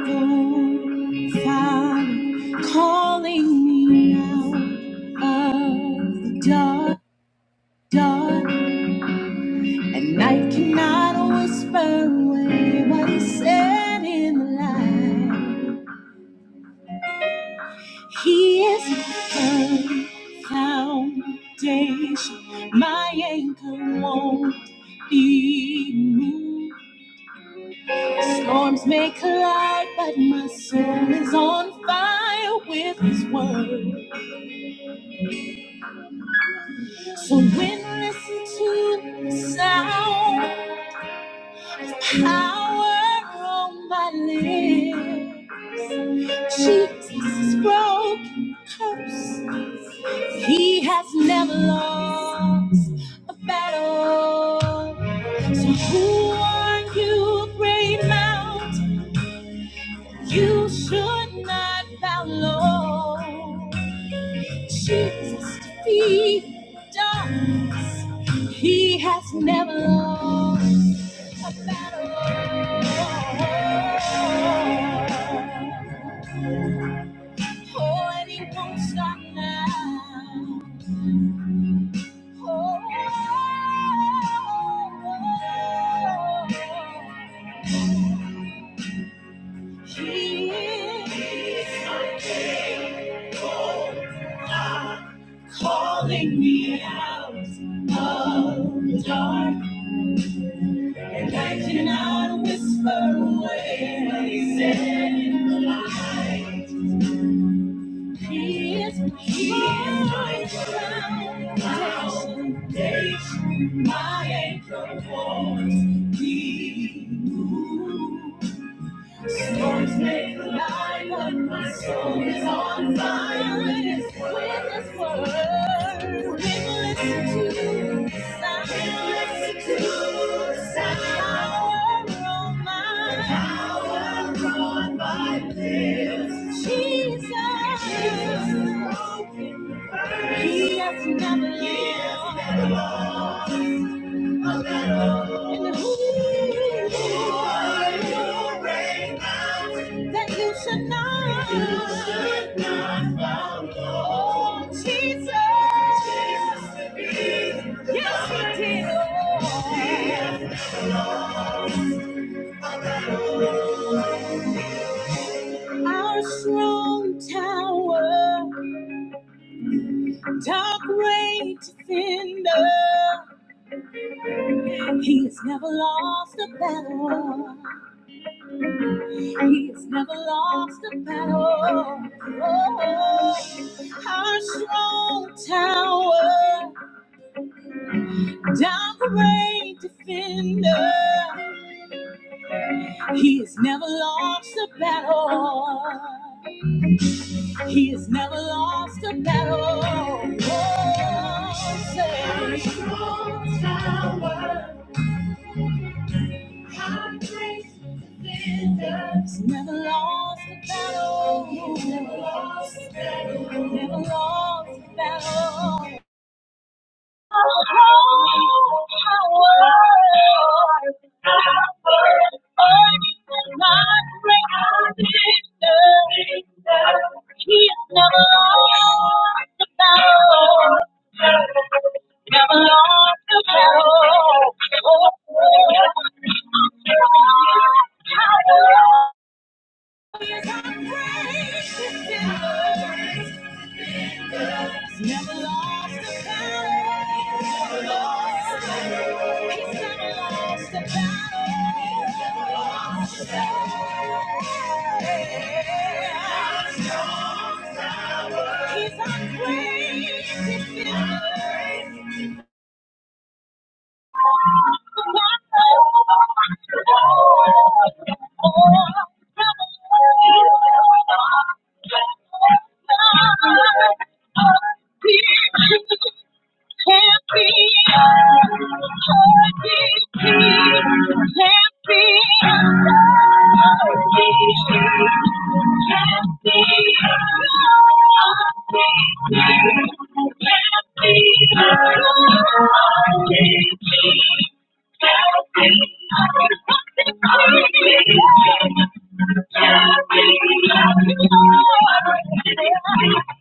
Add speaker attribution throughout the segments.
Speaker 1: Father, calling me out of the dark, dark, and night cannot whisper away what He said in the light. He is my firm foundation, my anchor won't be moved. Storms may collide, but my soul is on fire with His word. So when I listen to the sound, power on my lips, Jesus has broken curse. He has never lost a battle. So who are you, great mountain? You should not bow low. Jesus' feet does. He has never lost a battle. Oh, and he won't stop now. Oh, He is my King. Oh, calling me out of the dark, and I cannot whisper away what He said in the light. He is, he is my crown, my foundation, my anchor won't be moved. Storms may collide, but my soul is on fire and it's with this word. People listen to the sound. People listen to the sound. Power on my power on my lips. Jesus, Jesus has broken the burden. He has never lost. He has never lost. In the moon, you should you should not follow Jesus. yes, he did. Our strong tower, dark great defender, he's never lost a battle. He's never lost a battle. Oh, our strong tower, down the rain defender. He's never lost a battle. He's never lost a battle. Oh, say. Our strong tower. Never lost a battle. Never lost a battle. Never lost a battle. Oh, Never lost a battle. Never lost a battle. He's never lost a battle. Never lost a battle. He's our greatest defender. I need you. Thank you.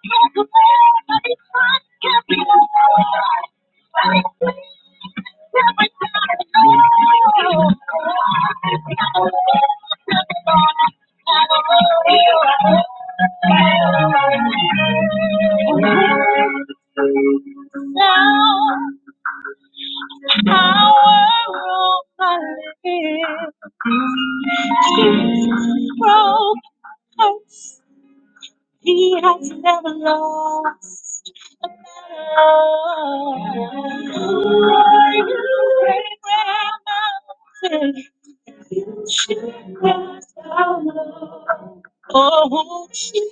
Speaker 1: Now our rope Jesus broke hearts, he has never lost. a battle. Oh, Jesus.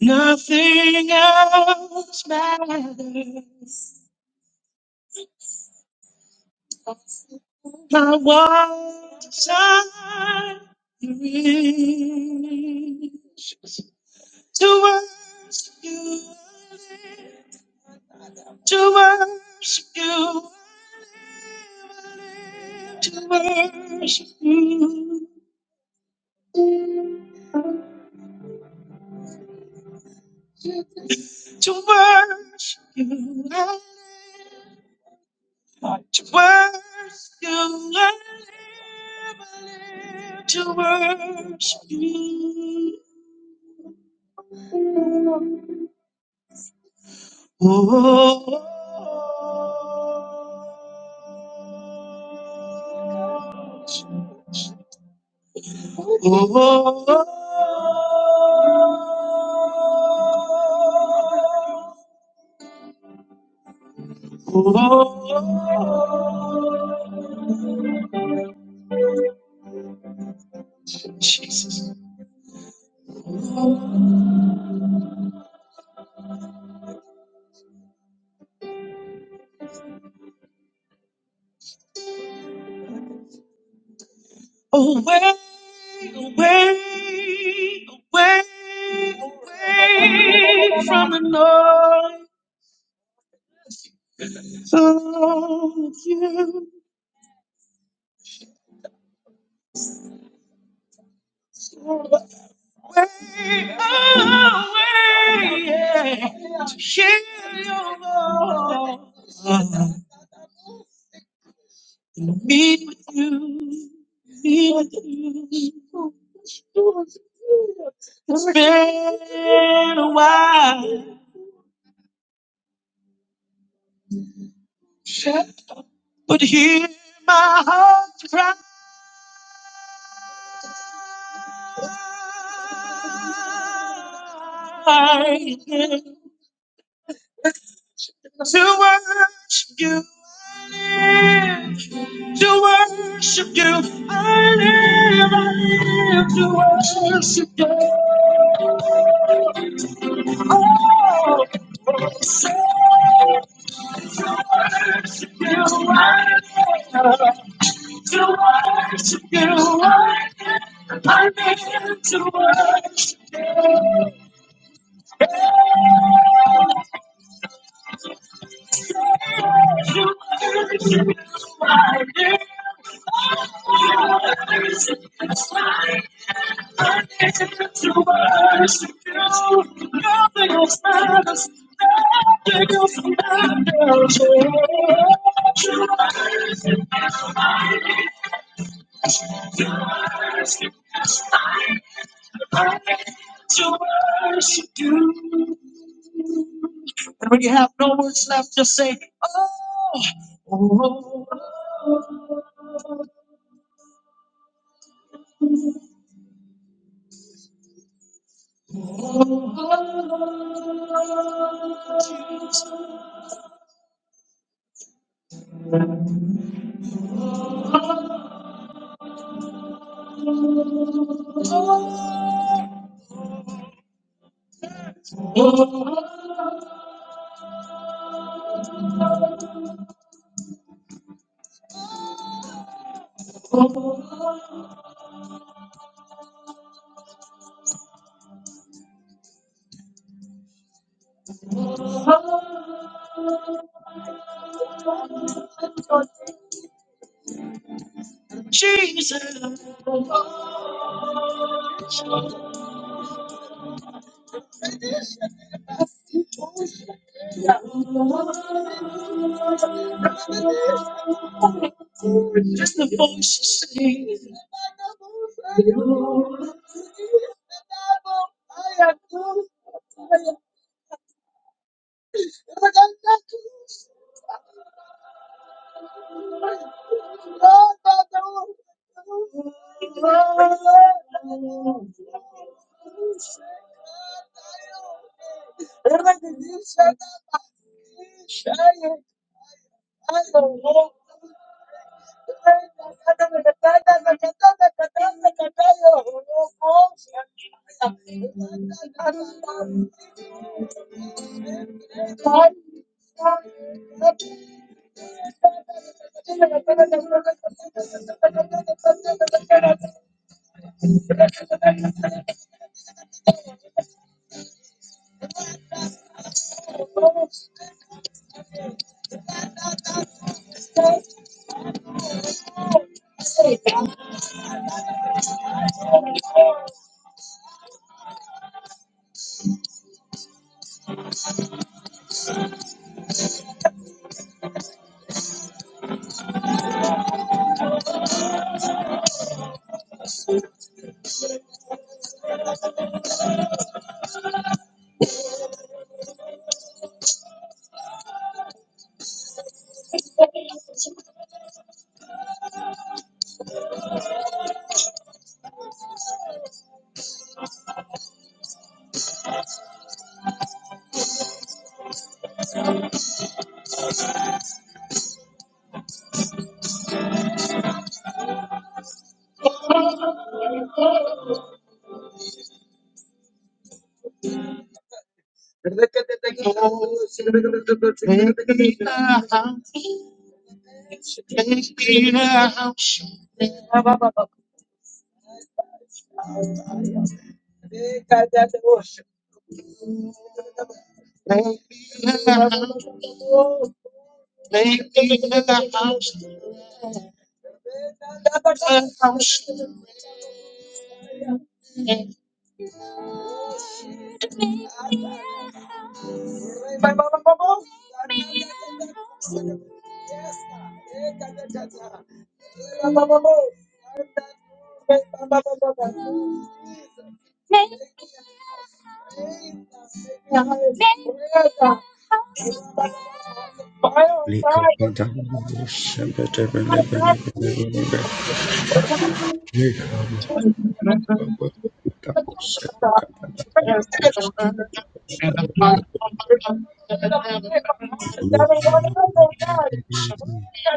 Speaker 1: Nothing else matters. My one desire is to worship you. to worship you. To worship you. To worship you. To worship you. To worship you. Oh. oh, Jesus. Away, away, away, away from the noise of you. Away, away, yeah. To hear your love, meet with you. It's been a while, but hear my heart cry to worship you. I live to worship you. I live, I live to worship you. Worship you, I live to worship you. I live to worship you. I live to Worship you, I live. There's to worship You. Nothing There's Jesus, just the voice you sing. Take me to the house. Make me a house, make me a house, a
Speaker 2: Likapada shepata bele bele bele bele bele. Likaba baba tapo shepata bele bele kush.
Speaker 1: house. I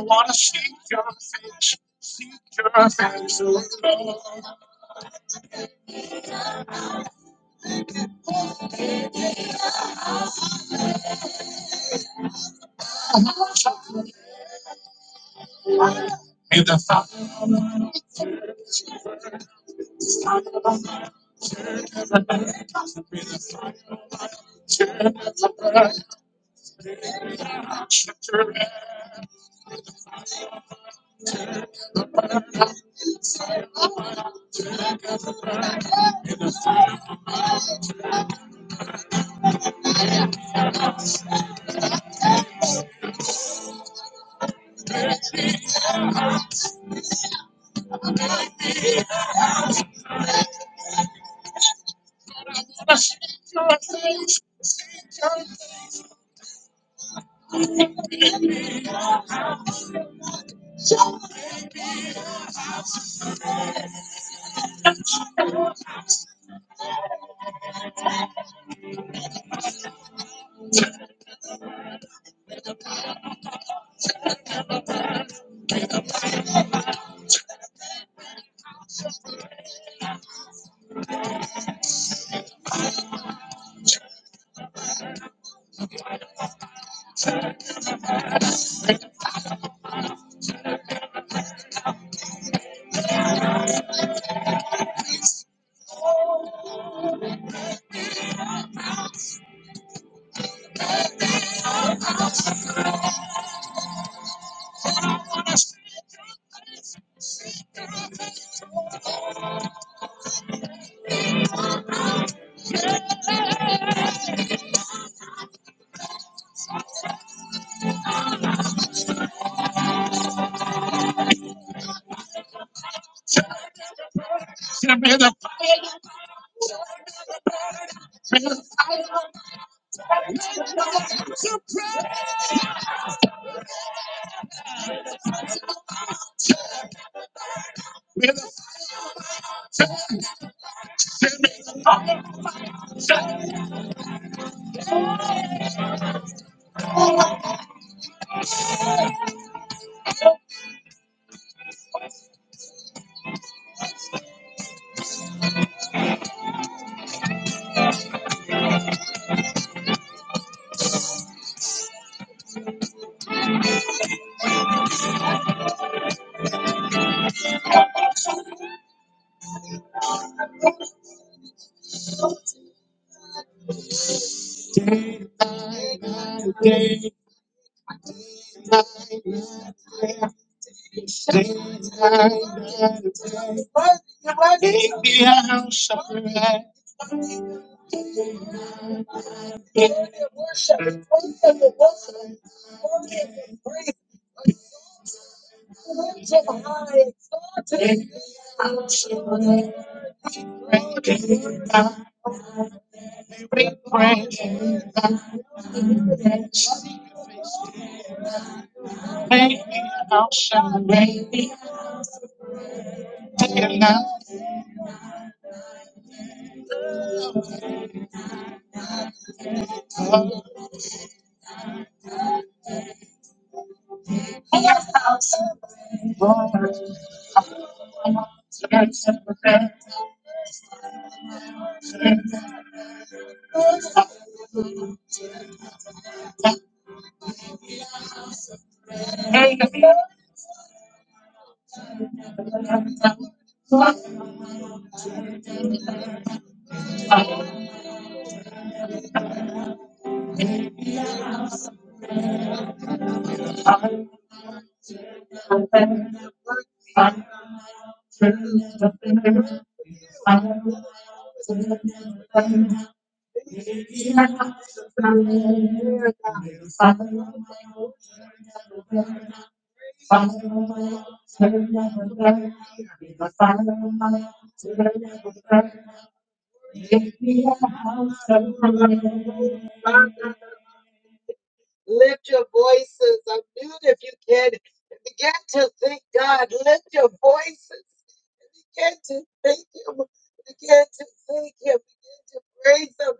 Speaker 1: want to seek your face, seek your face. May the fire, may the fire, may the day, day, day, day, day, day, day, Worship, worship, worship, worship, worship and praise. Lift him high, exalted him. Lord, you are worthy. Lift your voices. Unmute if you can. Begin to thank God. Lift your voices. Begin to thank him. Begin to thank him. Begin to praise him.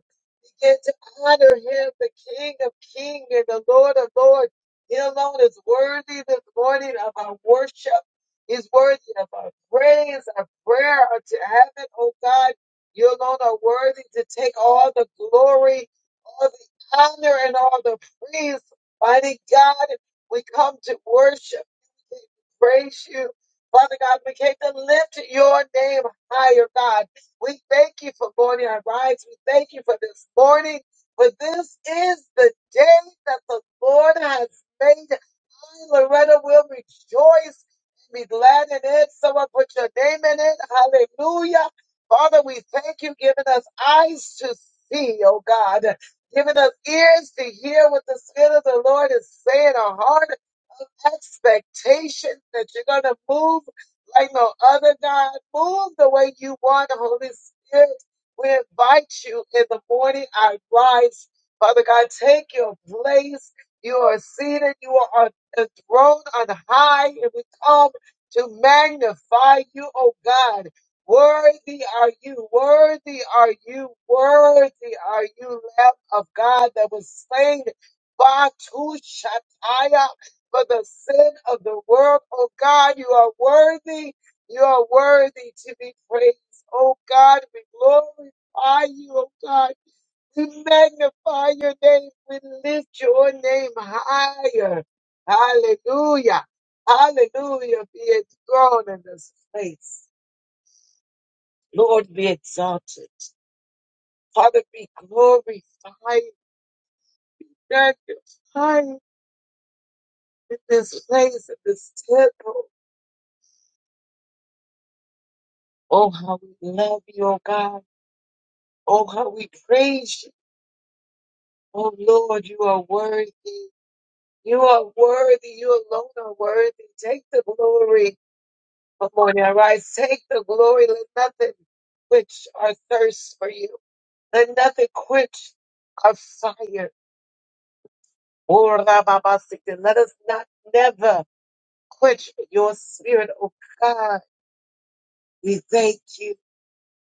Speaker 1: Begin to honor him, the King of kings and the Lord of lords. He alone is worthy this morning of our worship. He's worthy of our praise, our prayer unto heaven, oh God. You alone are worthy to take all the glory, all the honor, and all the praise. Mighty God, we come to worship, praise you. Father God, we came to lift your name higher, God. We thank you for morning rise. We thank you for this morning. For this is the day that the Lord has made. I, Loretta, will rejoice and be glad in it. Someone put your name in it. Hallelujah. Father, we thank you giving us eyes to see, oh God. Giving us ears to hear what the Spirit of the Lord is saying, our heart expectation that you're going to move like no other God. Move the way you want, Holy Spirit. We invite you in the morning. I rise. Father God, take your place. You are seated. You are on the throne on high. And we come to magnify you, O God. Worthy are you, worthy are you, worthy are you, Lamb of God that was slain. Batu Shataya for the sin of the world. Oh God, you are worthy. You are worthy to be praised. Oh God, we glorify you, oh God. We magnify your name. We lift your name higher. Hallelujah. Hallelujah. Be enthroned in this place. Lord, be exalted. Father, be glorified. Magnify in this place, in this temple. Oh, how we love you, oh God. Oh, how we praise you. Oh, Lord, you are worthy. You are worthy. You alone are worthy. Take the glory. Good morning, arise. Take the glory. Let nothing quench our thirst for you. Let nothing quench our fire. Oh, Rababasika, Let us not never quench your spirit, oh God. We thank you.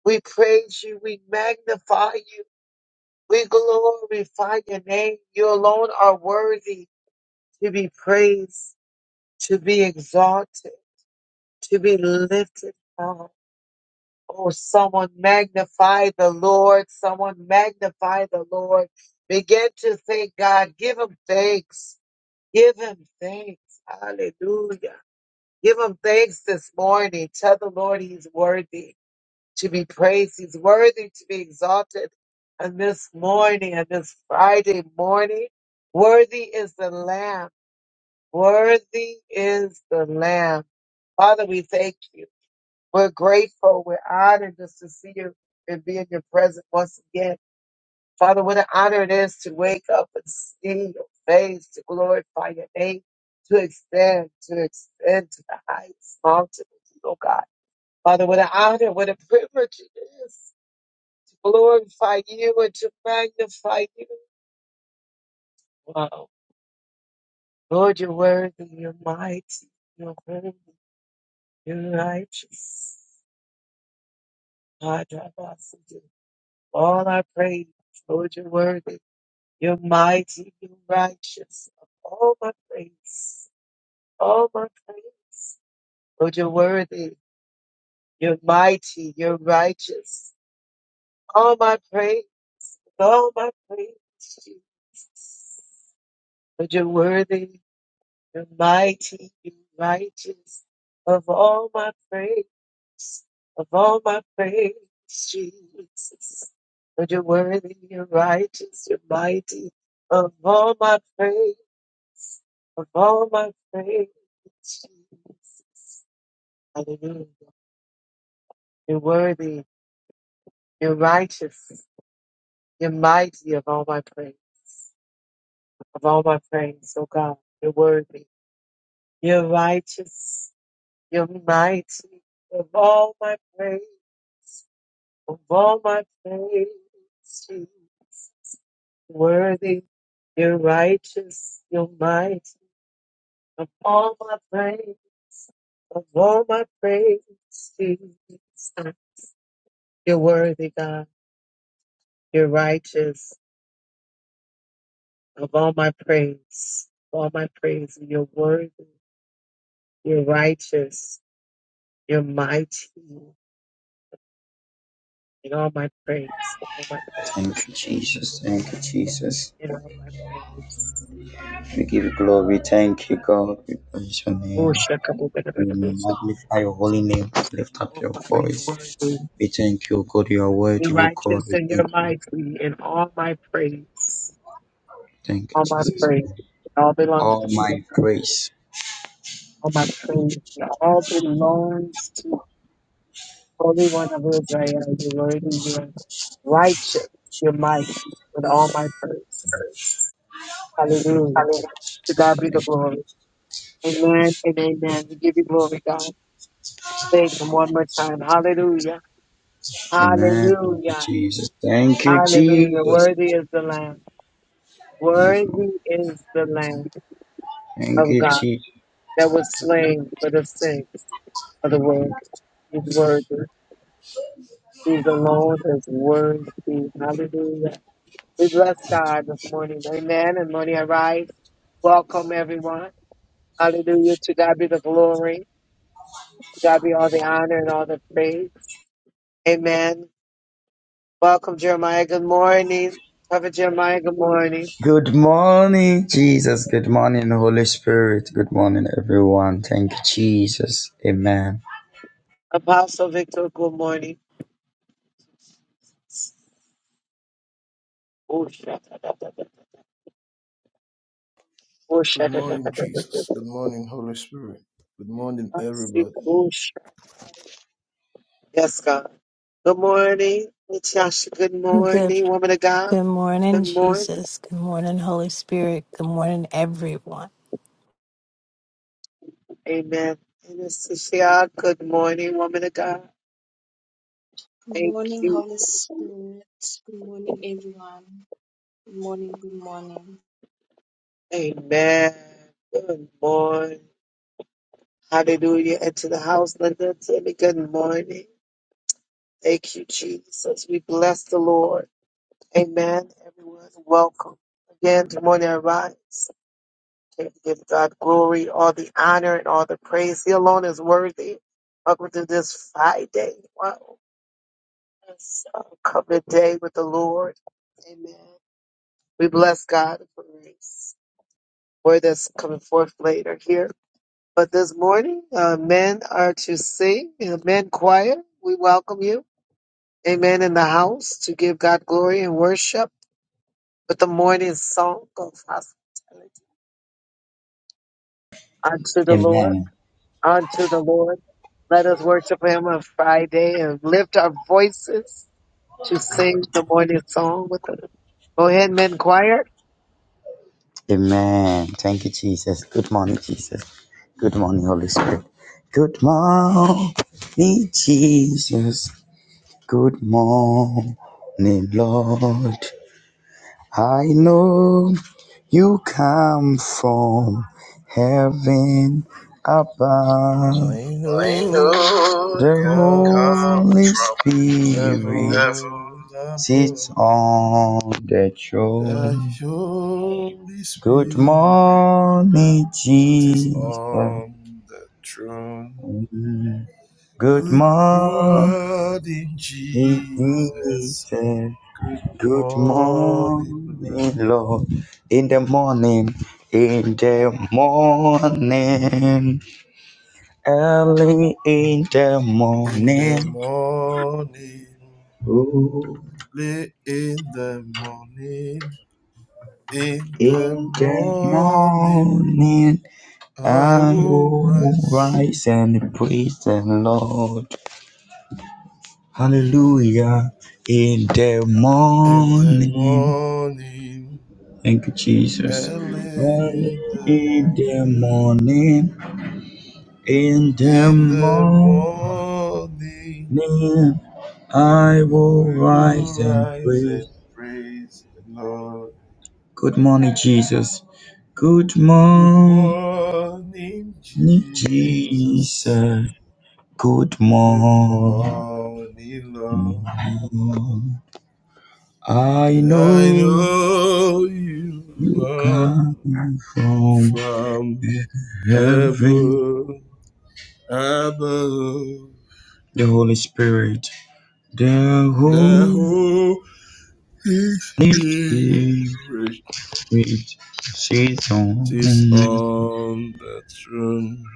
Speaker 1: We praise you. We magnify you. We glorify your name. You alone are worthy. to be praised, to be exalted, to be lifted up. Oh, someone magnify the Lord. Someone magnify the Lord. Begin to thank God. Give him thanks. Give him thanks. Hallelujah. Give him thanks this morning. Tell the Lord he's worthy to be praised. He's worthy to be exalted. And this morning, and this Friday morning, worthy is the Lamb. Worthy is the Lamb. Father, we thank you. We're grateful. We're honored just to see you and be in your presence once again. Father, what an honor it is to wake up and see your face, to glorify your name, to extend, to extend to the highest mountain, oh God. Father, what an honor, what a privilege it is to glorify you and to magnify you. Wow. Lord, you're worthy, you're mighty, you're holy, you're righteous. All I praise, Lord, you're worthy. You're mighty, you're righteous. All my praise, all my praise. Lord, you're worthy. You're mighty, you're righteous. All my praise, all my praise, Jesus. Lord, you're worthy, you're mighty, you're righteous. Of all my praise. of all my praise, Jesus. But you're worthy, you're righteous, you're mighty. Of all my praise, of all my praise, Jesus. Hallelujah. You're worthy, you're righteous, you're mighty of all my praise, of all my praise, oh God. You're worthy, you're righteous, you're mighty of all my praise, of all my praise, Jesus. Worthy, you're righteous, you're mighty. Of all my praise, of all my praise, Jesus. You're worthy, God. You're righteous. Of all my praise, of all my praise, you're worthy. You're righteous. You're mighty. In all my praise, of all my
Speaker 2: Thank
Speaker 1: praise,
Speaker 2: you, Jesus. Thank you, Jesus.
Speaker 1: in all my praise.
Speaker 2: We give you glory.
Speaker 1: Thank you,
Speaker 2: Thank you,
Speaker 1: God.
Speaker 2: God. We praise your name.
Speaker 1: Oh, shakabu-
Speaker 2: We magnify your holy name. Lift up
Speaker 1: Oh,
Speaker 2: your
Speaker 1: Father, you're
Speaker 2: voice.
Speaker 1: worthy.
Speaker 2: We thank you, God. You are
Speaker 1: You're
Speaker 2: worthy, O
Speaker 1: righteous
Speaker 2: God. We
Speaker 1: and you're
Speaker 2: thank you.
Speaker 1: mighty and all my praise.
Speaker 2: Thank you,
Speaker 1: All my
Speaker 2: Jesus.
Speaker 1: praise. It all belongs to
Speaker 2: All
Speaker 1: you. Lord.
Speaker 2: my
Speaker 1: God.
Speaker 2: praise.
Speaker 1: All my praise. It all belongs to the Holy One of Israel. You're worthy. You're righteous. You're mighty with all my praise. Hallelujah. To God be the
Speaker 2: Thank you.
Speaker 1: glory. Amen and amen. We give you glory, God. Thank Him one more time. Hallelujah.
Speaker 2: Amen. Thank you,
Speaker 1: Hallelujah.
Speaker 2: Jesus. Thank you,
Speaker 1: Hallelujah.
Speaker 2: Jesus.
Speaker 1: Worthy is the Lamb.
Speaker 2: Yes, Lord.
Speaker 1: Worthy is the Lamb
Speaker 2: Thank
Speaker 1: of
Speaker 2: you,
Speaker 1: God.
Speaker 2: Jesus.
Speaker 1: that was slain for the sakes of the world. He's worthy. He's alone is worthy. Hallelujah. We bless God this morning. Amen. And morning I rise. Welcome everyone. Hallelujah. To God be the glory. To God be all the honor and all the praise. Amen. Welcome Jeremiah. Good morning. Prophet Jeremiah. Good morning.
Speaker 2: Good morning, Jesus. Good morning, Holy Spirit. Good morning, everyone. Thank you, Jesus. Amen.
Speaker 1: Apostle Victor. Good morning. Oh, shut up. Oh,
Speaker 3: Good
Speaker 1: shut
Speaker 3: morning, Jesus. Good morning, Holy Spirit. Good morning, everybody.
Speaker 1: up. Yes, God. Good morning, Natasha. Good
Speaker 4: Good,
Speaker 1: morning, woman of God.
Speaker 4: good morning,
Speaker 1: Good morning.
Speaker 4: Jesus. Good morning, Holy Spirit. Good morning, everyone.
Speaker 1: Amen. And Natasha, good morning, woman of God. Thank you. Amen. Good morning. Hallelujah. And to the house, Linda and Timmy, good morning. Thank you, Jesus. We bless the Lord. Amen. Everyone, welcome. Again, good morning, I rise. We give God glory, all the honor, and all the praise. He alone is worthy. Welcome to this Friday. Wow. It's a covenant day with the Lord. Amen. We bless God for grace. word that's coming forth later here. But this morning, uh, men are to sing, uh, men choir. We welcome you. Amen. In the house to give God glory and worship with the morning song of hospitality unto the Lord.
Speaker 2: Amen.
Speaker 1: unto the Lord. Let us worship him on Friday and lift our voices to sing the morning song with us. Go ahead, men choir.
Speaker 2: Amen. Thank you, Jesus. Good morning, Jesus. Good morning, Holy Spirit. Good morning, Jesus. Good morning, Lord. I know You come from heaven above.
Speaker 3: I know
Speaker 2: I know
Speaker 3: you
Speaker 2: the
Speaker 3: come from
Speaker 2: Holy Spirit
Speaker 3: heaven
Speaker 2: sits
Speaker 3: above.
Speaker 2: on the
Speaker 3: The
Speaker 2: throne.
Speaker 3: Holy
Speaker 2: Good
Speaker 3: Spirit
Speaker 2: morning,
Speaker 3: is
Speaker 2: Jesus.
Speaker 3: on the throne.
Speaker 2: Good
Speaker 3: Good
Speaker 2: morning,
Speaker 3: morning, Jesus.
Speaker 2: Jesus.
Speaker 3: Good
Speaker 2: Good
Speaker 3: morning, Lord.
Speaker 2: morning, Lord. In the morning, in the morning. Early in the
Speaker 3: in the
Speaker 2: morning,
Speaker 3: morning,
Speaker 2: oh,
Speaker 3: late in the morning. In the
Speaker 2: in the
Speaker 3: morning
Speaker 2: morning,
Speaker 3: I
Speaker 2: I
Speaker 3: will
Speaker 2: will
Speaker 3: rise.
Speaker 2: rise and praise the Lord. Hallelujah. In the
Speaker 3: In the
Speaker 2: morning.
Speaker 3: morning,
Speaker 2: Thank you, Jesus.
Speaker 3: early
Speaker 2: Early
Speaker 3: in the
Speaker 2: in the
Speaker 3: morning.
Speaker 2: morning, in the
Speaker 3: In the
Speaker 2: morning,
Speaker 3: morning
Speaker 2: I will
Speaker 3: we will
Speaker 2: rise and
Speaker 3: rise and
Speaker 2: praise.
Speaker 3: praise the Lord.
Speaker 2: Good morning, Jesus. Good
Speaker 3: Good
Speaker 2: morning.
Speaker 3: morning,
Speaker 2: Me
Speaker 3: Jesus.
Speaker 2: Jesus, good
Speaker 3: Good
Speaker 2: morning.
Speaker 3: morning, Lord.
Speaker 2: I
Speaker 3: I
Speaker 2: know
Speaker 3: know you
Speaker 2: you
Speaker 3: come
Speaker 2: come from
Speaker 3: from
Speaker 2: heaven.
Speaker 3: heaven above.
Speaker 2: The Holy Spirit, the
Speaker 3: The
Speaker 2: Holy
Speaker 3: Holy Spirit
Speaker 2: Spirit, sits on.
Speaker 3: is on the throne.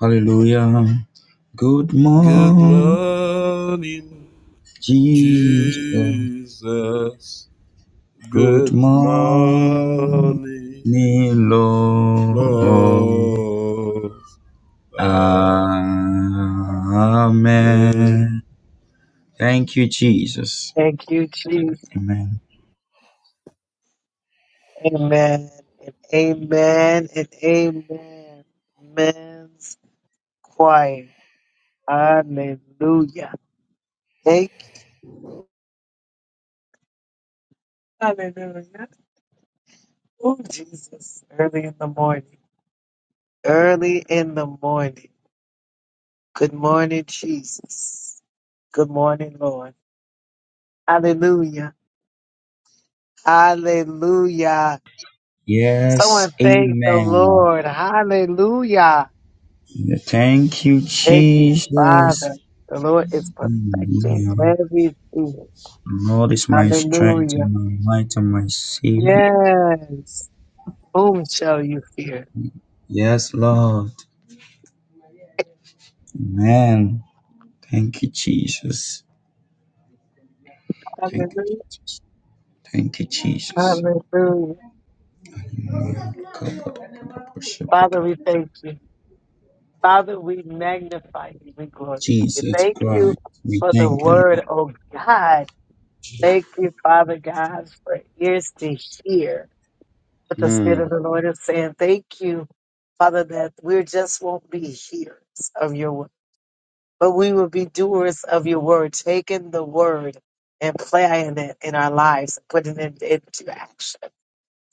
Speaker 2: Hallelujah. Good
Speaker 3: Good
Speaker 2: morning,
Speaker 3: morning,
Speaker 2: Jesus.
Speaker 3: Jesus.
Speaker 2: Good
Speaker 3: Good
Speaker 2: morning,
Speaker 3: morning,
Speaker 2: Lord.
Speaker 3: Lord. Amen.
Speaker 2: Amen. Thank you, Jesus.
Speaker 1: Thank you, Jesus.
Speaker 2: Amen.
Speaker 1: Amen. And amen and amen. Men's choir. Hallelujah. Thank you. Hallelujah. Oh, Jesus. Early in the morning. Early in the morning. Good morning, Jesus. Good morning, Lord. Hallelujah. Hallelujah.
Speaker 2: Yes,
Speaker 1: Someone thank the
Speaker 2: amen.
Speaker 1: Lord. Hallelujah.
Speaker 2: Yeah, Thank you,
Speaker 1: Thank you, Father.
Speaker 2: Jesus.
Speaker 1: The Lord is perfecting
Speaker 2: Hallelujah.
Speaker 1: everything.
Speaker 2: Lord is my strength
Speaker 1: Hallelujah.
Speaker 2: and my might and my savior.
Speaker 1: Yes. Whom shall you fear?
Speaker 2: Yes, Lord. Amen. Thank you, Jesus. Thank,
Speaker 1: Hallelujah.
Speaker 2: thank you, Jesus.
Speaker 1: Hallelujah. Father, we thank you. Father, we magnify you. We glorify you.
Speaker 2: Jesus
Speaker 1: Thank you
Speaker 2: Christ, we
Speaker 1: for the
Speaker 2: thank you.
Speaker 1: word,
Speaker 2: Lord.
Speaker 1: oh God. Thank you, Father God, for ears to hear. But the Spirit
Speaker 2: Mm.
Speaker 1: of the Lord is saying, Thank you, Father, that we just won't be hearers of your word, but we will be doers of your word, taking the word and applying it in our lives, putting it into action.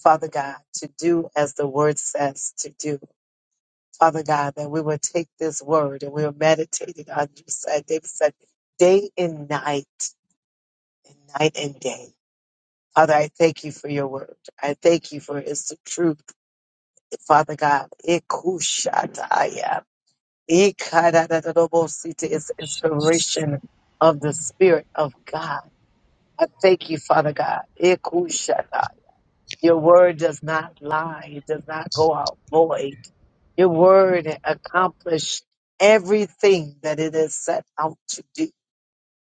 Speaker 1: Father God, to do as the word says to do. Father God, that we will take this word and we will meditate it on you. said- David said, day and night, and night and day. Father, I thank you for your word. I thank you for it's the truth Father God, ikushataya, ikadadadadobosita is inspiration of the Spirit of God. I thank you, Father God. ikushataya. Your word does not lie, it does not go out void. Your word accomplished everything that it is set out to do.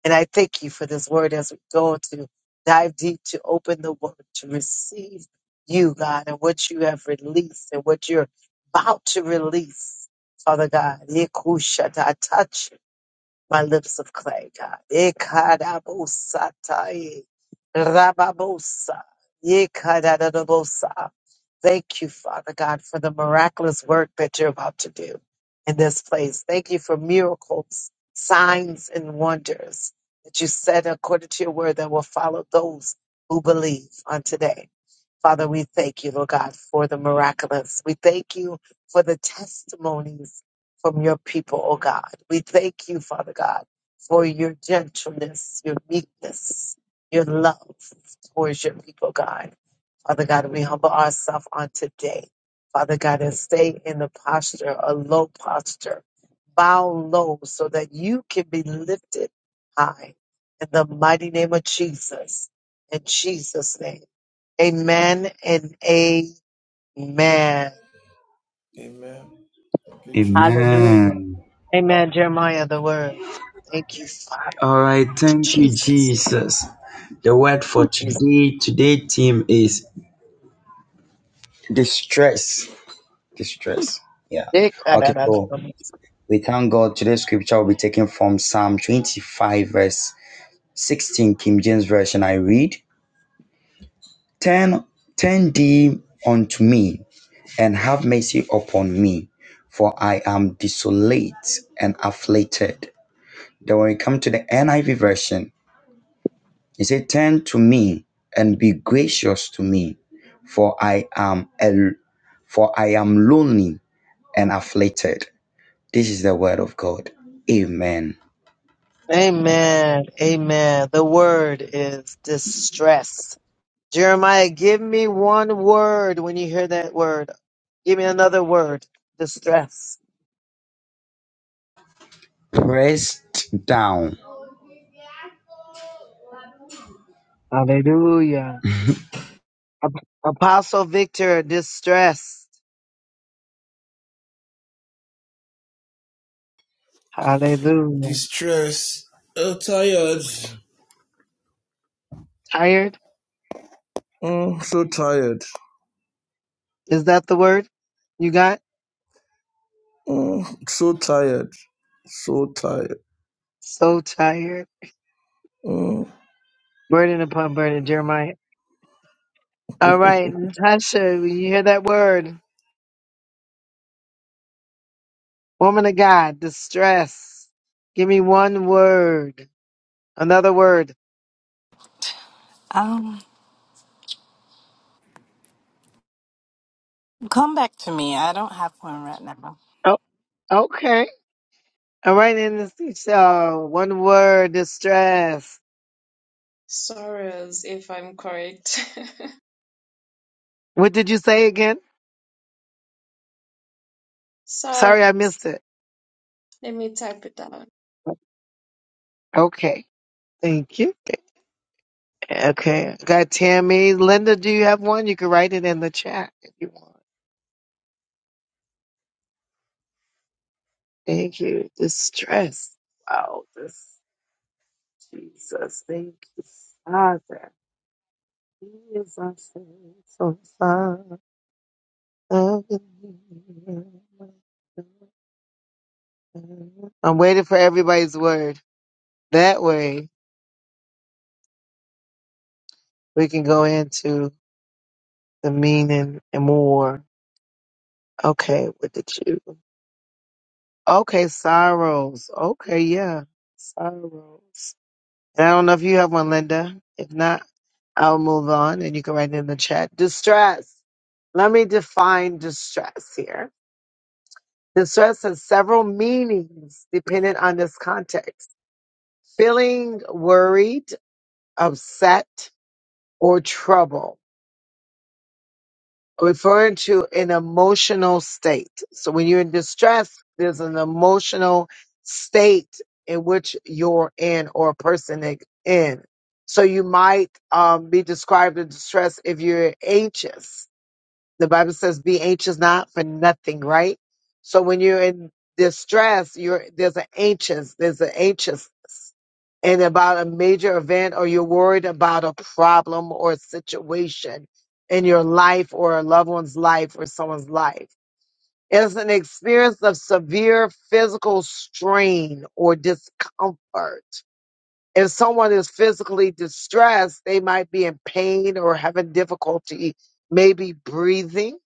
Speaker 1: And I thank you for this word as we go to dive deep to open the word to receive you, God, and what you have released and what you're about to release, Father God. Yekushata, I touch my lips of clay, God. Ikadabosatai, rababosa, ikadadadabosa. Thank you, Father God, for the miraculous work that you're about to do in this place. Thank you for miracles, signs, and wonders that you said according to your word that will follow those who believe on today. Father, we thank you, Lord God, for the miraculous. We thank you for the testimonies from your people, oh God. We thank you, Father God, for your gentleness, your meekness, your love towards your people, God. Father God, we humble ourselves on today. Father God, and stay in the posture, a low posture. Bow low so that you can be lifted high. In the mighty name of Jesus. In Jesus' name. Amen and amen.
Speaker 3: Amen. Okay.
Speaker 1: Hallelujah.
Speaker 2: Amen.
Speaker 1: Amen. Jeremiah, the word. Thank you, Father.
Speaker 2: All right, thank you,
Speaker 1: Jesus.
Speaker 2: Jesus. The word for
Speaker 1: Oh, Jesus.
Speaker 2: today, today theme is distress. Distress. Yeah.
Speaker 1: Eh, ah, da,
Speaker 2: Okay,
Speaker 1: da, da,
Speaker 2: so
Speaker 1: da.
Speaker 2: we thank God. Today's scripture will be taken from Psalm 25, verse 16, King James Version. I read, Turn, turn thee unto me and have mercy upon me, for I am desolate and afflicted. Then when we come to the NIV version, He said, Turn to me and be gracious to me, for I am a, for I am lonely and afflicted. This is the word of God. Amen.
Speaker 1: Amen. Amen. The word is distress. Jeremiah, give me one word when you hear that word. Give me another word. Distress.
Speaker 2: Pressed down.
Speaker 1: Hallelujah. Ap- Apostle Victor, distress. Hallelujah.
Speaker 3: Distress. Oh, tired.
Speaker 1: Tired?
Speaker 3: Oh, so tired.
Speaker 1: Is that the word you got?
Speaker 3: Mm, so tired. So tired.
Speaker 1: So tired.
Speaker 3: Mm.
Speaker 1: Burden upon burden, Jeremiah. All right, Natasha, when you hear that word, woman of God, distress. Give me one word, another word.
Speaker 4: Um, come back to me. I don't have one right now.
Speaker 1: Oh, okay. All right, and so one word, distress. What did you say again? Sorry, I missed it. Okay, thank you. Okay, I got Tammy. Linda, do you have one? You can write it in the chat if you want. Thank you. Distress. Wow, this. Jesus, thank you, Father. He is our faithful Father. I'm waiting for everybody's word. That way we can go into the meaning and more. Okay, what did you? Okay, sorrows. Okay, yeah, sorrows. And I don't know if you have one, Linda. If not, I'll move on and you can write it in the chat. Distress. Let me define distress here Distress has several meanings depending on this context. Feeling worried, upset, or trouble, referring to an emotional state. So when you're in distress, there's an emotional state in which you're in or a person is in. So you might um, be described as distress if you're anxious The Bible says, "Be anxious not for nothing." Right. So when you're in distress, you're there's an anxious, there's an anxiousness, and about a major event, or you're worried about a problem or a situation in your life, or a loved one's life, or someone's life. It's an experience of severe physical strain or discomfort if someone is physically distressed, they might be in pain or having difficulty maybe breathing.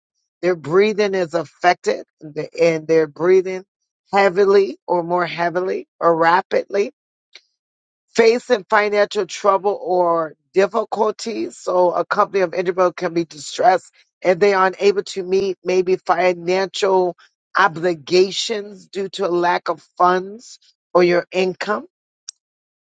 Speaker 1: Their breathing is affected and they- and they're breathing heavily or more heavily or rapidly. Facing financial trouble or difficulties. So a company of individual can be distressed and they are unable to meet maybe financial obligations due to a lack of funds or your income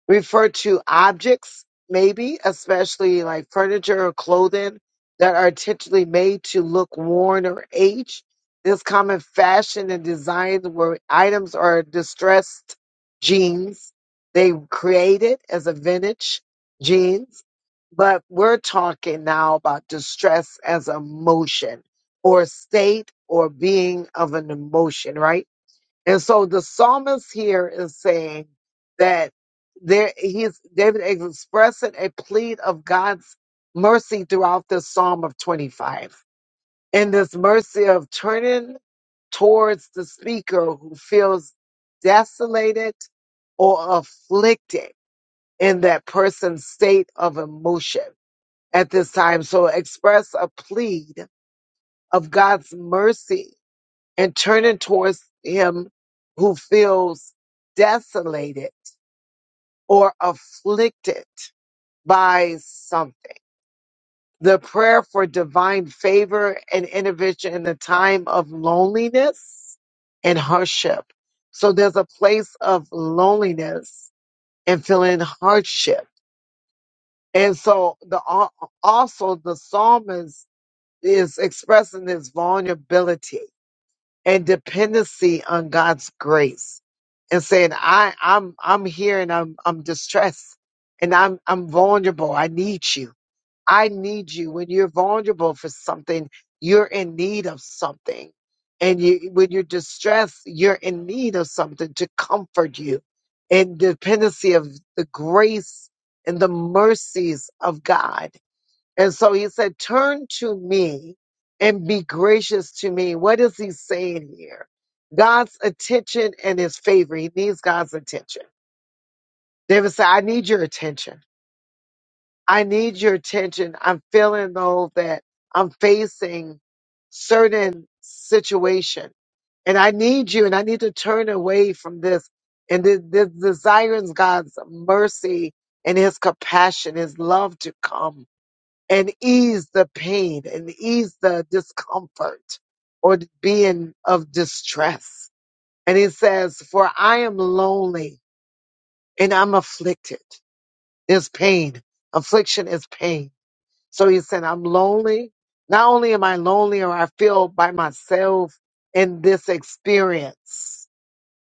Speaker 1: refer to objects, maybe, especially like furniture or clothing that are intentionally made to look worn or aged. This common fashion and design where items are distressed jeans. They created as a vintage jeans, but we're talking now about distress as emotion or state or being of an emotion, right? And so the psalmist here is saying that there he's David is expressing a plea of God's mercy throughout this Psalm of 25. And this mercy of turning towards the speaker who feels desolated or afflicted in that person's state of emotion at this time. So express a plea of God's mercy and turning towards him who feels desolated or afflicted by something. The prayer for divine favor and intervention in the time of loneliness and hardship. So there's a place of loneliness and feeling hardship. And so the al- also the psalmist is expressing his vulnerability and dependency on God's grace and saying, I, I'm I'm here and I'm I'm distressed and I'm I'm vulnerable. I need you. I need you. When you're vulnerable for something, you're in need of something. And you when you're distressed, you're in need of something to comfort you. And dependency of the grace and the mercies of God and so he said, Turn to me and be gracious to me. What is he saying here? God's attention and his favor. He needs God's attention. David said, I need your attention. I need your attention. I'm feeling though that I'm facing certain situation and I need you and I need to turn away from this and this, this desires God's mercy and his compassion, his love to come and ease the pain and ease the discomfort or being of distress. And he says, For I am lonely and I'm afflicted. Is pain. Affliction is pain. So he said, I'm lonely. Not only am I lonely or I feel by myself in this experience,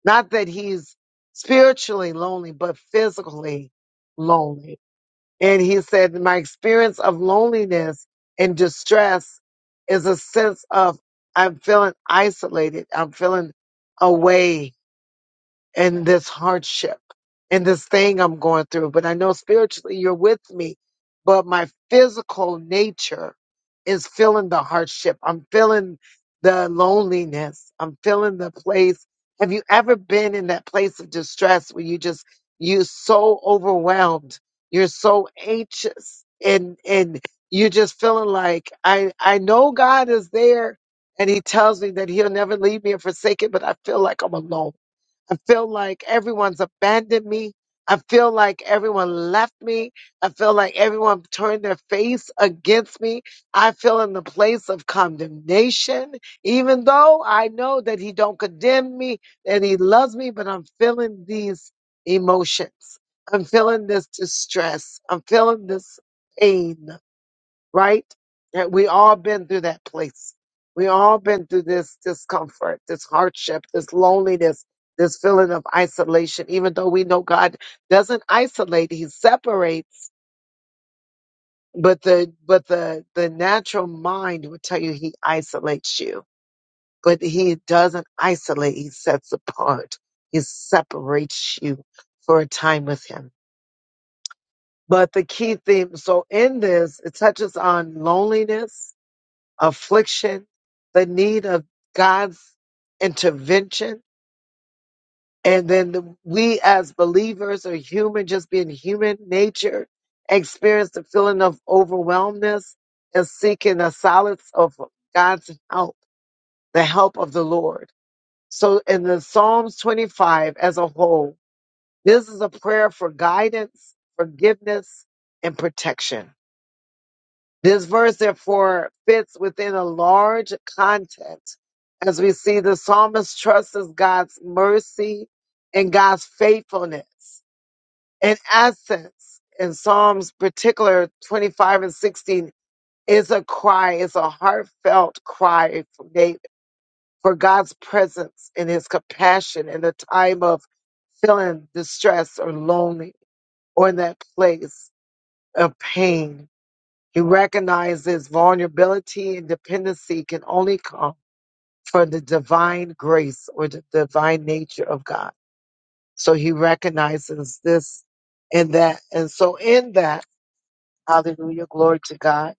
Speaker 1: not that he's spiritually lonely, but physically lonely. And he said, My experience of loneliness and distress is a sense of I'm feeling isolated. I'm feeling away and this hardship and this thing I'm going through. But I know spiritually you're with me, but my physical nature is feeling the hardship. I'm feeling the loneliness. I'm feeling the place. Have you ever been in that place of distress where you just, you're so overwhelmed. You're so anxious and, and you're just feeling like I, I know God is there and he tells me that he'll never leave me and forsake it, but I feel like I'm alone. I feel like everyone's abandoned me. I feel like everyone left me. I feel like everyone turned their face against me. I feel in the place of condemnation, even though I know that he don't condemn me and he loves me, but I'm feeling these emotions. I'm feeling this distress. I'm feeling this pain right? And we all been through that place. We all been through this discomfort, this hardship, this loneliness, this feeling of isolation. Even though we know God doesn't isolate, He separates. But the but the the natural mind will tell you He isolates you, but He doesn't isolate. He sets apart. He separates you for a time with Him. But the key theme, so in this, it touches on loneliness affliction, the need of God's intervention. And then the, we as believers or human, just being human nature, experience the feeling of overwhelmness and seeking the solace of God's help, the help of the Lord. So in the Psalms 25 as a whole, this is a prayer for guidance, forgiveness, and protection. This verse, therefore, fits within a large context as we see the psalmist trusts God's mercy and God's faithfulness. In essence, in Psalms particular 25 and 16, is a cry, is a heartfelt cry from David for God's presence and his compassion in the time of feeling distress or lonely or in that place of pain he recognizes vulnerability and dependency can only come from the divine grace or the divine nature of God. So he recognizes this and that. And so in that, hallelujah, glory to God,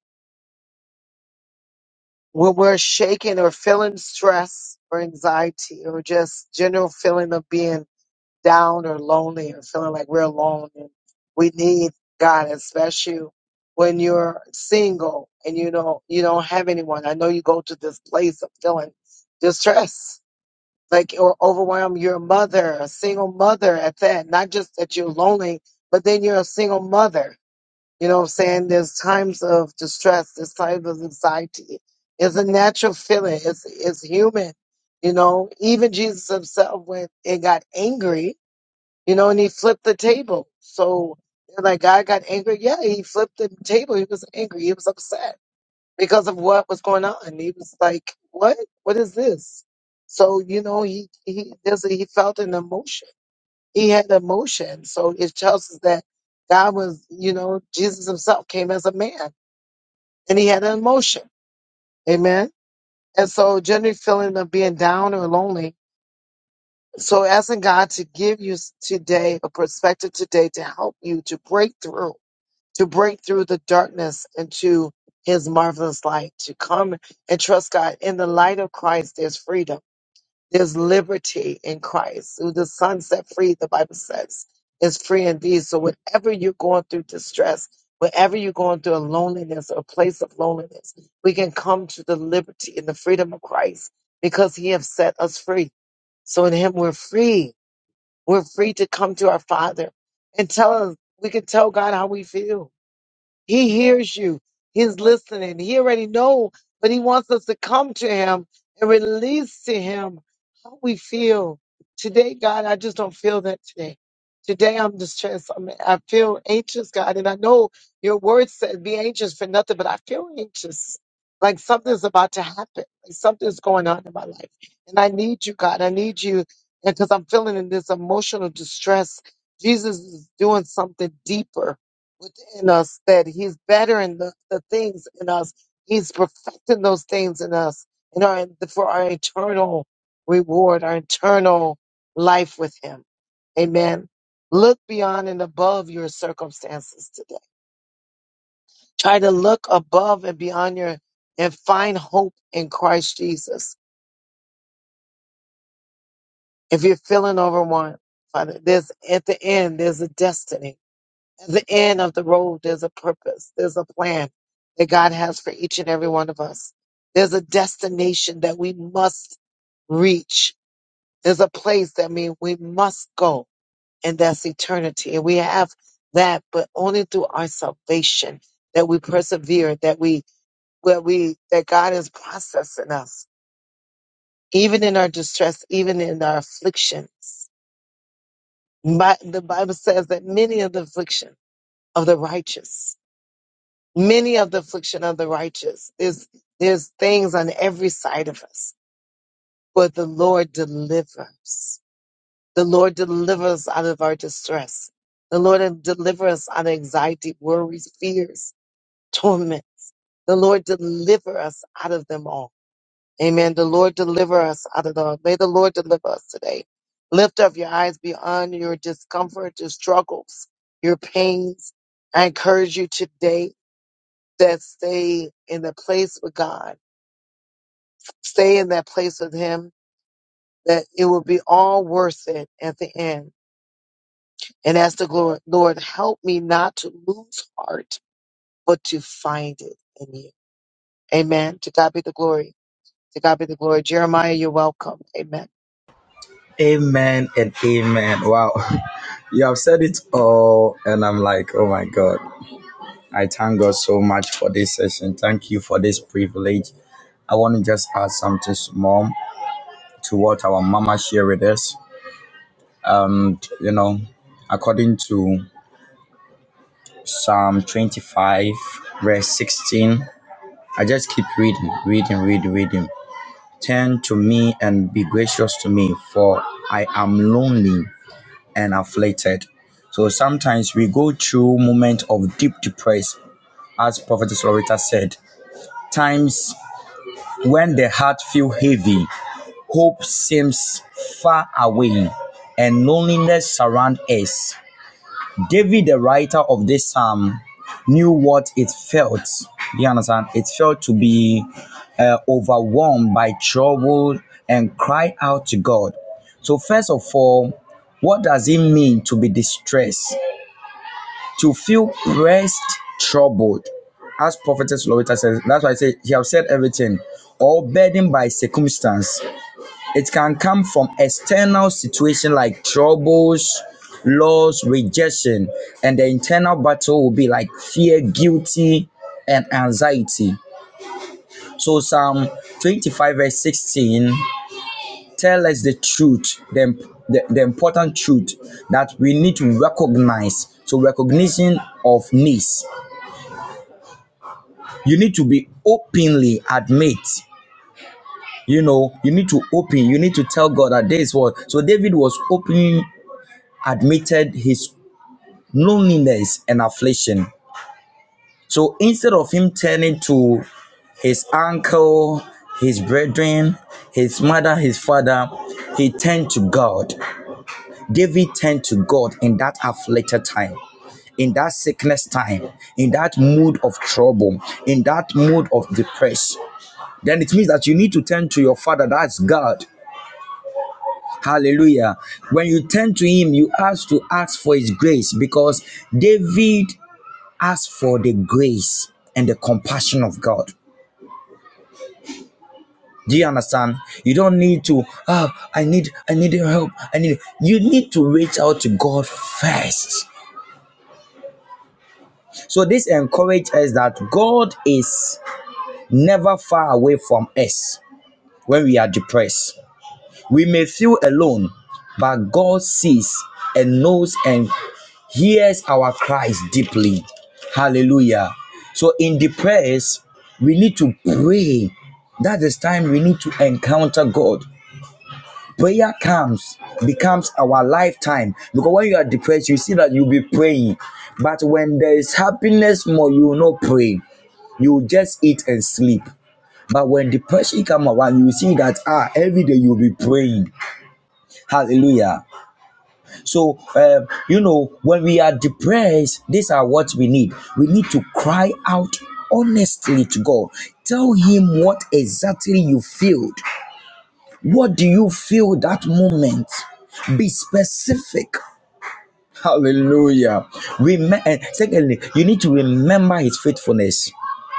Speaker 1: when we're shaken or feeling stress or anxiety or just general feeling of being down or lonely or feeling like we're alone. And we need God, especially when you're single and you don't you don't have anyone. I know you go to this place of feeling distress, like or overwhelmed. You're a mother, a single mother at that. Not just that you're lonely, but then you're a single mother. You know what I'm saying? There's times of distress, there's times of anxiety. It's a natural feeling. It's it's human. You know, even Jesus himself went and got angry you know, and he flipped the table. So they're like God got angry. Yeah, he flipped the table. He was angry. He was upset because of what was going on. He was like, "What? What is this?" So you know, he he there's a, he felt an emotion. He had emotion. So it tells us that God was, you know, Jesus Himself came as a man, and he had an emotion. Amen. And so, generally, feeling of being down or lonely. So, asking God to give you s- today a perspective today to help you to break through to break through the darkness into his marvelous light, to come and trust God. In the light of Christ, there's freedom. There's liberty in Christ. Who the Son set free, the Bible says, is free indeed. So whenever you're going through distress, wherever you're going through a loneliness or a place of loneliness, we can come to the liberty and the freedom of Christ because he has set us free. So in him, we're free. We're free to come to our Father and tell us, we can tell God how we feel he hears you. He's listening. He already know, but he wants us to come to him and release to him how we feel. Today, God, I just don't feel that today. Today I'm distressed. I'm, I feel anxious, God, and I know your word said be anxious for nothing, but I feel anxious. Like something's about to happen. Like something's going on in my life. And I need you, God. I need you because I'm feeling in this emotional distress. Jesus is doing something deeper in us that he's bettering the, the things in us. He's perfecting those things in us in our, for our eternal reward, our eternal life with him. Amen. Look beyond and above your circumstances today. Try to look above and beyond your and find hope in Christ Jesus. If you're feeling overwhelmed, Father, there's at the end, there's a destiny At the end of the road, there's a purpose, there's a plan that God has for each and every one of us. There's a destination that we must reach. There's a place that mean we must go, and that's eternity. And we have that, but only through our salvation that we persevere, that we where we that God is processing us, even in our distress, even in our afflictions. Bi- The Bible says that many of the affliction of the righteous many of the affliction of the righteous. There's there's things on every side of us, but the Lord delivers. The Lord delivers out of our distress. The Lord delivers us out of anxiety, worries, fears, torments. The Lord deliver us out of them all. Amen. The Lord deliver us out of them. all. May the Lord deliver us today. Lift up your eyes beyond your discomfort, your struggles, your pains. I encourage you today that stay in the place with God, stay in that place with Him, that it will be all worth it at the end. And ask the Lord, Lord, help me not to lose heart, but to find it in you. Amen. To God be the glory. To God be the glory. Jeremiah, you're welcome. Amen.
Speaker 2: Amen and amen. Wow. You have said it all, and I'm like, oh my God. I thank God so much for this session. Thank you for this privilege. I want to just add something small to what our mama shared with us. Um, you know, according to Psalm 25, verse 16. I just keep reading, reading, reading, reading. Turn to me and be gracious to me, for I am lonely and afflicted. So sometimes we go through moments of deep depression, as Prophetess Loretta said. Times when the heart feels heavy, hope seems far away, and loneliness surrounds us. David, the writer of this psalm, knew what it felt. You understand? It felt to be uh, overwhelmed by trouble and cry out to God. So, first of all, what does it mean to be distressed? To feel pressed, troubled. As Prophetess Loretta says, that's why I say, He have said everything, all burdened by circumstance, it can come from external situation like troubles, loss, rejection, and the internal battle will be like fear, guilty, and anxiety. So Psalm 25 verse 16 tell us the truth, the, the, the important truth that we need to recognize. So recognition of needs. You need to be openly admit. You know, you need to open, you need to tell God that this was so David was open admitted his loneliness, and affliction. So instead of him turning to his uncle, his brethren, his mother, his father, he turned to God. David turned to God in that afflicted time, in that sickness time, in that mood of trouble, in that mood of depression. Then it means that you need to turn to your father, that's God. Hallelujah. When you turn to him, you ask to ask for his grace because David ask for the grace and the compassion of God. Do you understand? You don't need to, ah, I need, I need help. I need you need to reach out to God first. So this encourages us that God is never far away from us when we are depressed. We may feel alone, but God sees and knows and hears our cries deeply. Hallelujah. So in the prayers, we need to pray. That is time we need to encounter God. Prayer comes, becomes our lifetime. Because when you are depressed, you see that you'll be praying. But when there is happiness more, you will not pray. You will just eat and sleep. But when depression come around, you see that ah, every day you'll be praying. Hallelujah. So, um, you know, when we are depressed, these are what we need. We need to cry out honestly to God. Tell Him what exactly you feel. What do you feel that moment? Be specific. Hallelujah. Rem- and secondly, you need to remember his faithfulness.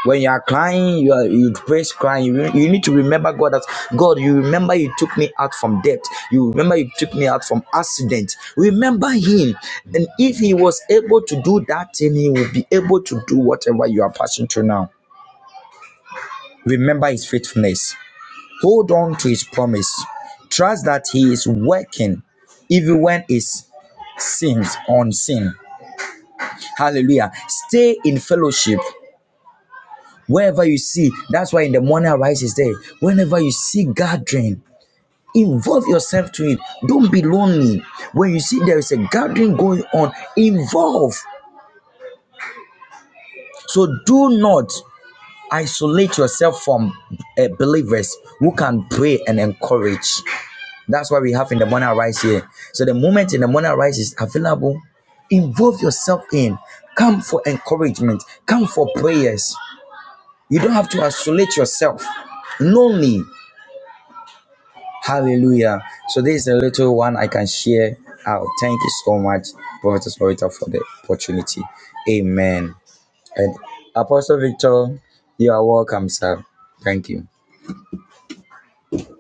Speaker 2: When you are crying, you are you praise crying. You, re- you need to remember God that God, you remember you took me out from debt. You remember you took me out from accident. Remember him. And if he was able to do that thing, he will be able to do whatever you are passing through now. Remember his faithfulness. Hold on to his promise. Trust that he is working even when it seems unseen Hallelujah. Stay in fellowship wherever you see. That's why in the morning arise is there. Whenever you see gathering, involve yourself to it. Don't be lonely. When you see there is a gathering going on, involve. So do not isolate yourself from uh, believers who can pray and encourage. That's why we have in the morning arise here. So the moment in the morning arise is available, involve yourself in. Come for encouragement. Come for prayers. You don't have to isolate yourself. Lonely. Hallelujah. So this is a little one I can share out. Thank you so much, Prophetess Loretta, for the opportunity. Amen. And Apostle Victor, you are welcome, sir. Thank you.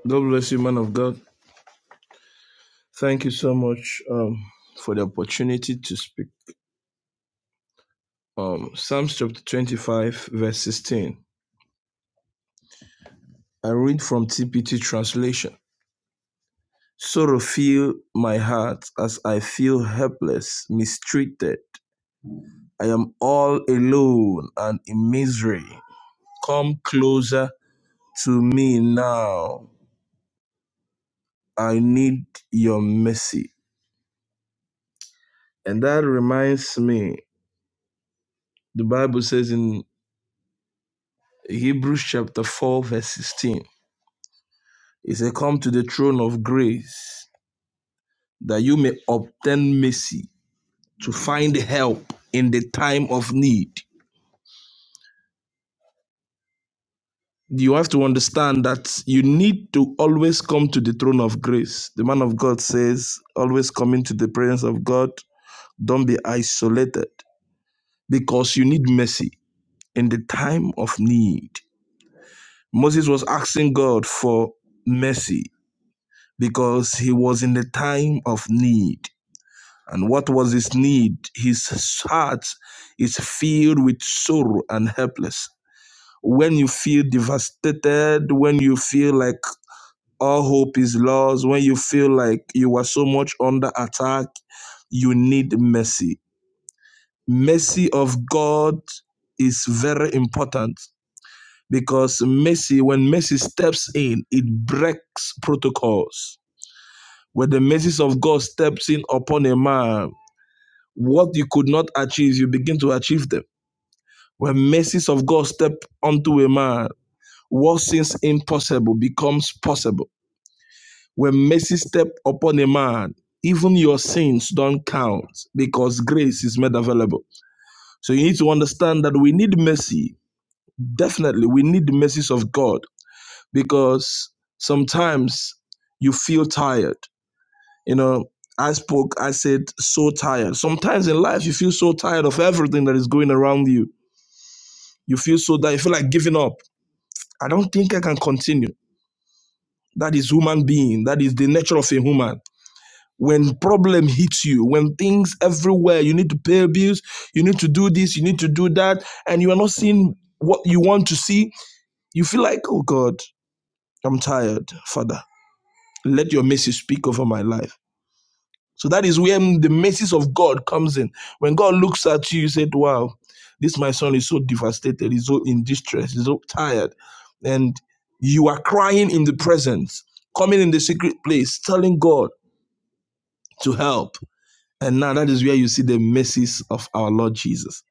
Speaker 3: God bless you, man of God. Thank you so much um, for the opportunity to speak. Um, Psalms chapter 25, verse 16. I read from TPT translation. Sorrow fill my heart as I feel helpless, mistreated. I am all alone and in misery. Come closer to me now. I need your mercy. And that reminds me The Bible says in Hebrews chapter 4, verse 16, it says, Come to the throne of grace that you may obtain mercy to find help in the time of need. You have to understand that you need to always come to the throne of grace. The man of God says, always come into the presence of God. Don't be isolated because you need mercy in the time of need. Moses was asking God for mercy because he was in the time of need. And what was his need? His heart is filled with sorrow and helpless. When you feel devastated, when you feel like all hope is lost, when you feel like you are so much under attack, you need mercy. Mercy of God is very important because mercy, when mercy steps in, it breaks protocols Where the mercies of God steps in upon a man, what you could not achieve, you begin to achieve them. When mercies of God step onto a man, what seems impossible becomes possible. When mercy step upon a man, even your sins don't count because grace is made available. So you need to understand that we need mercy. Definitely, we need the mercies of God because sometimes you feel tired. You know, I spoke, I said, so tired. Sometimes in life, you feel so tired of everything that is going around you. You feel so that you feel like giving up. I don't think I can continue. That is human being. That is the nature of a human. When problem hits you, when things everywhere, you need to pay bills, you need to do this, you need to do that, and you are not seeing what you want to see, you feel like, oh God, I'm tired, Father. Let your mercy speak over my life. So that is where the mercies of God comes in. When God looks at you, you said, "Wow, this my son is so devastated. He's so in distress. He's so tired," and you are crying in the presence, coming in the secret place, telling God to help. And now that is where you see the mercies of our Lord Jesus,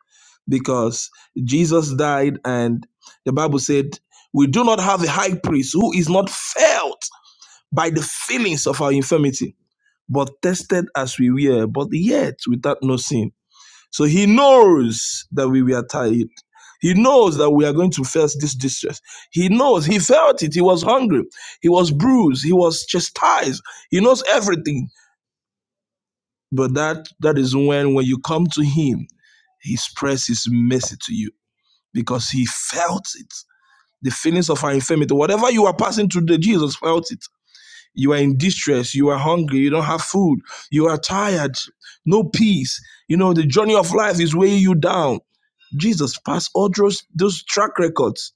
Speaker 3: because Jesus died, and the Bible said, "We do not have a high priest who is not felt by the feelings of our infirmity." but tested as we were, but yet without no sin. So he knows that we were tired. He knows that we are going to face this distress. He knows, he felt it. He was hungry. He was bruised. He was chastised. He knows everything. But that that is when when you come to him, he spreads his mercy to you because he felt it. The feelings of our infirmity, whatever you are passing through, Jesus felt it. You are in distress. You are hungry. You don't have food. You are tired. No peace. You know, the journey of life is weighing you down. Jesus passed all those, those track records.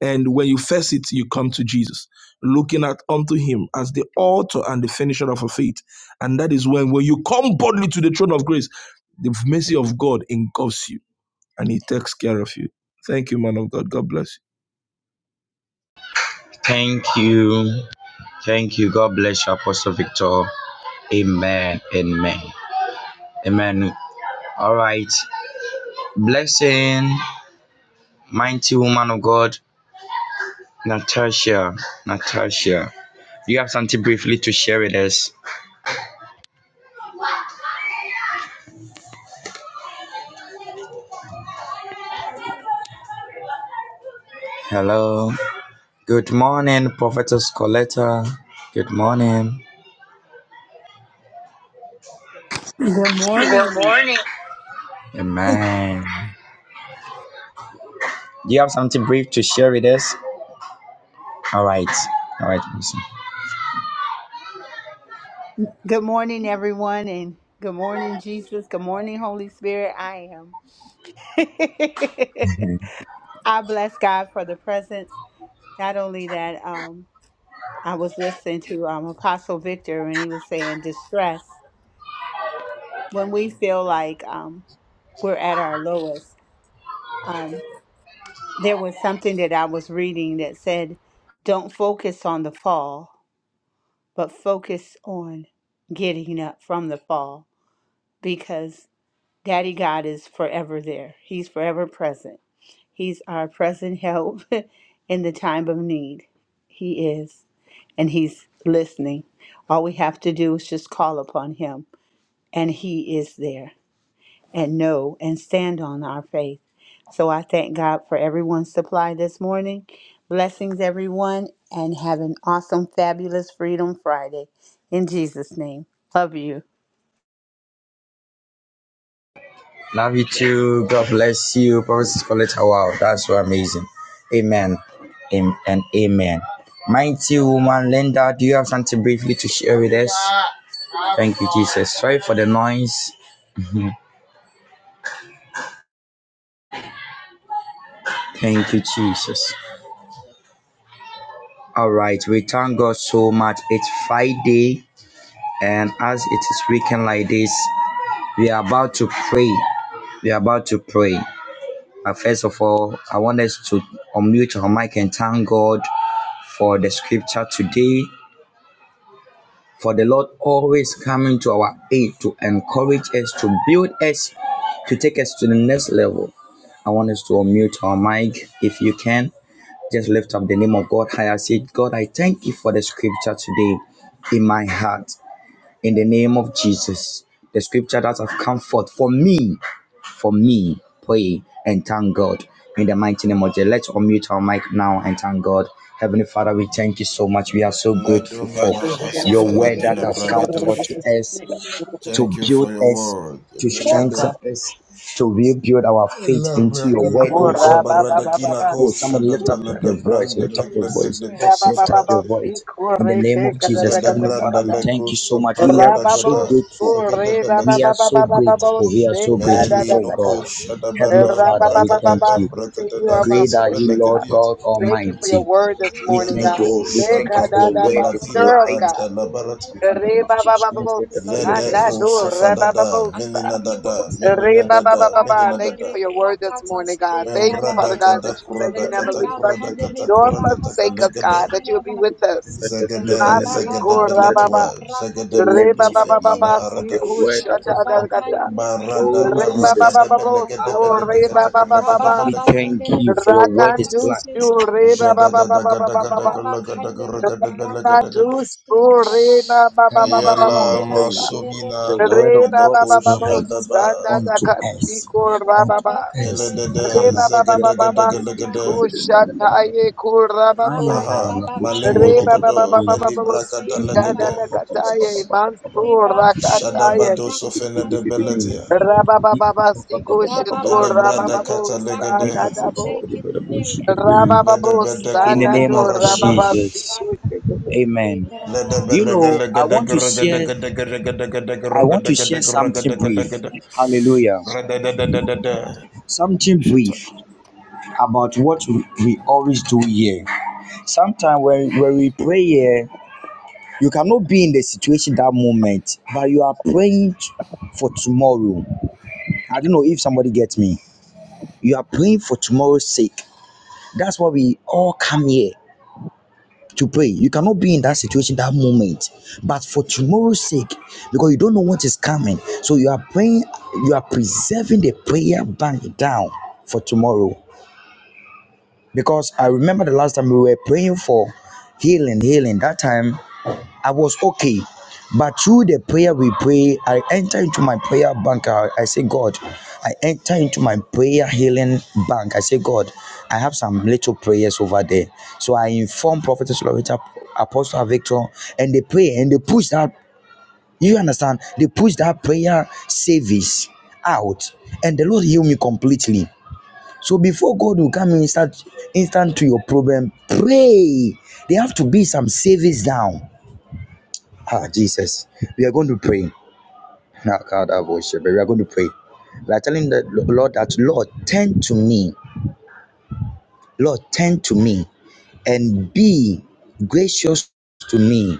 Speaker 3: And when you face it, you come to Jesus, looking at unto him as the author and the finisher of our faith. And that is when, when you come boldly to the throne of grace, the mercy of God engulfs you and he takes care of you. Thank you, man of God. God bless
Speaker 2: Thank you. Thank you. God bless you, Apostle Victor. Amen. Amen. Amen. All right. Blessing, mighty woman of God. Natasha, Natasha, do you have something briefly to share with us? Hello. Good morning, Prophetess Coletta. Good morning.
Speaker 5: Good
Speaker 2: Good
Speaker 5: morning.
Speaker 2: morning. Amen. Do you have something brief to share with us? All right. All right. Awesome.
Speaker 5: Good morning, everyone, and good morning, Jesus. Good morning, Holy Spirit. I am. I bless God for the presence. Not only that, um, I was listening to um, Apostle Victor, and he was saying distress. When we feel like um, we're at our lowest, um, there was something that I was reading that said, "Don't focus on the fall, but focus on getting up from the fall," because Daddy God is forever there. He's forever present. He's our present help in the time of need. He is, and He's listening. All we have to do is just call upon Him, and He is there, and know and stand on our faith. So I thank God for everyone's supply this morning. Blessings, everyone, and have an awesome, fabulous Freedom Friday. In Jesus' name, love you,
Speaker 2: Love you too. God bless you, Prophetess Coletta. Wow, that's so amazing. Amen. Am- and amen. Mighty woman Linda, do you have something briefly to share with us? Thank you, Jesus. Sorry for the noise. Thank you, Jesus. All right, we thank God so much. It's Friday, and as it is weekend like this, we are about to pray. We are about to pray. Uh, first of all, I want us to unmute our mic and thank God for the scripture today. For the Lord always coming to our aid to encourage us, to build us, to take us to the next level. I want us to unmute our mic if you can Just lift up the name of God high. I say, God, I thank you for the scripture today in my heart. In the name of Jesus, the scripture that have come forth for me, for me, pray and thank God. In the mighty name of Jesus, let's unmute our mic now and thank God. Heavenly Father, we thank you so much. We are so
Speaker 3: you.
Speaker 2: grateful for your word that has come forth to us
Speaker 3: Thank
Speaker 2: to
Speaker 3: you for
Speaker 2: build
Speaker 3: your
Speaker 2: us,
Speaker 3: word.
Speaker 2: to
Speaker 1: Yes,
Speaker 2: strengthen
Speaker 1: God.
Speaker 3: Belado.
Speaker 2: us, to rebuild our faith into
Speaker 1: Ba,
Speaker 2: your word, oh
Speaker 3: Labrakulekusa
Speaker 2: God.
Speaker 1: ba, ba, ba,
Speaker 3: baradakina
Speaker 1: ba.
Speaker 2: Oh,
Speaker 3: kosha
Speaker 2: someone
Speaker 3: da
Speaker 2: lift up
Speaker 3: balada
Speaker 2: the voice,
Speaker 3: branda
Speaker 2: lift up
Speaker 3: legla
Speaker 2: your voice,
Speaker 3: deadly
Speaker 1: Ba,
Speaker 3: basso
Speaker 1: ba,
Speaker 2: lift up your
Speaker 3: falataya.
Speaker 2: voice. In the
Speaker 1: ba,
Speaker 2: name of Jesus,
Speaker 3: Lede
Speaker 1: ba,
Speaker 2: Heavenly
Speaker 1: ba.
Speaker 3: branda
Speaker 2: Father, we thank you so
Speaker 3: lekuso
Speaker 2: much.
Speaker 3: pa
Speaker 2: We are so
Speaker 1: Rababos,
Speaker 2: grateful.
Speaker 1: Uri,
Speaker 2: We are
Speaker 3: zatia.
Speaker 2: so grateful.
Speaker 1: Rababababababos,
Speaker 2: We are so grateful, oh God.
Speaker 1: Sekadadadaka.
Speaker 2: Heavenly
Speaker 3: Membram
Speaker 2: Father, we thank
Speaker 1: Rabababababas,
Speaker 2: you.
Speaker 1: teaching you are
Speaker 3: branda
Speaker 1: my
Speaker 2: Great are you,
Speaker 1: portion,
Speaker 2: Lord
Speaker 1: God.
Speaker 3: sodiat.
Speaker 2: God
Speaker 1: Thank you for your
Speaker 2: Almighty.
Speaker 1: word this
Speaker 2: We
Speaker 1: morning,
Speaker 2: thank
Speaker 1: God.
Speaker 2: you.
Speaker 3: Zedeko
Speaker 2: oh, We thank you for your
Speaker 3: shadoko
Speaker 2: word.
Speaker 1: Sekadadabas,
Speaker 2: It's
Speaker 3: beladina
Speaker 1: girls,
Speaker 2: light.
Speaker 3: anta
Speaker 1: God.
Speaker 3: labarata.
Speaker 2: And the man who stands with
Speaker 1: Rabababababos,
Speaker 2: the
Speaker 3: Ledeko
Speaker 1: Anadu,
Speaker 3: sofadada.
Speaker 1: Rabababos.
Speaker 3: Menina dada. Menina dada.
Speaker 1: Rabababababa.
Speaker 3: Menina
Speaker 1: Thank you
Speaker 3: dada.
Speaker 1: for your word this morning, God.
Speaker 3: Meda
Speaker 1: Thank you, Father God, that you said
Speaker 3: kurada
Speaker 1: you never leave us
Speaker 3: kurada kata
Speaker 1: nor
Speaker 3: kurakata
Speaker 1: forsake us,
Speaker 3: kalegede.
Speaker 1: God, that you will be with us.
Speaker 3: Zagade,
Speaker 1: Nasi,
Speaker 3: zagade
Speaker 2: Lord.
Speaker 1: Rababa.
Speaker 3: Bellatua,
Speaker 2: We
Speaker 3: zagade
Speaker 1: Reba
Speaker 2: lift
Speaker 3: Mondo
Speaker 2: you
Speaker 1: baba
Speaker 3: Felina
Speaker 2: higher
Speaker 1: baba
Speaker 2: of your
Speaker 3: Haradash,
Speaker 1: siku
Speaker 2: word that
Speaker 1: shata
Speaker 2: has come forth.
Speaker 1: adagata.
Speaker 3: Barada
Speaker 2: Oh
Speaker 1: Reba
Speaker 2: Jesus,
Speaker 1: baba
Speaker 3: Baragada
Speaker 1: baba
Speaker 3: Belagada
Speaker 1: so
Speaker 2: Abba
Speaker 1: reba
Speaker 3: Beladecata
Speaker 2: Father,
Speaker 1: baba
Speaker 3: Lagada
Speaker 1: baba.
Speaker 2: we
Speaker 3: Belagada,
Speaker 2: thank you for your word
Speaker 1: Rata
Speaker 2: is
Speaker 1: juice
Speaker 2: light.
Speaker 1: to reba
Speaker 3: Jada
Speaker 1: baba baba
Speaker 3: Gada
Speaker 1: baba
Speaker 3: Gada
Speaker 1: baba.
Speaker 3: Gulagada Guragada
Speaker 1: Rata
Speaker 3: Belagada,
Speaker 1: juice to reba baba
Speaker 2: Come on,
Speaker 1: baba
Speaker 2: come
Speaker 1: baba
Speaker 2: on.
Speaker 3: Ayala
Speaker 1: bosa.
Speaker 2: The, the
Speaker 3: Masumina da
Speaker 2: word of
Speaker 1: Reba
Speaker 2: God is
Speaker 1: baba baba
Speaker 3: Melekoshia
Speaker 2: light
Speaker 3: daba,
Speaker 1: sana
Speaker 2: unto
Speaker 1: daka
Speaker 2: us,
Speaker 1: siku raba
Speaker 2: unto
Speaker 1: baba.
Speaker 2: us.
Speaker 3: Eledede,
Speaker 2: Come
Speaker 1: Reba
Speaker 2: on.
Speaker 1: baba baba
Speaker 3: Zagada
Speaker 1: baba
Speaker 3: Gada Gada Gada,
Speaker 1: siku shata ye kura babu.
Speaker 3: Aha, Malemo
Speaker 1: Reba baba
Speaker 3: Logodo,
Speaker 1: baba baba
Speaker 3: Melibrakada
Speaker 1: sika
Speaker 3: Lagade,
Speaker 1: dadakata ye
Speaker 3: Jesus.
Speaker 1: mansur rakata
Speaker 3: Shadabado Sofene de Belletia,
Speaker 1: Rababababasikushito
Speaker 2: Okay.
Speaker 3: Ledebrada Cata
Speaker 1: rabababosa
Speaker 3: Legade,
Speaker 2: In
Speaker 1: dadabo. Rabababosa
Speaker 2: the
Speaker 3: Ledebedekoli
Speaker 1: nado
Speaker 2: name of
Speaker 3: baragadash.
Speaker 2: Jesus.
Speaker 1: rababasikushito.
Speaker 2: Amen. You know, I want to share I want to share something brief.
Speaker 3: Ledebedegelegedegeregedegedegeregedegedegeregedegedegeregedegedegede.
Speaker 2: Hallelujah.
Speaker 3: Rededededede.
Speaker 2: Something
Speaker 3: Shut up.
Speaker 2: brief about what we always do here. Sometimes when, when we pray here, you cannot be in the situation that moment, but you are praying for tomorrow. I don't know if somebody gets me. You are praying for tomorrow's sake. That's why we all come here. to pray. You cannot be in that situation, that moment. But for tomorrow's sake, because you don't know what is coming, so you are praying, you are preserving the prayer bank down for tomorrow. Because I remember the last time we were praying for healing, healing. That time I was okay. But through the prayer we pray, I enter into my prayer bank. I, I say, God, I enter into my prayer healing bank. I say, God, I have some little prayers over there. So I inform Prophetess Loretta, Apostle Victor, and they pray and they push that, you understand, they push that prayer service out. And the Lord healed me completely. So before God will come in, start instant to your problem, pray. There have to be some service down. Ah, Jesus. We are going to pray. Not God, I worship, but we are going to pray. We are telling the Lord that, Lord, turn to me. Lord, turn to me and be gracious to me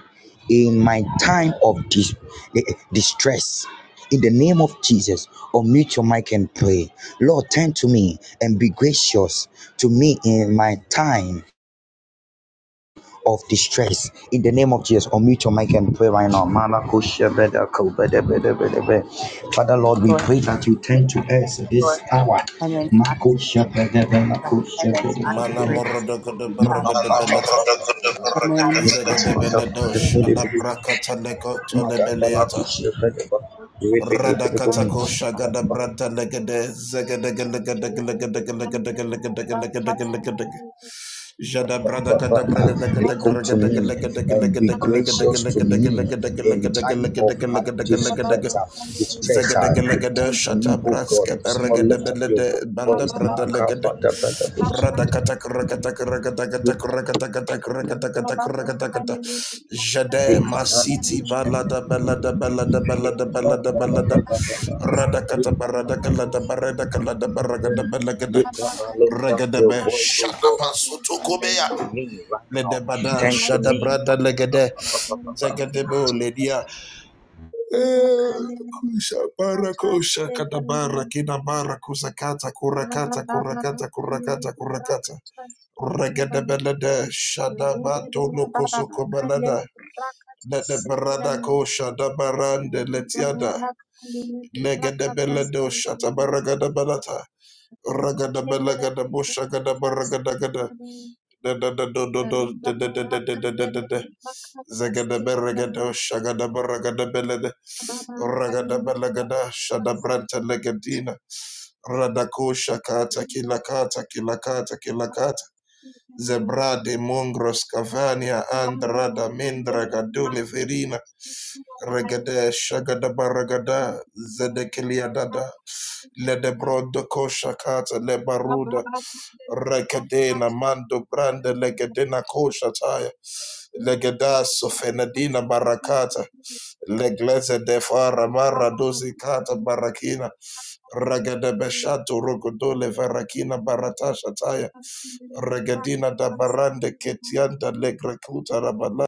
Speaker 2: in my time of dis- eh, eh, distress. In the name of Jesus, unmute your mic and pray. Lord, turn to me and be gracious to me in my time of distress in the name of Jesus. Unmute your mic and pray right now. Father Lord, we
Speaker 5: Lord,
Speaker 2: pray that
Speaker 5: and
Speaker 2: you turn to us this hour.
Speaker 5: in my
Speaker 2: Mako
Speaker 5: God,
Speaker 3: Mana
Speaker 5: great
Speaker 3: morodogode
Speaker 5: Father God.
Speaker 3: baregedebelete.
Speaker 5: Amen.
Speaker 3: Zegedebeledosh. Adabrakata leko Radakatako gada branta legede zegedegelegedegelegedegelegedegelegedegelegedegelegedegeleg. Jada brada
Speaker 2: But
Speaker 3: gada braga da gada gra
Speaker 2: Look to
Speaker 3: gada
Speaker 2: me
Speaker 3: gada gada gada
Speaker 2: and be
Speaker 3: gada gada
Speaker 2: gracious
Speaker 3: gada
Speaker 2: to me
Speaker 3: gada gada
Speaker 2: in
Speaker 3: gada
Speaker 2: time
Speaker 3: gada gada gada gada
Speaker 2: of my
Speaker 3: gada gada gada gada.
Speaker 2: distress. uh, Distress,
Speaker 3: Zagada
Speaker 2: uh,
Speaker 3: gada gada
Speaker 2: turn to
Speaker 3: shata
Speaker 2: me, oh God.
Speaker 3: braska para
Speaker 2: Someone
Speaker 3: gada
Speaker 2: lift up your
Speaker 3: belede banda
Speaker 2: voice,
Speaker 3: brada
Speaker 2: man. God,
Speaker 3: legede.
Speaker 2: but the brother,
Speaker 3: Brada kata kra kata kra kata kata
Speaker 2: but
Speaker 3: kra kata kata kra kata kata kra kata kata. Jade
Speaker 2: they can't run and
Speaker 3: Masiti
Speaker 2: do
Speaker 3: Balada
Speaker 2: something.
Speaker 3: Balada Balada Balada Balada Balada Radakata Barada Kalada Barada Kalada Baragada Balagada
Speaker 2: Lift up lift up, your
Speaker 3: Regadabe
Speaker 2: voice, oh God.
Speaker 3: Shadapa
Speaker 2: Turn to
Speaker 3: Sotokobea
Speaker 2: me right now.
Speaker 3: Ledebada
Speaker 2: Turn to me.
Speaker 3: Shadabrada Legade Zagadebo Ledia Eh, Kusha Barakosha Kadabara Kinabara Kusakata Kurakata Kurakata Kurakata Kurakata Regadabelada Shadabatolo Kosokobalada Lede barada kosha da barande letiada. Legede bele dosha tabaragada balata. Ragada balagada busha gada baragada gada. Da da da do do do da da da da da da da da da. Zagada baragada shagada baragada belede. Ragada balagada shada branta legadina. Radakosha kata kilakata kilakata kilakata Zebra de Mongros Cavania Andrada Mendra Gadule Verina Regade Shagada Baragada Zedekilia Dada Ledebro de Kosha Kata Lebaruda Rekadena Mando Brande Legedena Kosha Taya Legeda Sofenadina Barakata Legleze de Fara Mara Dosi Kata Barakina Regade Beshato Rogodole Varakina Baratasha Taya Regadina da barande ketianda legrekuta rabala.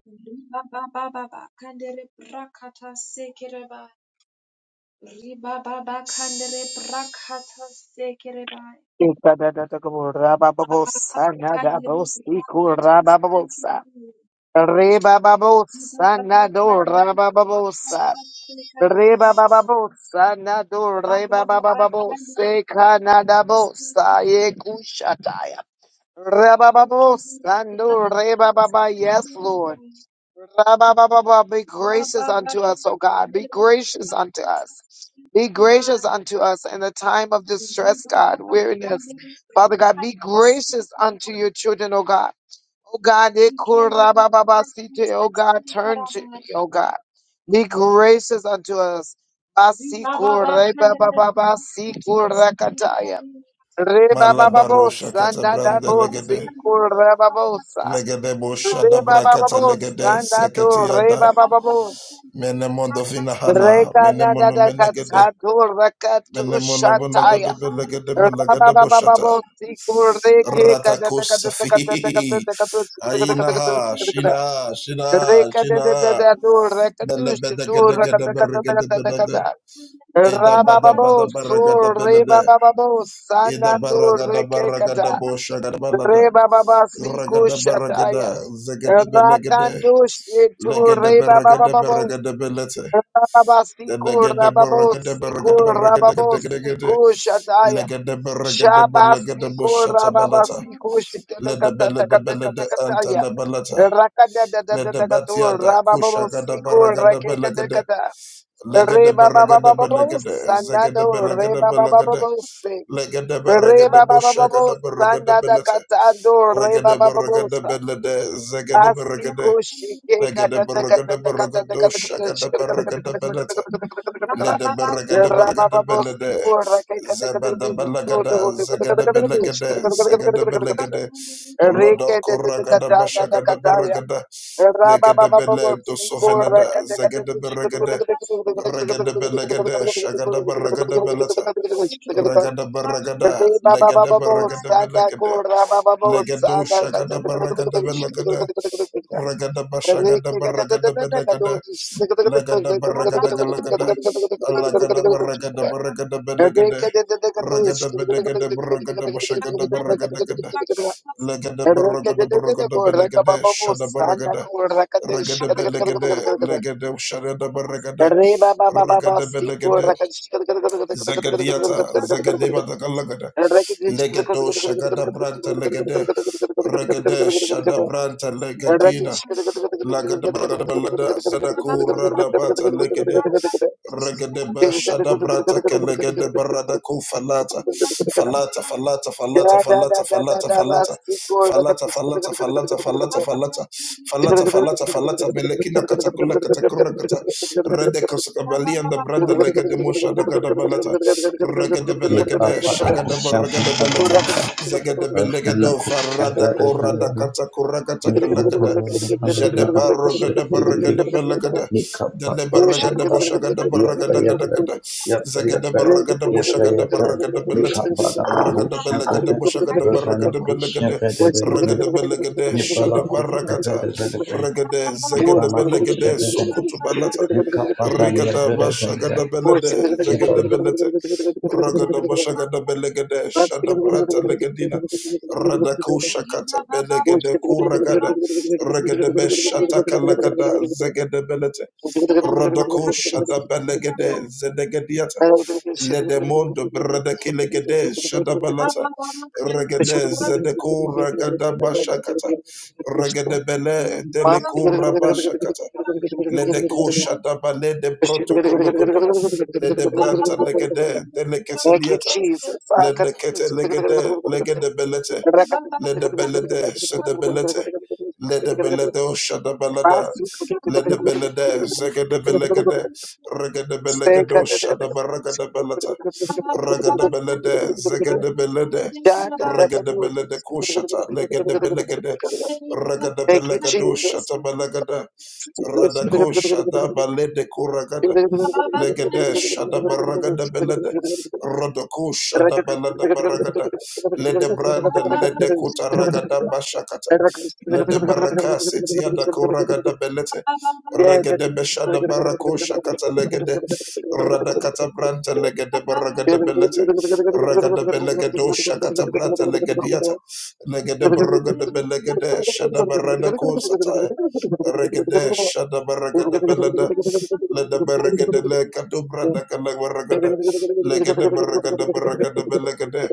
Speaker 1: Ikadadadakabo rabababosa nadabosiku rabababosa. Rebababosa nado rabababosa. Rebabababosa nado rebabababose kanadabosa yekushataya. Rebababosa nado rebababa. Yes, Lord. Ra-ba-ba-ba-ba, Be gracious unto us, O God. Be gracious unto us. Be gracious unto us in the time of distress, God, weariness. Father God, be gracious unto your children, O God. O God, they could O God, turn to me, O God. Be gracious unto us. Basiku rebabababasiku rakataya.
Speaker 3: Malabaro
Speaker 1: Rebababosa,
Speaker 3: shakata brande
Speaker 1: nadabosi,
Speaker 3: legede.
Speaker 1: kurababosa.
Speaker 3: Legede boshada shada
Speaker 1: Reba
Speaker 3: brakata
Speaker 1: babu,
Speaker 3: legede
Speaker 1: sanda Rebababo,
Speaker 3: seketiada.
Speaker 1: Sandato, Rebababo,
Speaker 3: Menemondo fina hana. Menemono
Speaker 1: Rekanada
Speaker 3: menegede.
Speaker 1: Katsato, Rakatu
Speaker 3: Menemono
Speaker 1: Shataya,
Speaker 3: monogode belegede malagada boshata.
Speaker 1: Rabababo, Sikur, Reke, Kadata, Reka Kadata,
Speaker 3: Ratakosafi.
Speaker 1: Kadata,
Speaker 3: Ainaha.
Speaker 1: Kadata,
Speaker 3: Shina.
Speaker 1: Kadata,
Speaker 3: Shina. Shina.
Speaker 1: Rekadadadadu, Rakatush,
Speaker 3: Belebede
Speaker 1: Tur,
Speaker 3: gede gede
Speaker 1: Rakata, Kadata,
Speaker 3: bergede
Speaker 1: Kadata,
Speaker 3: belede.
Speaker 1: Kadata,
Speaker 3: Eda bada
Speaker 1: Rabababo,
Speaker 3: bada baragada
Speaker 1: Sur,
Speaker 3: belede.
Speaker 1: Rebababo,
Speaker 3: Ida
Speaker 1: Sandato,
Speaker 3: baragada
Speaker 1: Reke,
Speaker 3: baragada
Speaker 1: kada.
Speaker 3: boshagada balada.
Speaker 1: Reba Baba Siku
Speaker 3: Ragada
Speaker 1: Shataya.
Speaker 3: baragada zagada belegade.
Speaker 1: Rakandush to
Speaker 3: Legada
Speaker 1: Reba Baba
Speaker 3: baragada
Speaker 1: Babo.
Speaker 3: baragada belete.
Speaker 1: Rababa Siku
Speaker 3: Legada
Speaker 1: Rababo
Speaker 3: baragada baragada
Speaker 1: Siku
Speaker 3: baragada
Speaker 1: Rababo
Speaker 3: gadagada.
Speaker 1: Siku Shataya.
Speaker 3: Legada baragada baragada
Speaker 1: Shabasiku
Speaker 3: boshata balata.
Speaker 1: Rababasiku
Speaker 3: Leda belede belede anta
Speaker 1: Shitakatakatakatakataya.
Speaker 3: la balata. Leda
Speaker 1: Rakadadadadakatu
Speaker 3: batiada
Speaker 1: Rababo
Speaker 3: kushagada
Speaker 1: Siku
Speaker 3: baragada belegade.
Speaker 1: Rakekatakata.
Speaker 3: Legede
Speaker 1: Reba Baba
Speaker 3: beregede
Speaker 1: Babo
Speaker 3: belegede, zegede
Speaker 1: Sanado
Speaker 3: beregede
Speaker 1: Reba Baba
Speaker 3: belegede,
Speaker 1: Babo
Speaker 3: legede beregede boshagede beregede belete, regede beregede belede, zegede beregede, legede beregede beregede shagede beregede belete, lede beregede beregede belede, zebede belegede, zegede belegede, segede belegede, lodo koragede bashagede beregede, legede bele do sovenada, zegede beregede, Regada belegada, shagada barragada beleta, regada
Speaker 1: Reba
Speaker 3: barragada, legada barragada belegada, legado shagada barragada belegada, regada bashagada barragada belegada, legada barragada galagada, alagada barragada barragada belegada, regada belegada barragada bashagada barragada gada, legada barragada barragada belegada, shada barragada, regada belegada, legada shagada barragada, regada belegada, Zagadiata, Zagadeba Zagalagada,
Speaker 1: and
Speaker 3: Legato Shagada Branta Legade, Regade Shada Branta Legadina, Lagada Bragada Balada, Zadaku Radabata Legade, Regedebe shada brata kelegede barada ko falata falata falata falata falata falata falata falata falata falata falata falata falata falata falata melekina katakula katakura kata rede kosakabali and the branda legede mosha da gada balata regede
Speaker 2: Lick up,
Speaker 3: belegede
Speaker 2: I could
Speaker 3: shagada
Speaker 2: shove him
Speaker 3: baragada balata
Speaker 2: up,
Speaker 3: zagada
Speaker 2: أنا
Speaker 3: belegedo
Speaker 2: كنت
Speaker 3: farada
Speaker 2: كبير
Speaker 1: Yeah,
Speaker 3: korada
Speaker 2: بلبل
Speaker 3: katakura
Speaker 1: Oh,
Speaker 2: نجمان
Speaker 3: katakalagada
Speaker 2: هبل هبل
Speaker 3: jade
Speaker 2: هبل الشيخ
Speaker 3: barogada
Speaker 2: دبلبي
Speaker 3: baragada belegede
Speaker 2: نكب بب بب بب
Speaker 3: Deleberagada
Speaker 2: بب
Speaker 3: boshagada
Speaker 2: يب
Speaker 3: baragada gada
Speaker 2: يب
Speaker 3: gada
Speaker 2: يب
Speaker 3: Zaga da
Speaker 2: يب
Speaker 3: baraga da
Speaker 2: يب
Speaker 3: zagada
Speaker 2: يب
Speaker 3: baragada boshagada da belete
Speaker 2: نكب بب
Speaker 3: ragada
Speaker 2: نبوش
Speaker 3: belagada
Speaker 2: نبدا
Speaker 3: boshagada
Speaker 2: بنا
Speaker 3: baragada
Speaker 2: كوش
Speaker 3: belagada
Speaker 2: نبدا بلبل
Speaker 3: ragada belagada shada
Speaker 2: نبلا كوش
Speaker 3: baragata
Speaker 2: نبدا بلبل
Speaker 3: ragada zagada
Speaker 2: نبلا كوش
Speaker 3: belagada
Speaker 2: نبدا
Speaker 3: sokutu balata
Speaker 2: نكب بب يب
Speaker 3: rigada
Speaker 2: بلبل
Speaker 3: bashagada belede zagada
Speaker 2: نبلا.
Speaker 3: belete Raga da bashagada belagada shada brata legadina rada kushakata belegede kuragada ragada beshataka lagada zagada belete
Speaker 1: Thank
Speaker 3: Rodoko Shadabalegede Zedegediata Ledemondo Bradakilegede Shadabalata Regede Zedeko Ragada Bashakata Regede Bele Delecura Bashakata Ledeko Shadabale de Protocologoda Ledebranta Legede
Speaker 1: you,
Speaker 3: Delecasiliata
Speaker 1: Jesus. Ah,
Speaker 3: le
Speaker 1: cut
Speaker 3: dekete
Speaker 1: this.
Speaker 3: legede legede belete le de belede shede belete le de belede o shede
Speaker 1: Pass.
Speaker 3: belada le de belede zegede belegede regede
Speaker 1: Thank
Speaker 3: belegede o shede beregede belete regede belede zegede belede regede belede kushata legede belegede regede
Speaker 1: you,
Speaker 3: belegede o
Speaker 1: Jesus.
Speaker 3: shede belegede rada kushada balede kuragada Legede shada baragada belede rodoko shada balada baragada lede branda lede kuta ragada bashakata lede baraka setiada koragada belete regede beshada barako shakata legede radakata branta
Speaker 1: Yeah,
Speaker 3: legede baragada belete
Speaker 1: Thank
Speaker 3: ragada belegedo shakata branta legediata legede baragada belegede shada barada kosata regede shada baragada belede let the barricade le catubra da cala barricade, lega de barricade barricade belegade,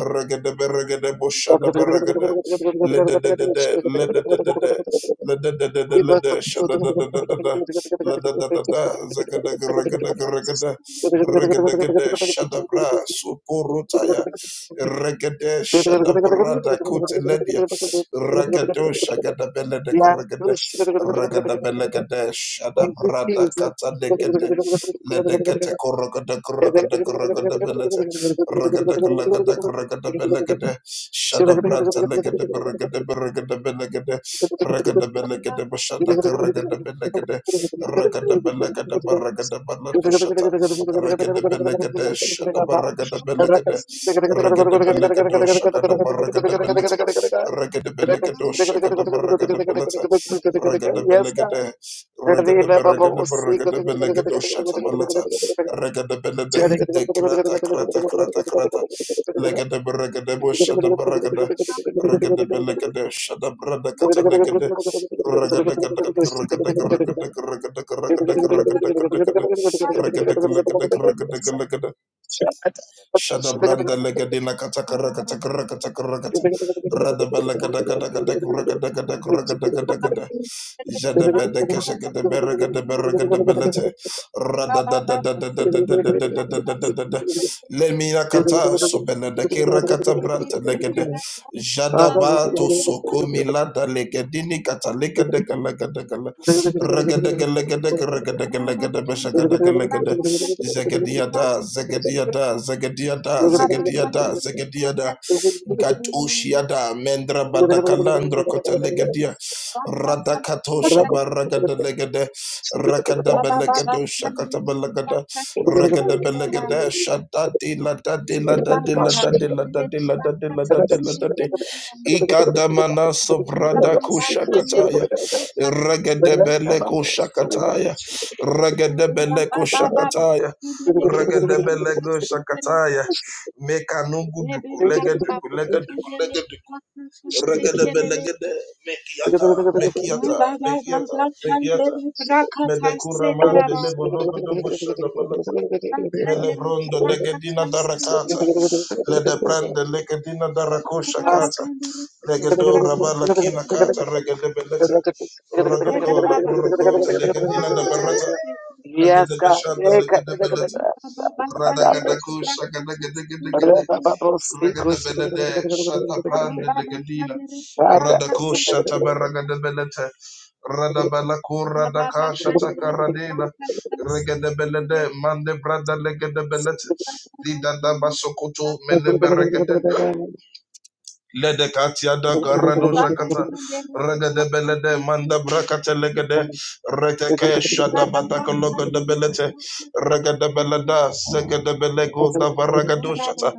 Speaker 3: regade barricade busha da barricade, let the de de de, let the de de de, let the de de de, let the shada da da da da da, let the da da da, zagada regada regada, regada gada shada bra supurutaya,
Speaker 1: you.
Speaker 3: regade
Speaker 1: Yeah, thank
Speaker 3: shada bra da kuteledia, regado shagada belegade Ragada Belegade, Shada
Speaker 1: you,
Speaker 3: Brada
Speaker 1: Jesus.
Speaker 3: Kata Legade, Ledegate Korogada Korogada Korogada Belete, Ragada Gulagada Korogada Belegade, Shada Branta Legade Bergade Bergade Belegade, Ragada Belegade
Speaker 1: Yes,
Speaker 3: Bashada Karagada Belegade, Ragada Belegade Baragada Banadushata, Ragada Belegade, Shada Baragada Belegade, Ragada Belegado Shagada Baragada Belete, Ragada Belegado Shagada Baragada Belete, regada belegade, regada beregada beregada belegado shatabalata, regada belede, de grata grata grata grata, legada beregada bo shatabaragada, regada belegade, shatabrada kata legade, regada gada regada regada
Speaker 1: God.
Speaker 3: regada
Speaker 1: Thank
Speaker 3: regada regada regada regada regada regada Shada branda lega de la kataka rakata karakata karakata. Rada balaga daga daga daga raga daga daga raga daga daga da. Jada bede keshaka de berega de berega de belete. Rada da da da da da da da da da da da da da da Lemina kata sobele de kirakata branta lega de. Jada ba soko milada lega dini kata lega daga lega daga la. Raga daga lega daga raga daga lega de beshaka daga lega Zegadiada,
Speaker 1: you.
Speaker 3: Zegadiada, Zegadiada,
Speaker 1: Thank
Speaker 3: Zegadiada, Zegadiada, Gatushiada, Mendra Badakalandra Kotelegadia, Radakatosha Baragada Legade, Rakada Belegado Shakata Belegada, Regada Belegade, Shadadi Ladadi Ladadi Ladadi Ladadi Ladadi Ladadi Ladadi, Ikadamana sobrada kushakataya. Regadebele kushakataya. Regadebele kushakataya. Regadebele kushakataya. Mekanugu dugulega dugulega dugulega dugu. Regadebelegede. Mekiata. Mekiata. Mekiata. Mekiata.
Speaker 1: you.
Speaker 3: Medekuraman de lebologo de boshadabalata. Melebron de legedina darakata. Ledebrand de legedina darakosha Legado Ravala Kina Kata Regade Beleta Rodako La Burroko to Legadina da Barata
Speaker 1: Yes,
Speaker 3: Regade
Speaker 1: God.
Speaker 3: Beshada
Speaker 1: Yeah,
Speaker 3: Legade Beleta Radagadaku Shagadagadagade Regade Belede Shata Brand Legadina Radako Shata Baragade Beleta Radabalaku Radaka Shata Karadina Regade Belede Mande Brada Legade Beleta Dida Basokoto Meleberegade Lede katia da garado shakata regede belede
Speaker 1: Thank
Speaker 3: manda brakate legede reteke shada bataka logo de belete regede beleda segede belego da varagado shata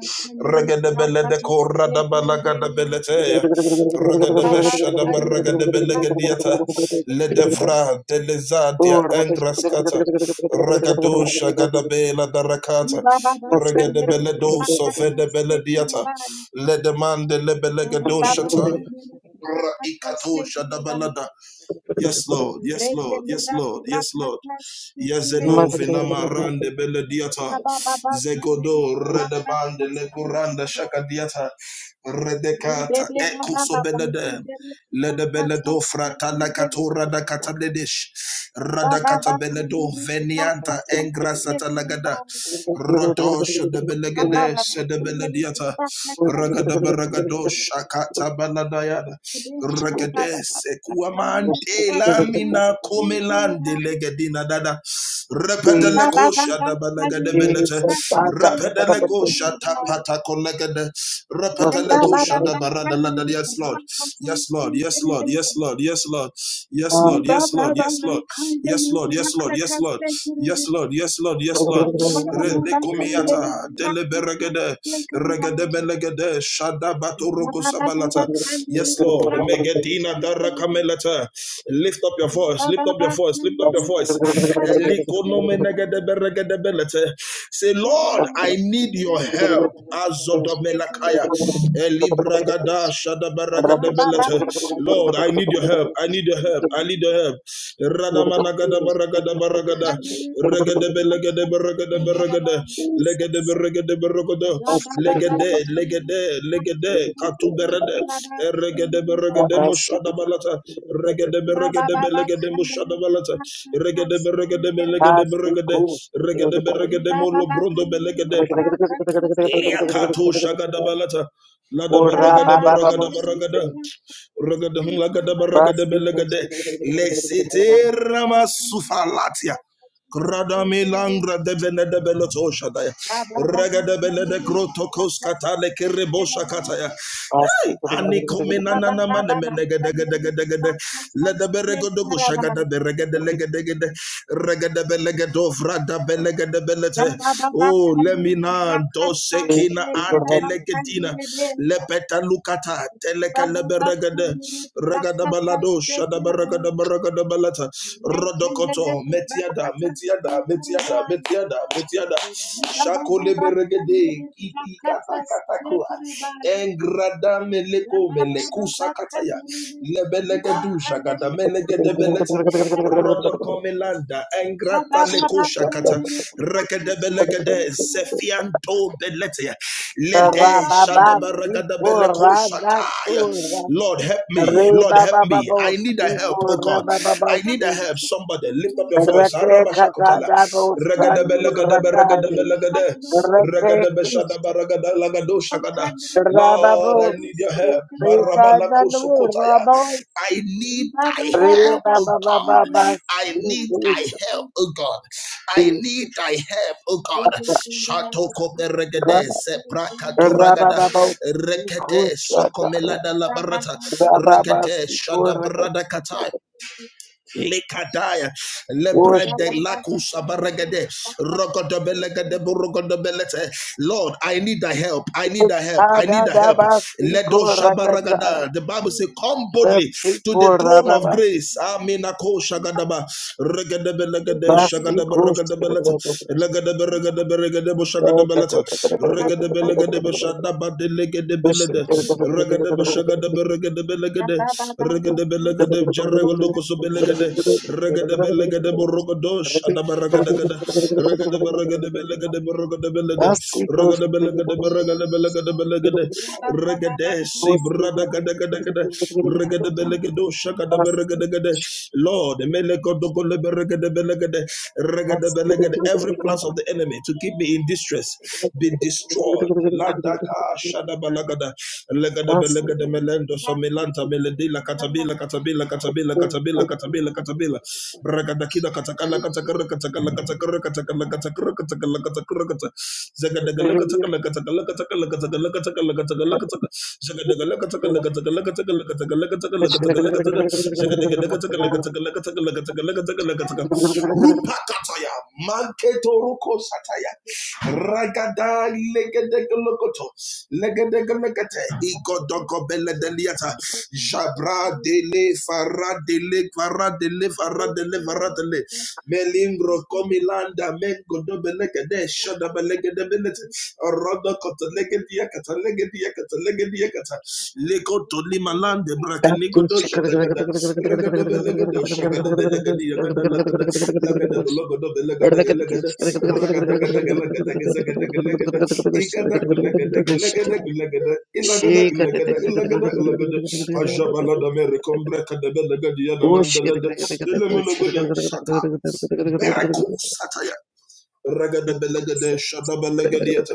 Speaker 3: regede belede kora da balaga da belete regede beshada baragade belegediata lede vra de lezadia engraskata regado shagada bela da rakata regede beledo sovede belediata let the man Ledemande lebelegado shataya. Ra ikato shadabalada. Yes, Lord. Yes, Lord. Yes, Lord. Yes, Lord. Yazeno vinamarande belediata. Zegodo redabande leguranda shakadiata. Redekata ekosobelede. Ledebeledo fratana katora da kataledesh. Radakata beledo venianta engrasata lagada. Rodosh de belegedes de
Speaker 1: you.
Speaker 3: belediata.
Speaker 1: Jesus,
Speaker 3: Ragada baragado shakata baladayada. Ragades ekuamante lamina comelande legedina dada. Repedeleco shada balagade belete.
Speaker 1: Jesus, ah, da- da- da- da- da-
Speaker 3: Repedeleco shata pata Rapatalaku shada barada lada. Yes, Lord. Yes, Lord. Yes, Lord. Yes, Lord. Yes, Lord. Yes, Lord. Yes, Lord. Yes, Lord. Yes, Lord. Yes, Lord. Yes, Lord. Yes, Lord. Yes, Lord. Yes, Lord. Re- Lekumiata deleberegede. Regedebelegede Shadabatoroko Sabalata. Yes, Lord. Megedina Darakamelata. Lift up your voice, lift up your voice, lift up your voice. Elikonomenegedeberegedebelete. Say, Lord, I need your help. Azodomelakaya. Elibragada Shadabaragadabalata. Lord, I need your help. I need your help.
Speaker 1: Ah.
Speaker 3: I need your help.
Speaker 1: Thank
Speaker 3: Radamanagadabaragadabaragada. Regedebelegedeberegedebere- Regada, Legada, Beregada, Berogoda, legede legede legede katuberede regede regede moshada balata regede regede belegede moshada balata regede regede belegede regede regede regede molo brondo belegede Yakato Shagadabalata. Lada baragada baragada baragada ragada hum lagada baragada belagade lexite rama sufalatia Krada milangra de venede beloto shadaya ragada belede krotokos katale kerebosha kataya Anikomenanana manemenegedegedegedelegede. Ledeberegodogo shagadebe regedelegedelegede. Regedebelegedovradabelegedebelegede. Oh, lemina dosekina antelegetina lepeta lukata teleka leberegade regada balado shada beregada beregada balata rodokoto metiada metiada metiada metiada metiada shako leberegede kiti kata kata ko engrada meleko meleku sakataya lebelegedu shagada melegede belete rodokomelanda engrata leko shakata Rekedebelegede
Speaker 1: you.
Speaker 3: Zefianto Belete Lede
Speaker 1: Rababa speaker
Speaker 3: Shadabaragadabelegoshataya.
Speaker 1: Radatura
Speaker 3: Lord help me. Lord help me.
Speaker 1: Rebababo
Speaker 3: I need a help,
Speaker 1: speaker
Speaker 3: oh God.
Speaker 1: Rabababo
Speaker 3: I need a
Speaker 1: speak
Speaker 3: help. Somebody lift up your voice.
Speaker 1: Rake
Speaker 3: Arabashakotala.
Speaker 1: Katadabo Sandu Rakai
Speaker 3: Regedebelegedebelegedebelegede.
Speaker 1: Rake Kish
Speaker 3: Regedebeshadabaragadabelegedosha. Lord, I
Speaker 1: Rababos
Speaker 3: need your help.
Speaker 1: Rekadanu
Speaker 3: Marabalakosokotaya.
Speaker 1: Rabos
Speaker 3: I need thy help, oh
Speaker 1: Rebabababas
Speaker 3: God. I need
Speaker 1: Rabababos Rababas
Speaker 3: thy help, oh God. I need thy help, O God. Shatoko beregede sepraka turagada rekete sokomelada labarata rekete shadabrada katai lekadaya lebrede
Speaker 1: Worship
Speaker 3: lakusa baregede rogodobelegede burogodobelete. Lord, I need thy help. I need thy help. I need
Speaker 1: Thank
Speaker 3: thy help. Ledo shabaragada. The Bible says, Come boldly to the throne of grace. Aminako shagadaba regadebe legade shagadaba regadebeleta legadebe regadebe regadebo shagadebeleta regadebe legadebe shadaba delegadebelede regadebe shagadebe regadebe legade regadebe legade jerewaloko sobelegade regadebe legade borogodosh adaba regadegade regadebe regadebe legade borogodebelede Ragada belagada beragada belagada belagada. Regadesi brada gada gada gada. Regada belagado shakada beragada gada. Lord, melekodo gole beragada Regada belagada. Every
Speaker 1: you.
Speaker 3: plans of the enemy to keep me in distress
Speaker 1: Shake
Speaker 3: be destroyed Ladaka shada Shadabalagada Legada Belegada Melendo Somilanta Meledila Catabila Catabila Catabila Catabila Catabila Catabila Bragadakida Katakala Katakara Katakala Katakara Katakala Katakara Katakala Katakara Katakara Rupakataya, Manketo Ruko Sataya, Ragada Legedegolokoto, Legedegelegate, Igodoko Beledeliata, Jabra de le Farad de le Farad de le Farad de le farad de le Melingro Comilanda Mengo Dobelegade Shadabelegadebility Rodo Cotolegadia Catalegadia Catalegadia Cata Lego to Limalande Bracanigo
Speaker 1: it.
Speaker 3: Dosha Dagada Regadebelegado Shagadabelegadi Yagada Lagada Lagada Bologodo Belegade Legada Ragadagadagalagadagalagadagalagada Igada Kulegadagalagadagalagada Ilagada Ilagada Ilagada Ilagada Ajabalada merekombreka de belega
Speaker 1: Oh,
Speaker 3: diana mandalada. Elemele bele shata. Bereku sataya. Ragadabelegade Shadabalegadiata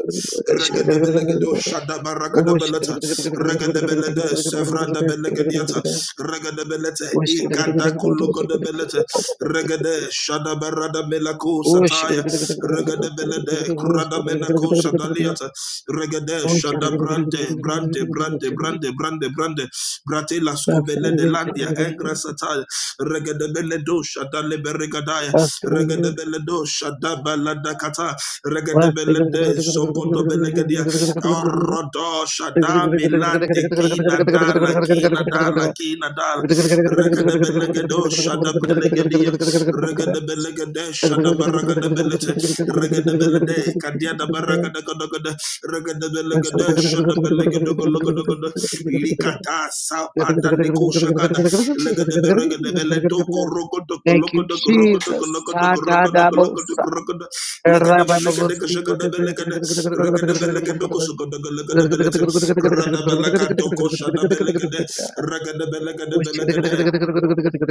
Speaker 3: Ragadabelegedo Shadabaragadabalata Ragadabelede Sevranda Belegadiata Ragadabelete Igadakulogodabelete Regade Shadabarada Melako Sataya Ragadabelede Kuradamelako Shadaliata Regade Shadabrante Brante Brante Brante Brante Brante Bratela Scobele de Landia Engra Sataya Regadabeledo Shadaleberegadaya Regadabeledo Shadabaladakata Regadabelede Sogodobelegadia Orodo Shadamilande Kina Dala Kina Dala Kina Dala
Speaker 1: Thank
Speaker 3: Regadabelegedo Shadabelegadia Regadabelekade Shadabaragadabelet Regadabelede Kadiana Baragadagodogoda Regadabelekade Shadabelegado Likata sabada neko shagada. Legedebe regedebe letoko rokodoko
Speaker 1: you,
Speaker 3: lokodoko rokodoko
Speaker 1: Jesus.
Speaker 3: lokodoko rokodoko
Speaker 1: Sakadabosa.
Speaker 3: lokodoko rokodoko. Legedebe legedeke shagadebe legede. Regedebe legedoko sokodoko legedebe lete. Radaba lakatoko shadabe legede. Regedebe legedebe legede.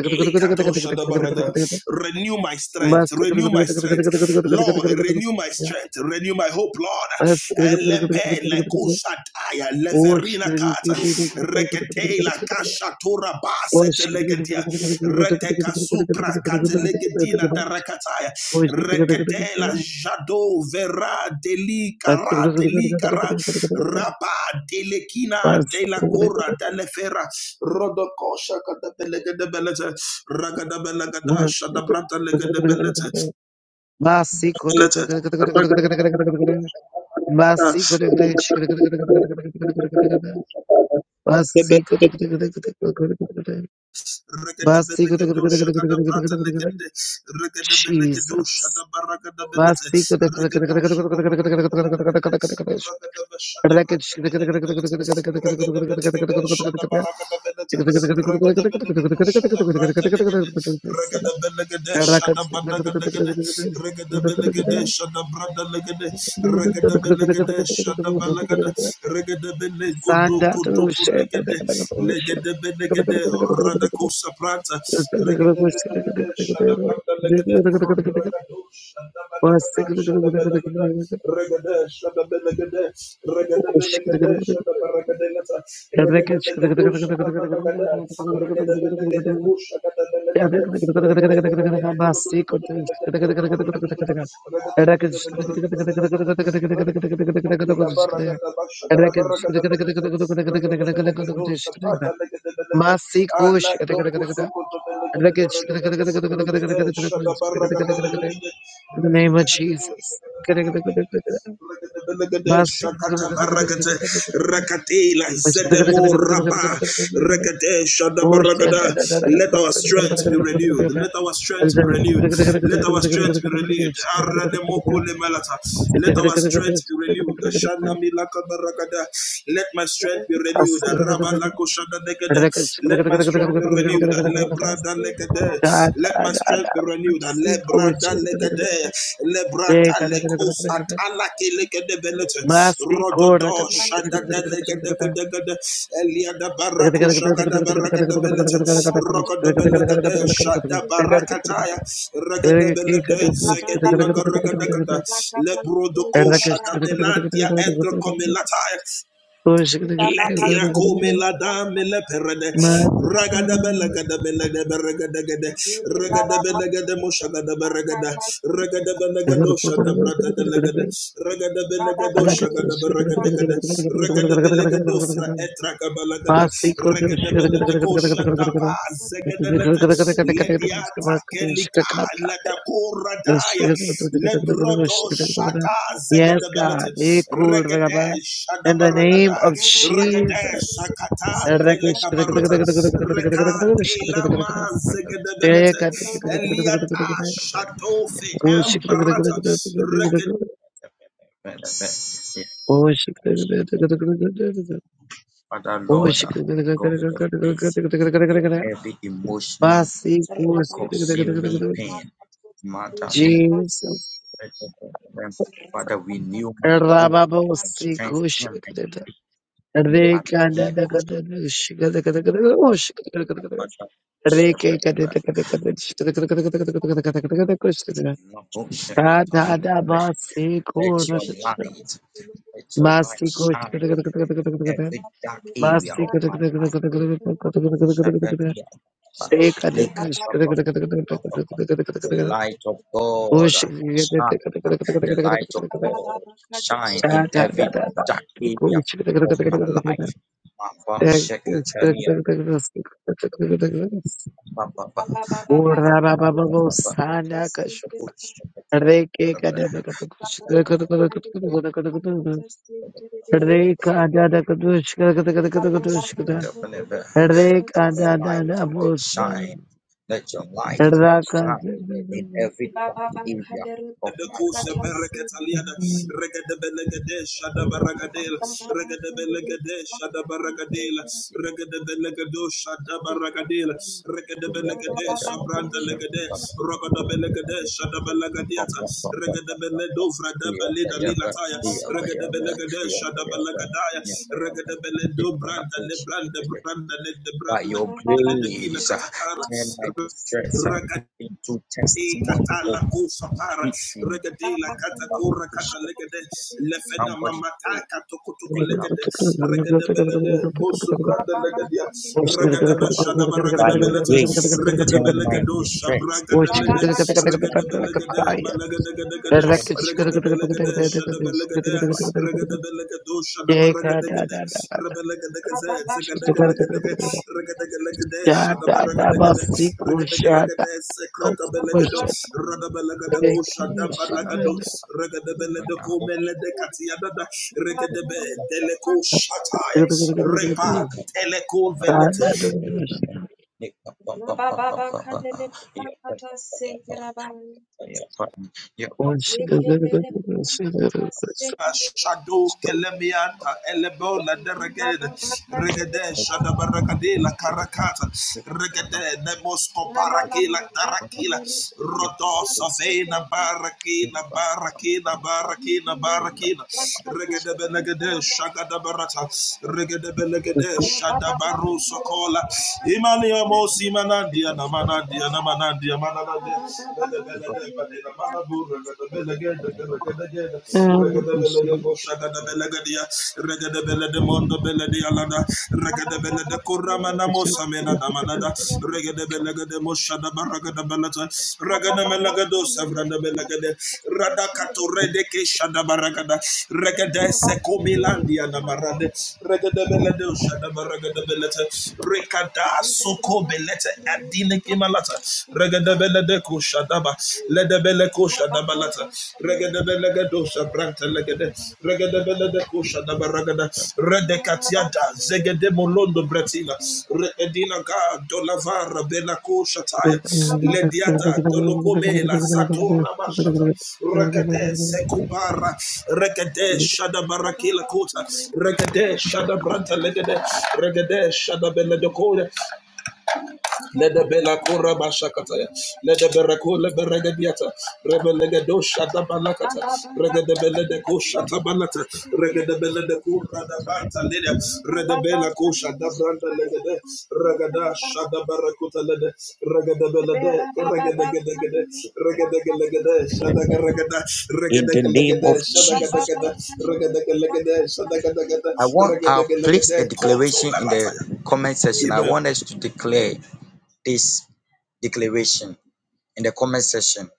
Speaker 3: Likadoshadabarada. Renew my
Speaker 1: Basi
Speaker 3: strength, renew my strength, Lord. Renew my strength, renew my hope, Lord. Elepe lekushataya leverina kata rekete la kasha baset legedia reteka supra katelegetina darakataya rekete la jado vera delika ra delika ra rapa delekina de delefera rodokosha kata belegede belete Ragadabelagada, Shadabrata Legadabelete, Lete,
Speaker 1: Basi-
Speaker 3: Regadabelegedo, Shakadabrata Legade, Regadabelegedo,
Speaker 1: Jesus.
Speaker 3: Shadabaragadabilete,
Speaker 1: Basi-
Speaker 3: Regado, Shadabaragadabilete, Ragadaba, Shadabrata Legadabelete, Regadabelegade, Shadabaragadabilete, Regadabelegedo, Shadabrata Legade, Regadabelagade, Shadabadagadagade, Regada Belegade, shada brada Regadabelagade, Shadabradalagade, Regadabelagade, Shadabalagada, Regadabele, Godo,
Speaker 1: Sanda to
Speaker 3: Godo,
Speaker 1: share.
Speaker 3: Kulegade, Legadabelagade, Radako Saprata, Regadabelagade, Shadabradalagade, Ragado, shada
Speaker 1: In
Speaker 3: Shadabalagada, Regade, Shadabelagade, Regadabelagade, Shadabaragadegata, Regadabeledo, Shadabalagada, Regadabelagade, Kushakadabelagade, Shakata
Speaker 1: the name of Jesus.
Speaker 3: Barakate Rakatela
Speaker 1: Oh shit!
Speaker 3: Zedemo Rabba Rakate Shadabaragada. Let our strength be renewed. Let our strength be renewed. Let our strength be renewed. Let our strength be renewed. Let my strength be renewed. Let my strength be renewed.
Speaker 1: Mas
Speaker 3: Let my strength be renewed. Let my strength be renewed legede lebrata lekos atala ke legede belete rododo shada de legede gede gede elia da barako shaga da baraka da belete rogodo belete shada barakataya
Speaker 1: Yes,
Speaker 3: regede belete zegedi laga regede gede lebrodoko shada belandia endro komelataya La tira come la dame la perede, ragada bella gada bella de berregada gada, ragada bella gada mosha gada berregada, ragada bella gadosha da brata de legada, ragada bella gadosha gada berregada gada, ragada bella gadofra etraca balagada, ragada bella de kosha da baz gada nete, Ledia Takelika, Ledakoradaya, Lebrodo Shada Zegadabelet,
Speaker 1: God.
Speaker 3: Regade
Speaker 1: In the name
Speaker 3: Shadabaragada,
Speaker 1: of
Speaker 3: Regade
Speaker 1: Jesus.
Speaker 3: Shakata,
Speaker 1: Jesus.
Speaker 3: Elekabarata, Reka Telama Zegadabelet, Eliada Shadofe Ambarata,
Speaker 1: Shada Reka da da kadush kada kada kada kada kadush kada. Reka da da da bosa. Raka da
Speaker 3: Dekusha Bereketaliana, Regadabelegadel, Shadabaragadel, Regadabelegadel, Shadabaragadel, Regadabelegadel, Shadabaragadel, Regadabelegadel, Sobranda Legade, Rogadabelegadel, Shadabalagadiata, Regadabeledo, Vradabaleda Lilataya, Regadabelegadel, Shadabalagadaya, Regadabeledo, Branda, Lebranda, Branda, Lebranda, Ledekina Katakana, Ragad te katala kosa para regede la kata kora kata legede lefena mamata kato kutuku legede regede belede bosu brada legedia regede beshada regede belete regede belegedo shabraga lede regede belegede malagede gede gede regede belegede shada belegede Regadadalagadosha
Speaker 1: da
Speaker 3: Namaragadaga
Speaker 1: da.
Speaker 3: Rabalagadaga Zagadagalaga Regadagalaga Shadabaragadaga Regadagalaga Sekratabelagado Radabalagadago Shadabalagado
Speaker 1: Oh,
Speaker 3: Regadabeladago Meledekatiadada Regadebe Deleko
Speaker 1: Thank
Speaker 3: Shataya Repa Deleko Velete Shadow Kelemianta Elebona Deregade Regade Regade Shadabarakadela Karakata Regade Nemosco Parakila Tarakila Rodos of Ena Barakina Barakina Barakina Barakina Regade Belegade Shagadabarata Regade Belegade Shadabaru Sokola Imania Mosimanandia Namanandia Namanandia Mananandia Regada
Speaker 1: you.
Speaker 3: Soko Belete Adina Kimalata Regadabella de Regedebeleko Shadaba, Ledebeleko Shadabalata, Regedebelego Shabranta Legede, Regedebeleko Shadaba Ragada, Redekatiata, Zegedemolondo Bretina, Redina Ga, Dolavara, Belako Shataya, Lediada, Dolocomela, Satora Bashata, Rekede Sekupara, Rekede Shadabarakila Kota, Regede Shadabranta Legede, de Shadabeledokoya, let the Bella Cora Bashakataya, let the Beracola Beregadiata, Rebelegadosha da Balacata, Regadabella de Cosha Tabanata, Regadabella de Cura da Banta Leda, Redabella Cosha da Branda Legade, Ragada Shada Baracuta Lede, Regadabella de Regadagade, Regadagalagade, Shadagaragada, Regadagalagade, Shadagadagada, Regadagalagade, Shadagadagada,
Speaker 2: I want I'll place a
Speaker 3: Regadagalagade, Coto
Speaker 2: declaration in the
Speaker 3: Balataya.
Speaker 2: comment section. I
Speaker 3: Amen.
Speaker 2: want us to declare this declaration. in the comment section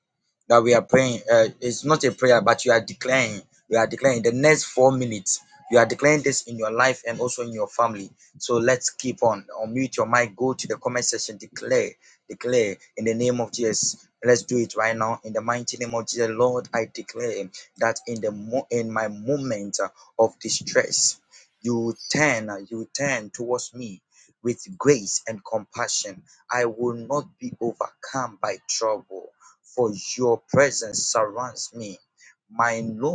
Speaker 2: that we are praying. Uh, it's not a prayer, but you are declaring. You are declaring the next four minutes. You are declaring this in your life and also in your family. So let's keep on. Unmute your mic. Go to the comment section. Declare, declare in the name of Jesus. Let's do it right now in the mighty name of Jesus. Lord, I declare that in the mo- in my moment uh, of distress, you turn, uh, you turn towards me with grace and compassion. I will not be overcome by trouble for your presence surrounds me. My Lord,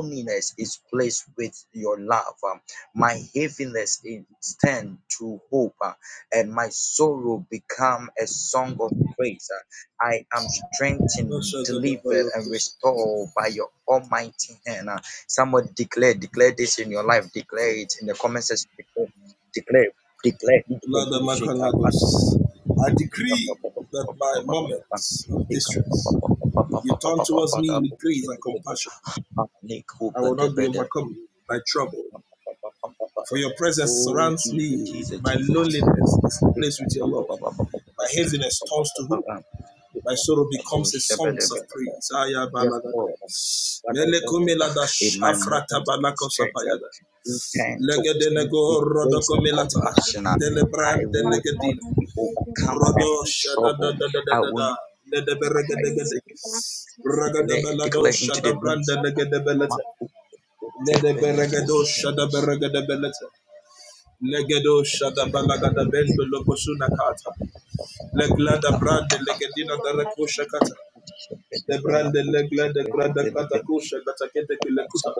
Speaker 3: Lada Makalados. I decree that my moments of distress, you turn towards me with grace and compassion. I will not be overcome by trouble. For your presence surrounds me. My loneliness is replaced with your love. My heaviness turns to hope. My sorrow becomes a song of praise. Aya balagada. Rado shada da da da da da da. Le de berega de gede. Raga da bela do shada branda le gede belete. Le de berega do shada berega de belete. Le gedo shada balaga da bendo lo kata. Le glada brande le gedina da rekusha kata. Le brande le glada glada kata kusha kata kete kile kuta.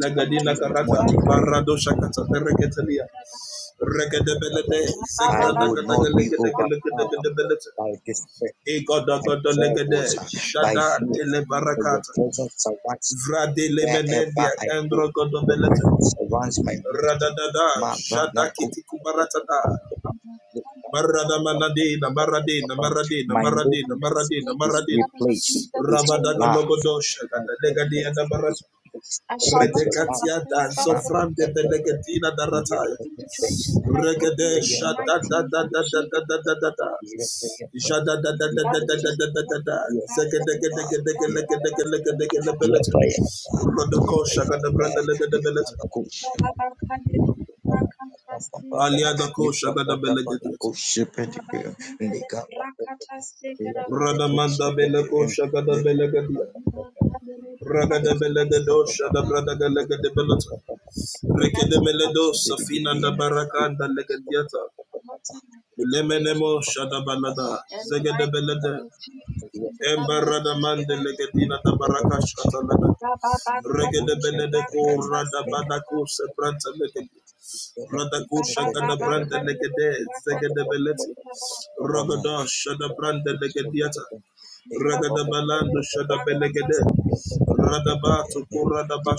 Speaker 3: Le gedina karata barado shakata beregetelia. Regede belete zegrada kata gele gede gele gede gede belete. Egodogodolegede, Shada tele barakata telebarakata, Vradele menendia, Andro godomelete, Radadada, Shada kiti kubarata da Marada manadina, maradina, maradina, maradina, maradina, maradina, rabadaga logodo Shada Legadi and Barata, Redekatia, Zofran de Belegatina, Darataya. Regede shada da da da da da da da da da. Jada da da da da da da da da da da. Zeke deke deke deke leke deke leke deke leke leke. Rodo ko shaka da branda leke da belete. Alia da ko shaka da belege diet. Rada manda bele ko shaka da belege diet. Raga da belege do shada brada ga lege de belete. Reke de mele do safina da baraka da lege dieta. Lemenemo shada balada. Zege de belede. Embarada mande legedina da baraka shatalada. Regede belede ko rada badako se branta legede. Radako shagada branda legede zegede beleti. Ragada shada branda legediata. Ragada balando shada belegede. Radabato ko radaba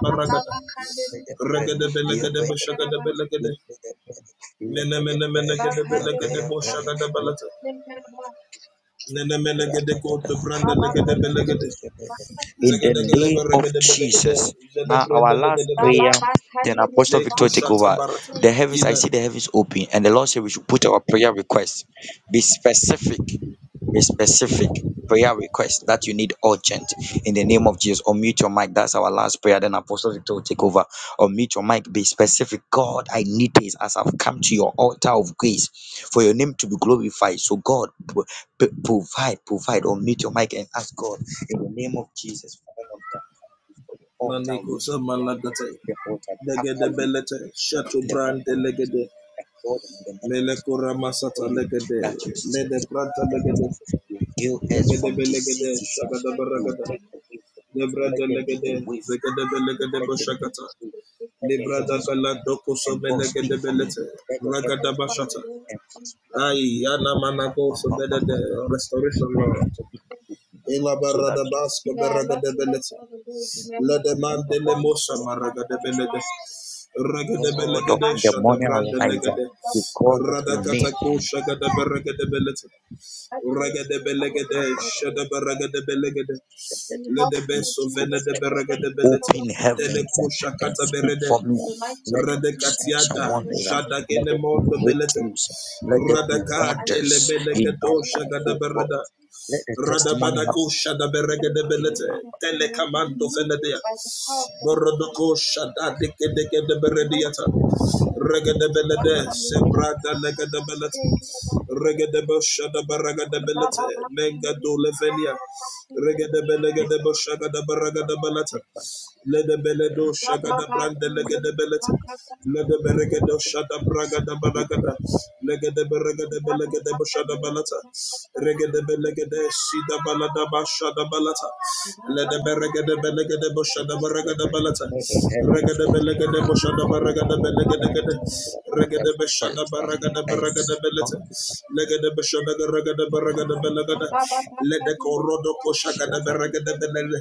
Speaker 3: baragada. Regede belegede beshagada belegede. Mene mene mene gede belegede boshagada balata. Nene mene gede ko branda legede belegede. Zagadagalabaragadabelagada, Jadagrandalagadabelet, Lekosatabarata, Ime, Manikosa Malagate, Legadabelete, Chateaubrand Legade, Melekora Masata Legade, Ledebranta Legade, Legadebelegade, Shagadabaragada, Lebranda Legade, Zegadabelegade Boshakata, Lebrada Gala Dokoso Melegadebelete, Ragadabashata, Ay, Yana Manago, so that the restoration, Lord. Ela barada basco beraga de belete. La demande le mosa maraga de belete. Raga de belegade shada branda legade. Rada ko shaga de beraga de belete. Raga de belegade shada beraga de belegade. Le de beso vene de beraga de belete. Dele kusha kata berede. Radekatiada, Jadagene Mondo Belete, Radaka, Telebelegato, Shagadabarada, Radabadako shada berega de belete. Telekamando fenedea. Borodoko shada deke deke de berediata. Regede belede. Sebrada lega de belete. Regede bo shada de belete. Menga do levenia. Regede belegede bo shagada de baraga de belete. Ledebeledo shagada brande legedebelet. Ledeberegedo shada bragada balagada. Legedeberegede belegede shada balata. Regedebelegede sida balada bashada balata. Ledeberegede belegede bushada baragada balata. Regedebelegede bushada baragada belegede. Regada Bashada Baragada Baragada Beleta, Legada Bashada Garagada Baragada Belagada, Lede Corodo Koshagada Baragada Belele,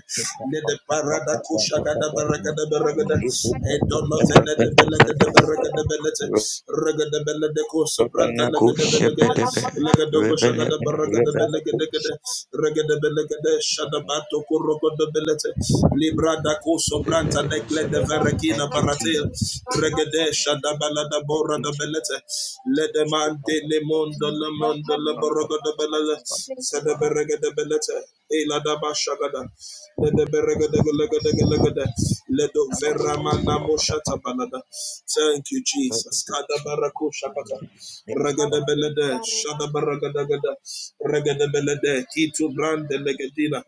Speaker 3: let the Parada Koshagada Baragada Baragada, Edono Vena de Belagada Baragada Beleta, Regada Bella de Cosa Branta Legada Belagada, Legada Koshagada Baragada Belagada, Regada Belagada, Shadabato Corrogo de Beleta, Libra da Coso Branta Necle de Verekina Baratel, Regedesha da Balada Bora da Belete, Ledemante Le Mondo Le Mondo Le Borogo da Belele, Zedeberega de Belete, Ela da Bashagada, Ledeberega de Gulega de Gulega Ledo Veramana Moshata Balada. Thank you, Jesus. Kada Barako Shakata, Regada Belede, Shada Baragada Regada Belede, Kitu Brande Legadina.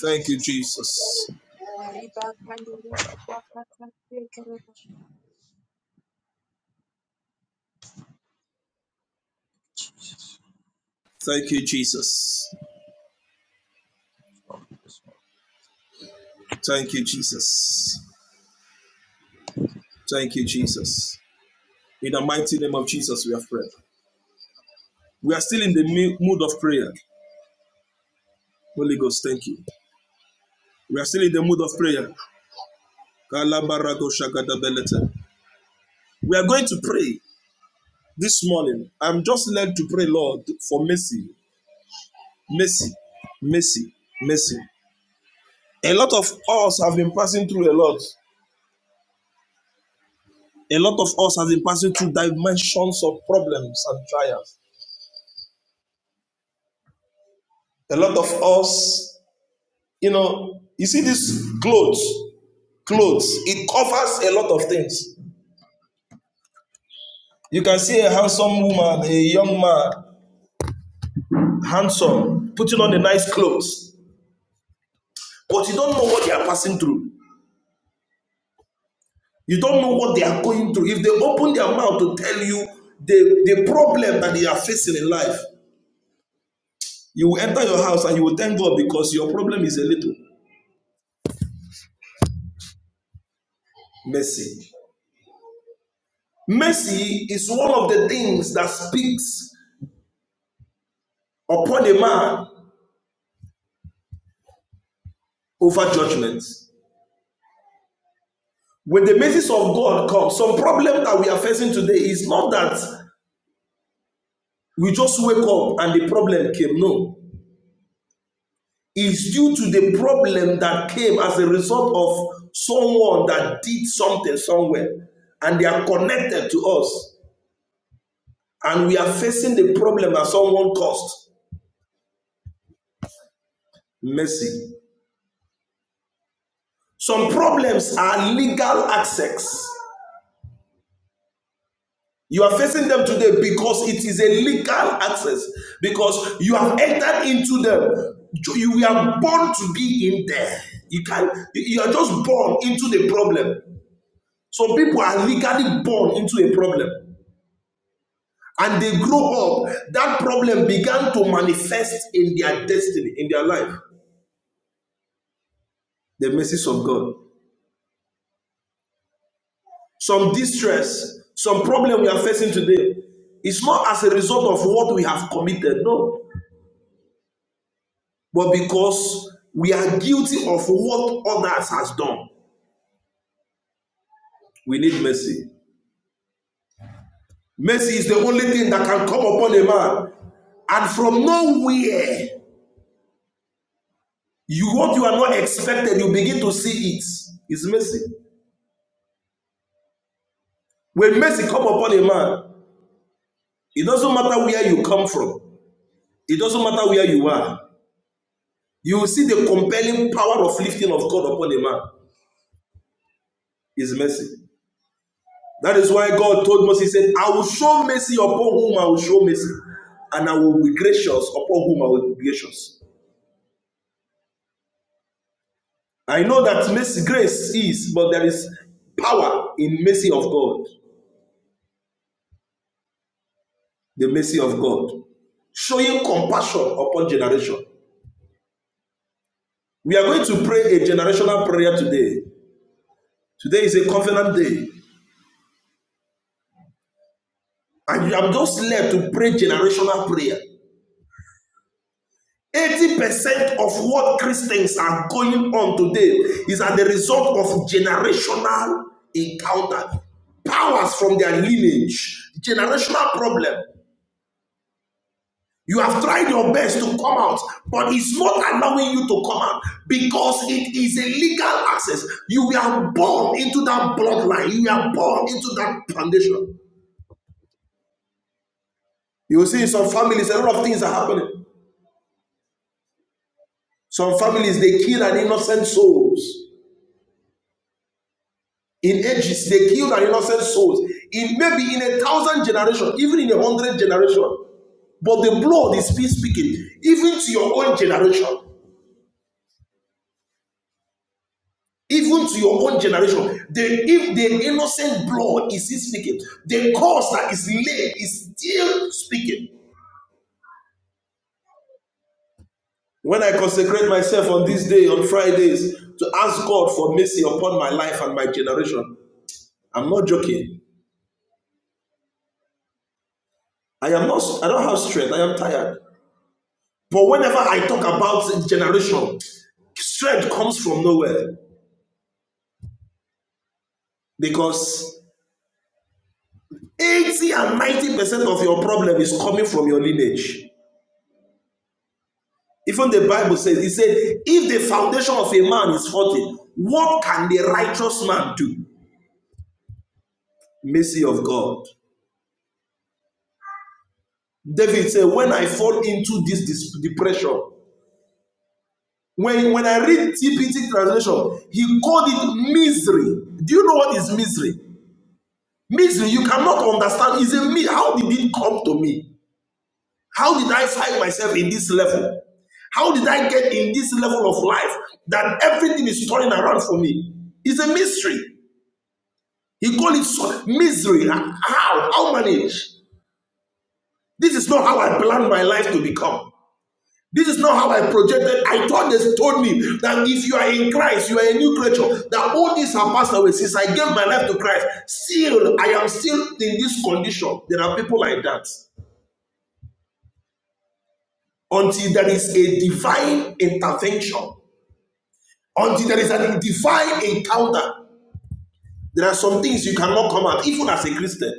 Speaker 3: Thank you, Jesus. Thank you, Jesus. Thank you, Jesus. Thank you, Jesus. In the mighty name of Jesus, we have prayed. We are
Speaker 2: Thank you,
Speaker 3: still in
Speaker 2: Jesus.
Speaker 3: the mood of prayer. Holy Ghost, thank you. We are still in the mood of prayer. We are going to pray this morning. I'm just led to pray, Lord, for mercy, mercy, mercy, mercy. A lot of us have been passing through a lot. A lot of us have been passing through dimensions of problems and trials. A lot of us, you know, you see this clothes, clothes, it covers a lot of things. You can see a handsome woman, a young man, handsome, putting on a nice clothes, but you don't know what they are passing through. You don't know what they are going through. If they open their mouth to tell you the, the problem that they are facing in life, you will enter your house and you will thank God because your problem is a little messy. Mercy is one of the things that speaks upon a man over judgment. When the mercies of God come, some problem that we are facing today is not that we just wake up and the problem came. No. It's due to the problem that came as a result of someone that did something somewhere and they are connected to us and we are facing the problem that someone caused mercy some problems are legal access You are facing them today because it is a legal access, because you have entered into them. You are born to be in there. You can you you are just born into the problem. Some people are legally born into a problem. And they grow up, that problem began to manifest in their destiny, in their life. The message of God. Some distress, some problem we are facing today, it's not as a result of what we have committed. No, but because we are guilty of what others has done we need mercy mercy is the only thing that can come upon a man and from nowhere you what you are not expected you begin to see it. it is mercy when mercy come upon a man it doesn't matter where you come from it doesn't matter where you are you will see the compelling power of lifting of god upon a man It's mercy That is why God told Moses, He said, I will show mercy upon whom I will show mercy, and I will be gracious upon whom I will be gracious. I know that mercy, grace is, but there is power in mercy of God, the mercy of God, showing compassion upon generation. We are going to pray a generational prayer today. Today is a covenant day, and I'm just led to pray generational prayer. 80% of what Christians are going on today is as the result of generational encounter, powers from their lineage, generational problem. You have tried your best to come out, but it's not allowing you to come out because it is a legal access. You were born into that bloodline, you were born into that foundation. You will see in some families, a lot of things are happening. Some families, they kill an innocent souls In ages, they killed our innocent souls. In maybe in a thousand generation, even in a hundred generation. But the blood is still speaking, even to your own generation. Even to your own generation, the if the innocent blood is still speaking, the cause that is laid is still speaking. When I consecrate myself on this day, on Fridays, to ask God for mercy upon my life and my generation, I'm not joking. I am not. I don't have strength. I am tired. But whenever I talk about generation, Strength comes from nowhere because 80 and 90% of your problem is coming from your lineage. Even the Bible says, it said, if the foundation of a man is faulty, what can the righteous man do? Mercy of God. David said, when I fall into this dis- depression, when, when I read TPT translation, he called it misery. Do you know what is misery? Misery, you cannot understand. Is a me. How did it come to me? How did I find myself in this level? How did I get in this level of life that everything is turning around for me? It's a mystery. He called it so misery. How? How manage? This is not how I planned my life to become. This is not how I projected. I thought they told me that if you are in Christ, you are a new creature. That all these have passed away since I gave my life to Christ. Still, I am still in this condition. There are people like that until there is a divine intervention Until there is a divine encounter, there are some things you cannot come out, even as a Christian.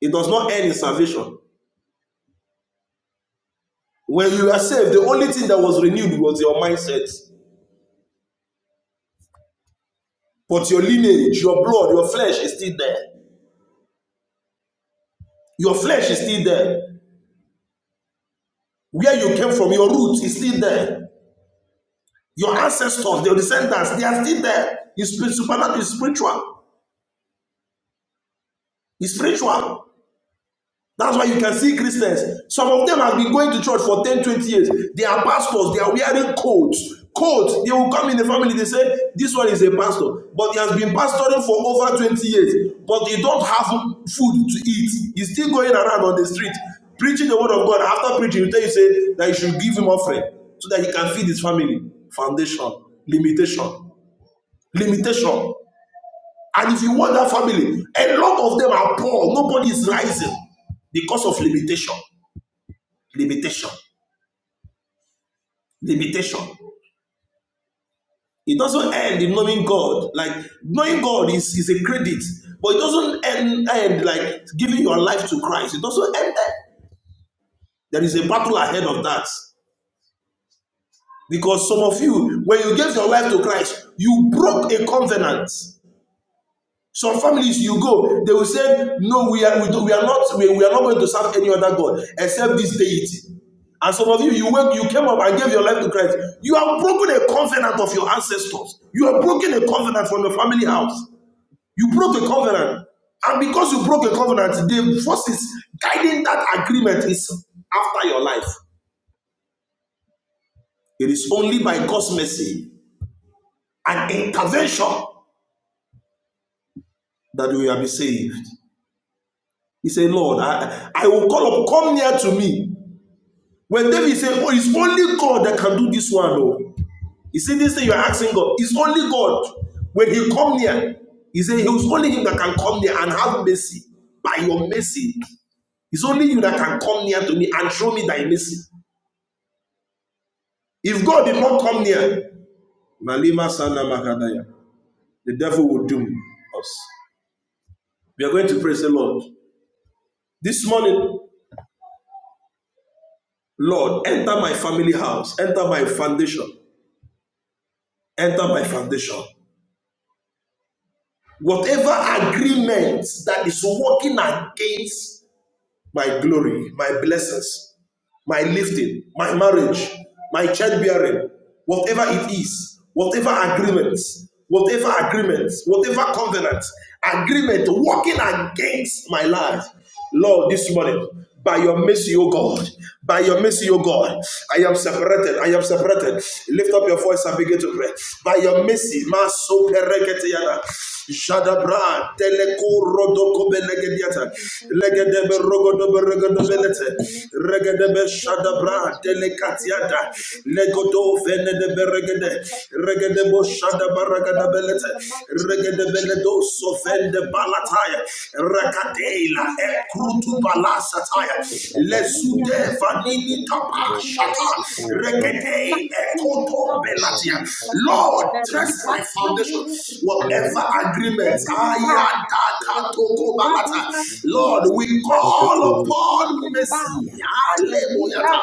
Speaker 3: It does not end in salvation. When you are saved, the only thing that was renewed was your mindset. But your lineage, your blood, your flesh is still there. Your flesh is still there. Where you came from, your roots is still there. Your ancestors, your descendants, they are still there. It's supernatural. It's spiritual. It's spiritual. That's why you can see Christians. Some of them have been going to church for 10, 20 years. They are pastors. They are wearing coats. Coats. They will come in the family. They say, This one is a pastor. But he has been pastoring for over 20 years. But he don't have food to eat. He's still going around on the street preaching the word of God. After preaching, he tell you say that you should give him offering so that he can feed his family. Foundation. Limitation. Limitation. And if you want that family, a lot of them are poor. Nobody is rising because of limitation limitation limitation it doesn't end in knowing god like knowing god is, is a credit but it doesn't end, end like giving your life to christ it doesn't end there there is a battle ahead of that because some of you when you gave your life to christ you broke a covenant Some families you go, they will say, No, we are we, do, we are not we, we are not going to serve any other God except this deity. And some of you, you went, you came up and gave your life to Christ. You have broken a covenant of your ancestors. You have broken a covenant from your family house. You broke a covenant. And because you broke a covenant, the forces guiding that agreement is after your life. It is only by God's mercy and intervention that we will be saved. He said, Lord, I, I will call up, come near to me When David said, Oh, it's only God that can do this one. Oh. You see, this thing you're asking God, it's only God. When he come near, he said, It was only him that can come near and have mercy by your mercy. It's only you that can come near to me and show me thy mercy. If God did not come near, Malima Sana the devil will doom us. We are going to praise the Lord. This morning, Lord, enter my family house, enter my foundation, enter my foundation. Whatever agreement that is working against my glory, my blessings, my lifting, my marriage, my childbearing, whatever it is, whatever agreements, whatever agreements, whatever covenant, agreement working against my life. Lord, this morning, by your mercy, O God, by your mercy, O God, I am separated. I am separated. Lift up your voice and begin to pray. By your mercy, Maso Pereketiana, Jadabra, Teleko Rodoko Belegediata, Legedebe rogodebe regodebelete. Regedebe shadabra delecatiada. Legodo venedebe regede. Regedebo shadaba regadabelete. Regedebeledo sovende balataya. Rakadela ekrutu balasataya. Lesude vanini kapa shata. Regede ekotombe latia. Lord, test my foundation. Whatever agreement agreements. Lord, we call upon mercy. Alemoyata.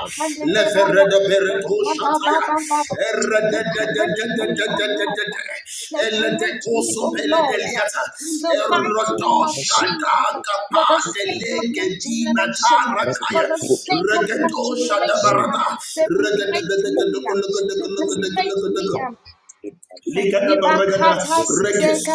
Speaker 3: Ligada baragada reges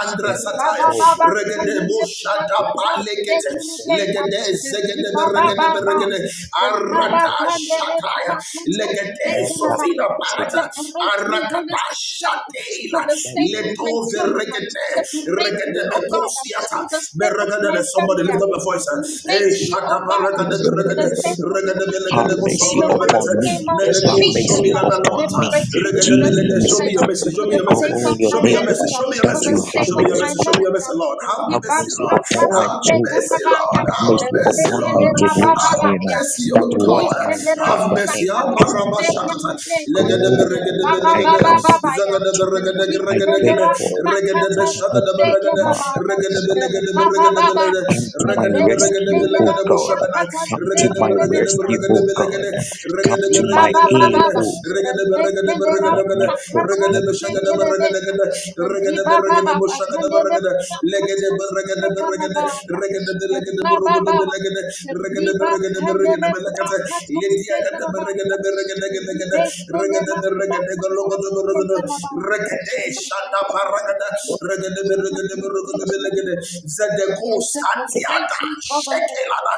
Speaker 3: andra sataya regede bushada palekete legede zegede beregede beregede arata shataya legede sofina parata arakata shatela leto regede regede bekosiata beregede let somebody lift up a voice hey shata baragada beregede regede belegede busokolo belete meleko shomila na namata regede belede shomi me your message. Show me your message. Show me your message. Show me your message. Show me your message. Show me your message, Lord. Have mercy, Lord. Have mercy, Lord. Have mercy, Lord. Have mercy, O God. Have mercy. Amarama shakata. Legedebe regedebe legede. Zagadebe regedege
Speaker 6: Rik
Speaker 3: regedegede. Regedebe shakadebe regede. Regedebe legedebe regedebe
Speaker 6: rabababa
Speaker 3: legede. Regedebe
Speaker 6: rebek
Speaker 3: regedebe legedebo shakada. Regedebe regedebe regedebe legede. Regedebe regedebe legede. Regedebe regedebe regedebe legede regede beshagede beregede gede regede beregede boshagede legada, legede beregede beregede legada, belegede legada, belegede regede beregede beregede belekete ledia gede beregede beregede gede gede regede beregede gologede beregede regede shata paragada regede beregede beregede belegede zedeko satiata shekelada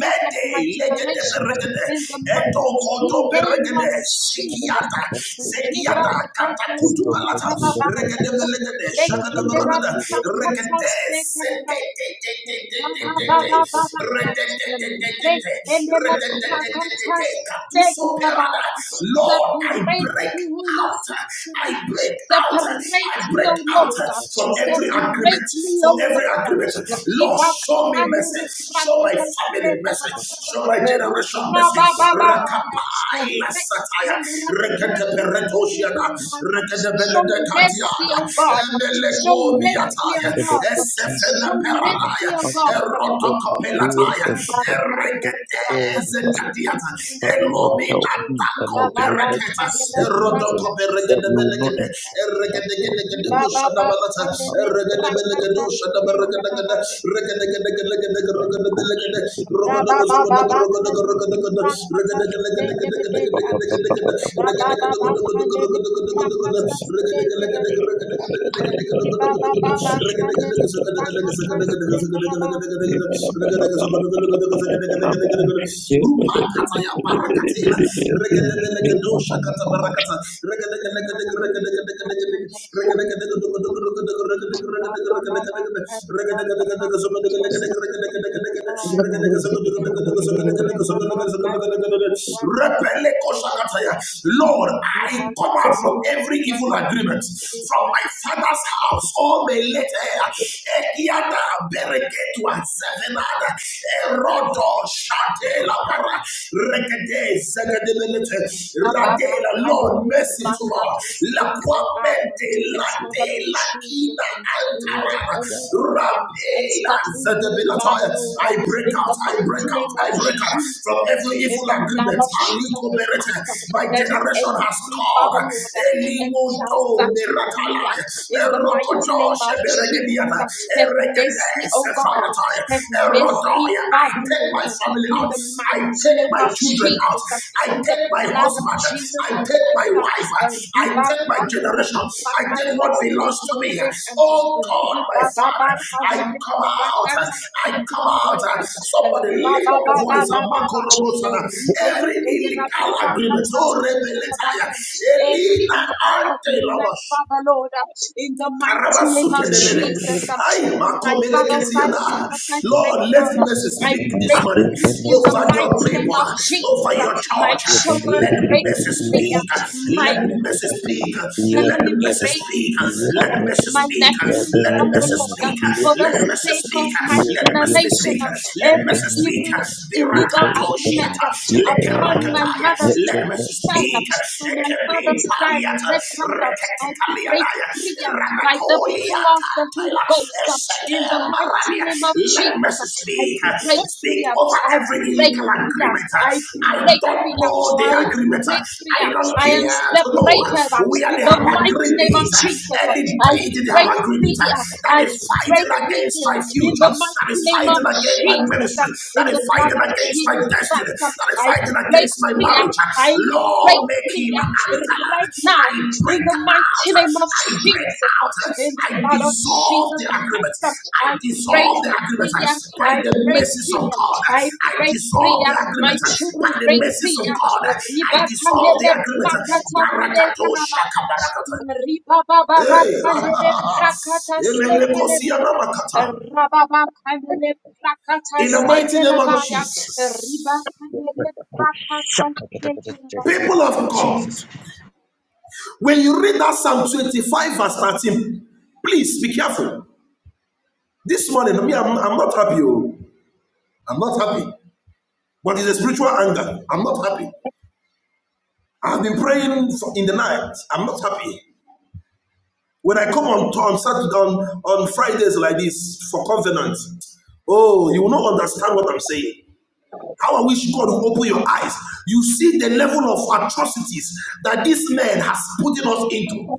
Speaker 3: mede legada, beregede etoko do beregede sekiata sekiata katakutu balata
Speaker 6: rababa
Speaker 3: regede belegede shagada baragada regede sete te te te te te te te regede te te te te te regede te te te te katuso perada Lord I
Speaker 6: separate
Speaker 3: break
Speaker 6: me Holy
Speaker 3: out I
Speaker 6: Spirit
Speaker 3: break out I
Speaker 6: separate me O
Speaker 3: break out
Speaker 6: Lord
Speaker 3: from every agreement
Speaker 6: separate me O
Speaker 3: from every
Speaker 6: Lord
Speaker 3: agreement Lord
Speaker 6: ribak
Speaker 3: show me
Speaker 6: and
Speaker 3: mercy show my
Speaker 6: rakatas
Speaker 3: family mercy show my generation mercy rakapai la satire regede peretoshia na. Regedebelede Kadiada, Emeleko Miataya, Esefene Peradaya, Erotokopelataya, Eregedeze Kadiata, Elominatako Bereketa, Erotokoberegedebelede, Eregedegedegedegusadabalata, Eregedebelegedushadabaregedegede, Regedegedegedegedegede, Rogodogozogodogodogodogodogodogodo, Regedegedegedegedegedegedegede, Rega Lord, I come out from every evil agreement from my father's house. Oh, may let her Ekiada bereketua zevenada erodo shatela para rekede zegedebelete radela Lord mercy to us. La kwamente la Ina Antarama, Rapela Zedebilatoya. I break out, I break out, I break out from every evil agreement. Aliko Berete. My generation has called. Elimoto Miratalaya, Erokoto Sheberegediana, Erekete Sefarataya, Erodoya. I take my family out. I take my children out. I take my husband. I take my wife. I take my generation. I take what belongs to me. Oh God, my Father, I come out. I come out. Somebody lift up the voice. of Marco Robosana. Every illegal agreement. Oh, rebel. Elena Ante Robos. Karabasukelelele. Ay, makomeleketiana. Lord, let mercy speak this morning over your people, over your
Speaker 6: my
Speaker 3: church.
Speaker 6: children
Speaker 3: Let
Speaker 6: break
Speaker 3: mercy
Speaker 6: free.
Speaker 3: speak.
Speaker 6: My
Speaker 3: Let mercy speak. Let
Speaker 6: Finally,
Speaker 3: mercy
Speaker 6: break
Speaker 3: speak.
Speaker 6: free,
Speaker 3: Let mercy
Speaker 6: my
Speaker 3: speak.
Speaker 6: nephews,
Speaker 3: Let
Speaker 6: for the
Speaker 3: mercy
Speaker 6: Lord, um,
Speaker 3: speak.
Speaker 6: for the
Speaker 3: Let mercy
Speaker 6: sake of
Speaker 3: speak.
Speaker 6: my
Speaker 3: Let mercy
Speaker 6: generation,
Speaker 3: speak.
Speaker 6: um,
Speaker 3: Let
Speaker 6: every
Speaker 3: mercy speak. Let
Speaker 6: evil illegal agreement um,
Speaker 3: Birakatoshiata.
Speaker 6: upon my mother's
Speaker 3: speak. Let me
Speaker 6: side
Speaker 3: speak.
Speaker 6: up, from my
Speaker 3: Ekepin
Speaker 6: father's side,
Speaker 3: paliata,
Speaker 6: background up, I break
Speaker 3: reketekalianaya,
Speaker 6: free up by the power of the Holy
Speaker 3: ramakoliakantaya,
Speaker 6: Ghost up, in the mighty
Speaker 3: esekemarania.
Speaker 6: name of
Speaker 3: Let me
Speaker 6: Jesus up, I
Speaker 3: speak.
Speaker 6: break
Speaker 3: Speak
Speaker 6: free up,
Speaker 3: over
Speaker 6: I
Speaker 3: every
Speaker 6: break
Speaker 3: illegal
Speaker 6: free up,
Speaker 3: agreement.
Speaker 6: I
Speaker 3: I
Speaker 6: break
Speaker 3: don't
Speaker 6: free up,
Speaker 3: know the
Speaker 6: I
Speaker 3: agreement.
Speaker 6: break free
Speaker 3: I
Speaker 6: up,
Speaker 3: don't
Speaker 6: I am
Speaker 3: care to know
Speaker 6: separated up,
Speaker 3: where
Speaker 6: in
Speaker 3: they
Speaker 6: the
Speaker 3: have
Speaker 6: mighty
Speaker 3: agreed
Speaker 6: name of
Speaker 3: it.
Speaker 6: Jesus up,
Speaker 3: Any
Speaker 6: I
Speaker 3: deity they have
Speaker 6: break
Speaker 3: agreed it
Speaker 6: free up, I
Speaker 3: that is
Speaker 6: break
Speaker 3: fighting
Speaker 6: free
Speaker 3: against my
Speaker 6: up, in
Speaker 3: future,
Speaker 6: the
Speaker 3: that
Speaker 6: mighty
Speaker 3: is
Speaker 6: name
Speaker 3: fighting
Speaker 6: of
Speaker 3: against my
Speaker 6: Jesus
Speaker 3: ministry,
Speaker 6: up, in
Speaker 3: that is
Speaker 6: the
Speaker 3: fighting
Speaker 6: blood of
Speaker 3: against my
Speaker 6: Jesus
Speaker 3: destiny,
Speaker 6: Christ up,
Speaker 3: that is
Speaker 6: I
Speaker 3: fighting
Speaker 6: break
Speaker 3: against my
Speaker 6: free up,
Speaker 3: marriage.
Speaker 6: I
Speaker 3: Lord, make him
Speaker 6: breakthrough
Speaker 3: antelope.
Speaker 6: right now
Speaker 3: I
Speaker 6: in
Speaker 3: break
Speaker 6: the
Speaker 3: out,
Speaker 6: mighty name of
Speaker 3: I break
Speaker 6: Jesus.
Speaker 3: out,
Speaker 6: In the
Speaker 3: I
Speaker 6: blood of
Speaker 3: dissolve the
Speaker 6: Jesus
Speaker 3: agreement,
Speaker 6: Christ,
Speaker 3: I
Speaker 6: I
Speaker 3: dissolve the agreement by the mercies of God. I dissolve the agreement by the mercies of God. I dissolve the agreement. Barakato shaka barakata. Hey, Emeleko siya na makata. In the mighty name of Jesus. People of God, when you read that Psalm 25, verse 13, please be careful. This morning, me, I'm, I'm not happy. oh. I'm not happy. But it's a spiritual anger. I'm not happy. I've been praying for, in the night. I'm not happy. When I come on, on Saturday, on, on Fridays like this for covenant, oh, you will not understand what I'm saying. How I wish God will open your eyes. You see the level of atrocities that this man has put us into.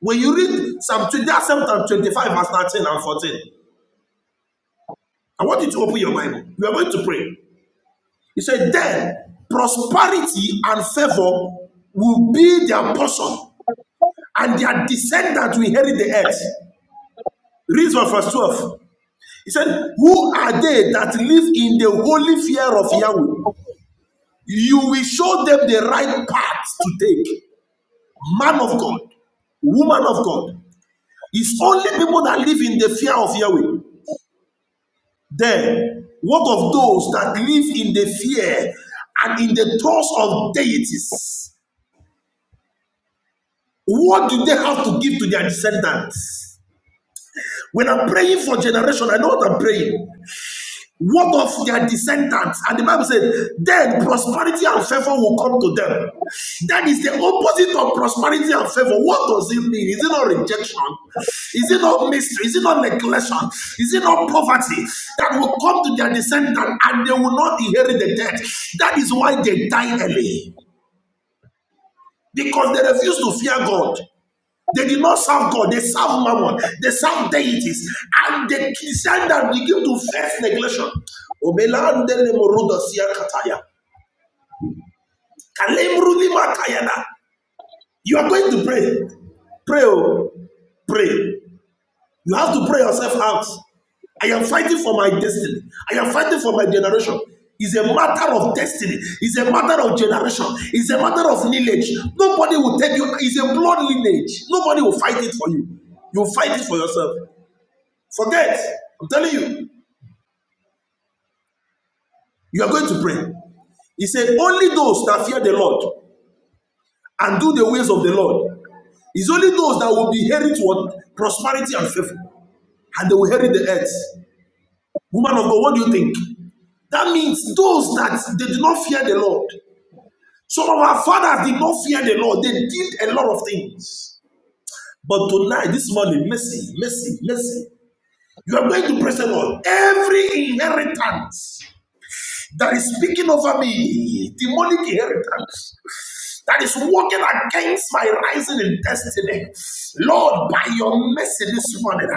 Speaker 3: When you read Psalm 20, Psalm 25, verse 13 and 14, I want you to open your Bible. We are going to pray. He said, Then prosperity and favor will be their portion, and their descendants will inherit the earth. Read from verse 12. He said, Who are they that live in the holy fear of Yahweh? You will show them the right path to take. man of God, woman of God. It's only people that live in the fear of Yahweh. Then, what of those that live in the fear and in the thoughts of deities? What do they have to give to their descendants? When I'm praying for generation, I know what I'm praying. what of their descendants? And the Bible says, then prosperity and favor will come to them. That is the opposite of prosperity and favor. What does it mean? Is it not rejection? Is it not mystery? Is it not neglection? Is it not poverty that will come to their descendants and they will not inherit the debt? That is why they die early because they refuse to fear God. They did not serve God, they serve mammon, they serve deities, and they descended begin to face neglection. Omelandele morodosia kataya. Kalemrudi makayana. You are going to pray. Pray, oh, pray. You have to pray yourself out. I am fighting for my destiny. I am fighting for my generation. It's a matter of destiny. It's a matter of generation. It's a matter of lineage. Nobody will tell you. It's a blood lineage. Nobody will fight it for you. You fight it for yourself. Forget. I'm telling you, you are going to pray. He said, Only those that fear the Lord and do the ways of the Lord. It's only those that will be headed toward prosperity and favor, and they will inherit the earth. Woman of God, what do you think? That means those that they did not fear the Lord. Some of our fathers did not fear the Lord. They did a lot of things. But tonight, this morning, mercy, mercy, mercy. You are going to praise the Lord. Every inheritance that is speaking over me, demonic inheritance, that is working against my rising in destiny. Lord, by your mercy this morning,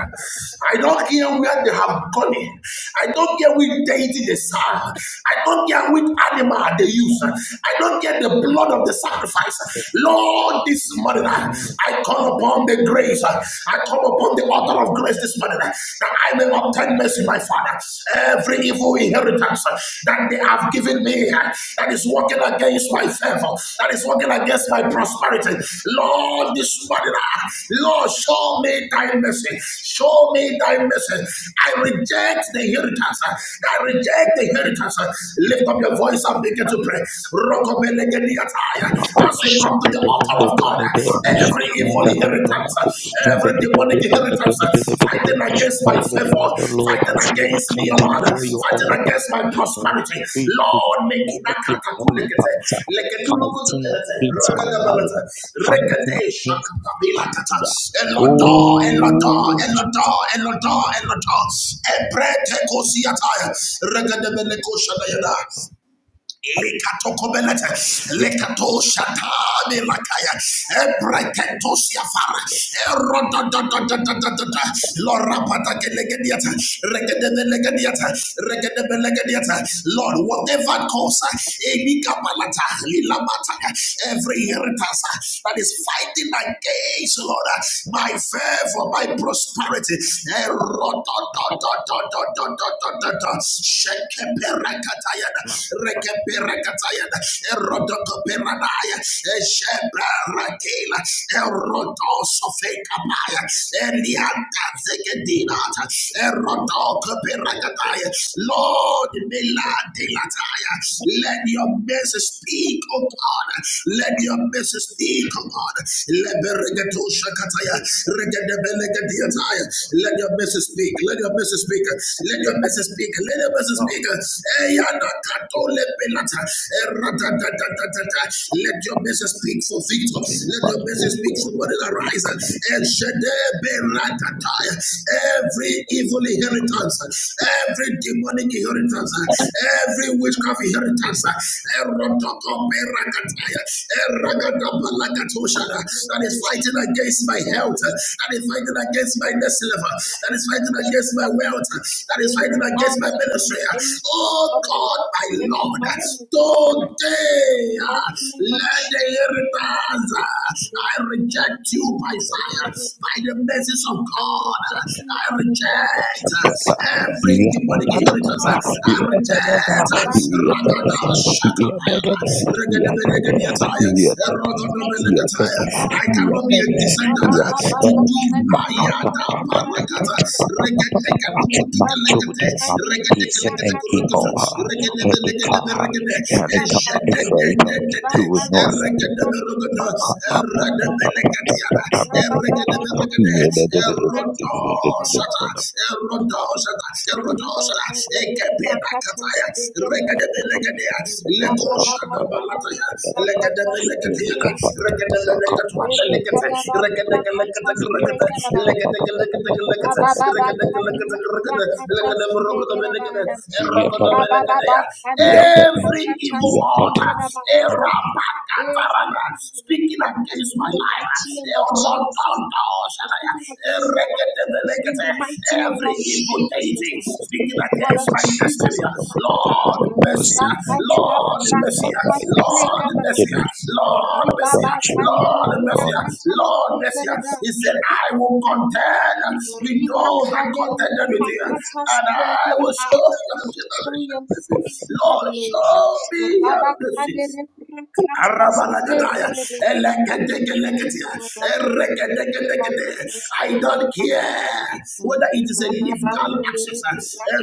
Speaker 3: I don't care where they have gone in. I don't care which deity they serve. I don't care which animal they use. I don't care the blood of the sacrifice. Lord, this morning, I call upon the grace. I call upon the author of grace this morning that I may obtain mercy, my Father. Every evil inheritance uh, that they have given me uh, that is working against my favor, that is working against my prosperity. Lord, this morning, uh, Lord, show me thy mercy. Show me thy mercy. I reject the inheritance. uh, I reject the inheritance. uh. Lift up your voice and begin to pray. Rokobelegediataya. As we come to the altar of God, uh, every evil inheritance, every demonic inheritance fighting against my favor, fighting against me, O Lord, fighting against my prosperity. Lord, make it a katakulekete, lekedulukududelete, regadabalete, regade shakatabilakata, elodo, elodo, elodo, elodo, elodo, ebrete kosiataya, regadabeleko shadayada, Likatokobelete,
Speaker 2: lift
Speaker 3: lekato shatani lakaya, ebreketo siafara, erodadadadadadada, Lord, rapatakelegendiata, regedebelegendiata, regedebelegendiata. Lord, whatever cause, uh, ebikabalata, lilamata, uh, every inheritance uh, that is fighting against, Lord, uh, my favor, my prosperity, erodadadadadadadadadada, Eperakatayana, Rekeperakatayana, Erodokoperanaya, Esheperakela, Erodosofekapaya, Elianta Zegedinata, Erodokoperakataya. Lord, Meladelataya, let your mercy speak, O God. Let your mercy speak, O God. Leberegedoshakataya, regedebelegedeataya. Let your mercy speak. Let your mercy speak. Let the message speak. Let the message speak. Eyanakatolebelata. Eradadadadadada. Let your message speak for victor. Let your message speak for body that rise. Ejedeberatata. Every evil inheritance, every demonic inheritance, every witchcraft inheritance, erotokoberakataya. Eragadabalakatoshana. that is fighting against my health, that is fighting against my next level, that that is fighting against my wealth, that is fighting against my ministry. Oh God, my Lord, today uh, let the inheritance, uh, I reject you by fire, by the message of God. I reject uh, every demonic inheritance. I reject uh, Ragada Shakabayana, Regadabelegadia Tire, Ragadabelega Tire. I cannot be a descendant uh, to do ayada parakata regeteka lukutuke lekete regeteke lekete kurukutu regedebe legedebe regede ejededededede eregedebe rogodo eredebe leketiana eregedebe regede erodo shata erodo shata erodo shata ekepena kataya regedebe legedea leko shada balataya legedebe legedeana regedebe Rakata Every evil altar, eh, rabakatarana, speaking against my life, eh, rotandaoshanaya, eh, reketemelekete, every evil deity speaking against my destiny, Lord mercy, Lord mercy, Lord mercy, Lord mercy, Lord mercy, Lord mercy. He said, I will contend with those that contended with you, and I will show your generation mercy. Lord, show me your mercy. I don't care whether it is a legal exercise. a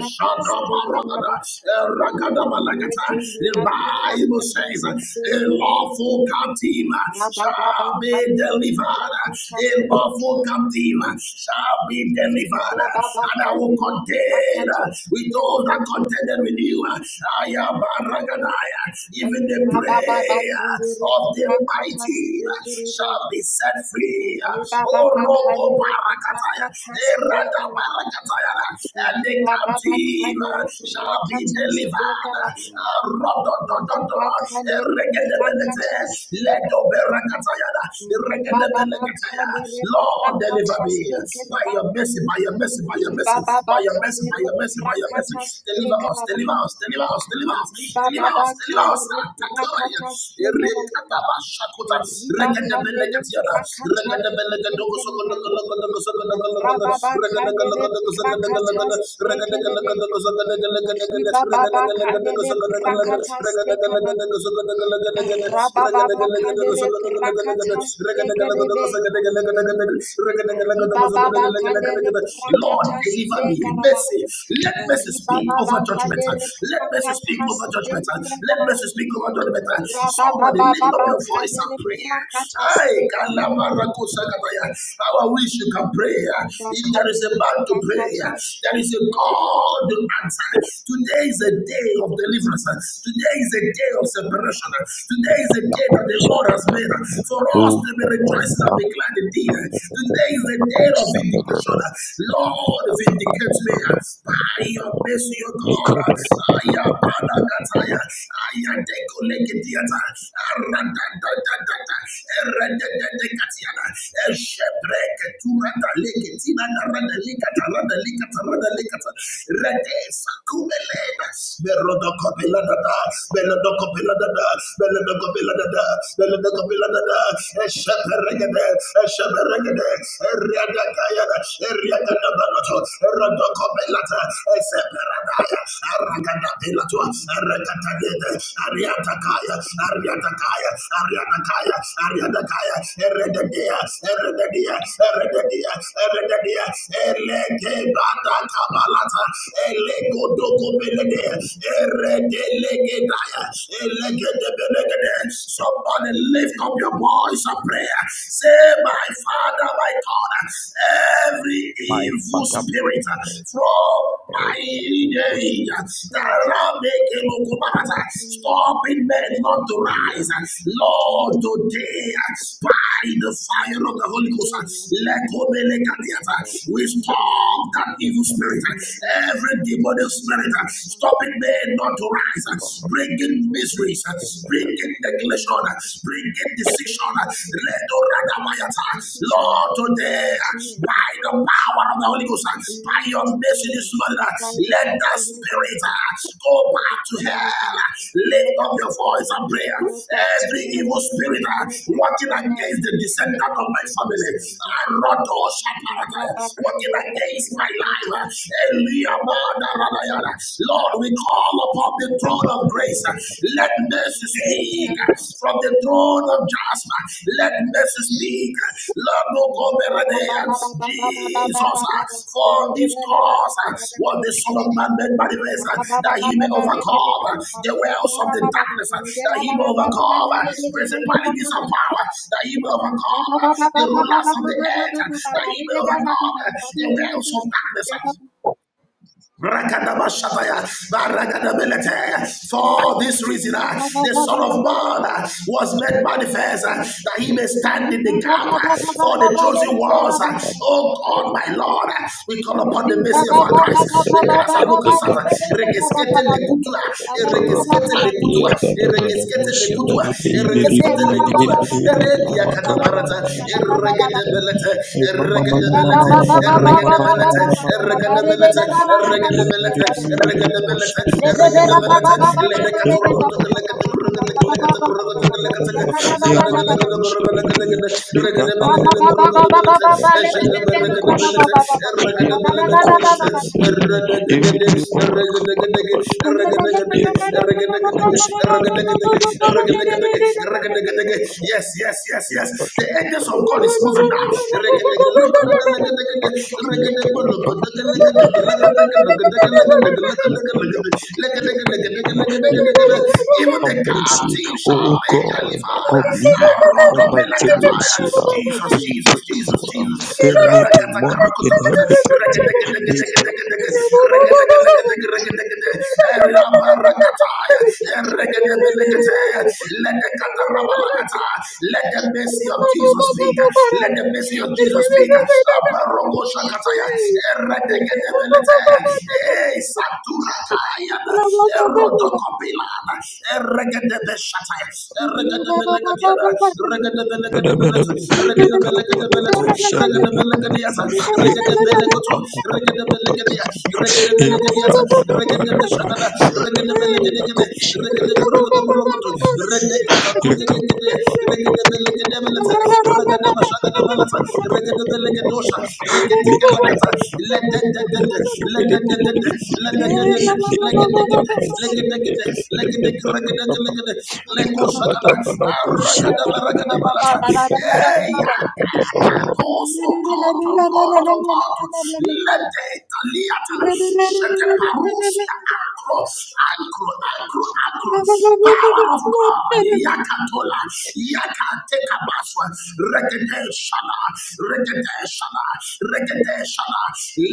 Speaker 3: The Bible says a lawful captive shall be delivered. A lawful captive shall be delivered. And I will contend with those that contended with you. I am a Shagadaya, even the prayer of the mighty shall be set free. Oh, Roko Barakataya, Erada Barakataya, and the captive shall be delivered. Rododododo, Eregedebelete, Ledo Barakataya, Eregedebelekataya. Lord, deliver me by your mercy, by your mercy, by your mercy, by your mercy, by your mercy, by your mercy deliver us, deliver us, deliver us, deliver us, deliver us, deliver us. Atakaraya, erikataba shakuta, rekedebeleketiada, rekedebelekedogosogodogodogodogodogodogodogodo, rekedegelegedogosogodogodogodo, rekedegelegedogosogodogodogodo, rekedegelegedogosogodogodogodo, rekedegelegedogosogodogodogodo, rekedegelegedogosogodogodogodo, rekedegelegedogosogodogodogodo, rekedegelegedogosogodogodogodo. Lord, deliver me. Mercy. Let mercy speak over judgment. Let mercy speak over judgment. Let mercy speak over judgment. Somebody lift up your voice and pray. Ay, kalabarakosakataya. How I wish you can pray. If there is a man to pray, there is a God to answer. Today is a day of deliverance. Today is a day of separation. Today is a day that the Lord has made for us to be rejoicing and be glad indeed. Today is the day of vindication. Lord, vindicate me by your mercy, O God. Aya panagataya, aya dekolegediata, aradadadadada, eredededekatiana, eshepreketuradaleketina, naradalekata, radalekata, radalekata, redesakumelena, berodokopelada, berodokopelada, berodokopelada, berodokopelada, eshepreketuradalekata, regede shebe regede riada kaya riada da banato rodo kopelata seperadaya ragada pelato ragada dede ariata kaya ariata kaya ariata kaya ariata kaya erede dia erede dia erede dia erede dia eleke bata kabalata eleko doko belede erede lege daya elege de belege Come on And lift up your voice of prayer. Say, My Father, my God, every evil spirit from my lineage that making stopping men not to rise. Lord, today, by the fire of the Holy Ghost, let go be like a theater. we stop that evil spirit, every demonic spirit, stopping men not to rise. Bring bringing miseries, bringing neglection, bringing decision. Lord, today, by the power of the Holy Ghost, by your mercy this morning, let the spirit go back to hell. Lift up your voice and pray. Every evil spirit uh, working against the descendant of my family, Rodo Shaparata, working against my life. Eliamada Radayana. Lord, we call upon the throne of grace. Let mercy speak from the throne of Jasper. Let mercy speak. Lord, no go beradea. Jesus, for this cause was the Son of Man made manifest, that he may overcome the wells of the darkness, that he may overcome principalities of power, that he may overcome the rulers of the earth, that he may overcome the wells of darkness. Rakadabashataya, barakadabelete. For this reason, uh, the Son of Man uh, was made manifest uh, that he may stand in the gap uh, for the chosen ones. uh. Oh God, my Lord, uh, we call upon the mercy of our Christ. The Christ, look at Satan. Regeskete lekutua, regeskete lekutua, regeskete lekutua, regeskete lekutua, Regadability, regadability,
Speaker 6: break
Speaker 3: regadability,
Speaker 6: Thank
Speaker 3: regadability. Let the Katoro go to the Legat, the Kurgan, the Legat, the Kurgan, the Legat, the Zagadagalego, the Kurgan, regadability, regadability, regadability, regadability, Yes, yes, yes, yes. The angels of God is moving now. Even the captive shall be delivered. Jesus, Jesus, Jesus, Jesus. Let
Speaker 6: you. Rabba
Speaker 3: the mercy of Jesus speak. Let the mercy of Jesus speak. Abarogoshakataya. Eredekedebelete. Eh, Saturakayana. Erodokopilana. Eregedebeshataya. Eregedebelekediana. Regedebelekediana. Regedebelekediana. Regedebelekediana. Regedebelekoto, Regedebelegedia, Regedebelegedia, Regedebeshagala, Regedebelegedigede, Regedegorogodoborogodo, Redekatagudelegede, Regedebelegedemelete, Regedebashagadabalata, Regedebelegedosa, Regedekelakata, Ledededede, Ledededede, Ledededede, Legedegede, Legedegede, Legedege- Regedege- Legede, Lekoshagada, Arakadabaragadabalata. Hey! ah! Koso koto koto koto. Lede taliata. Shete parousia akro. Akro akro akro. Power of God. Yakatola. Yakateka baswa. Rekete shala. Rekete shala. Rekete shala.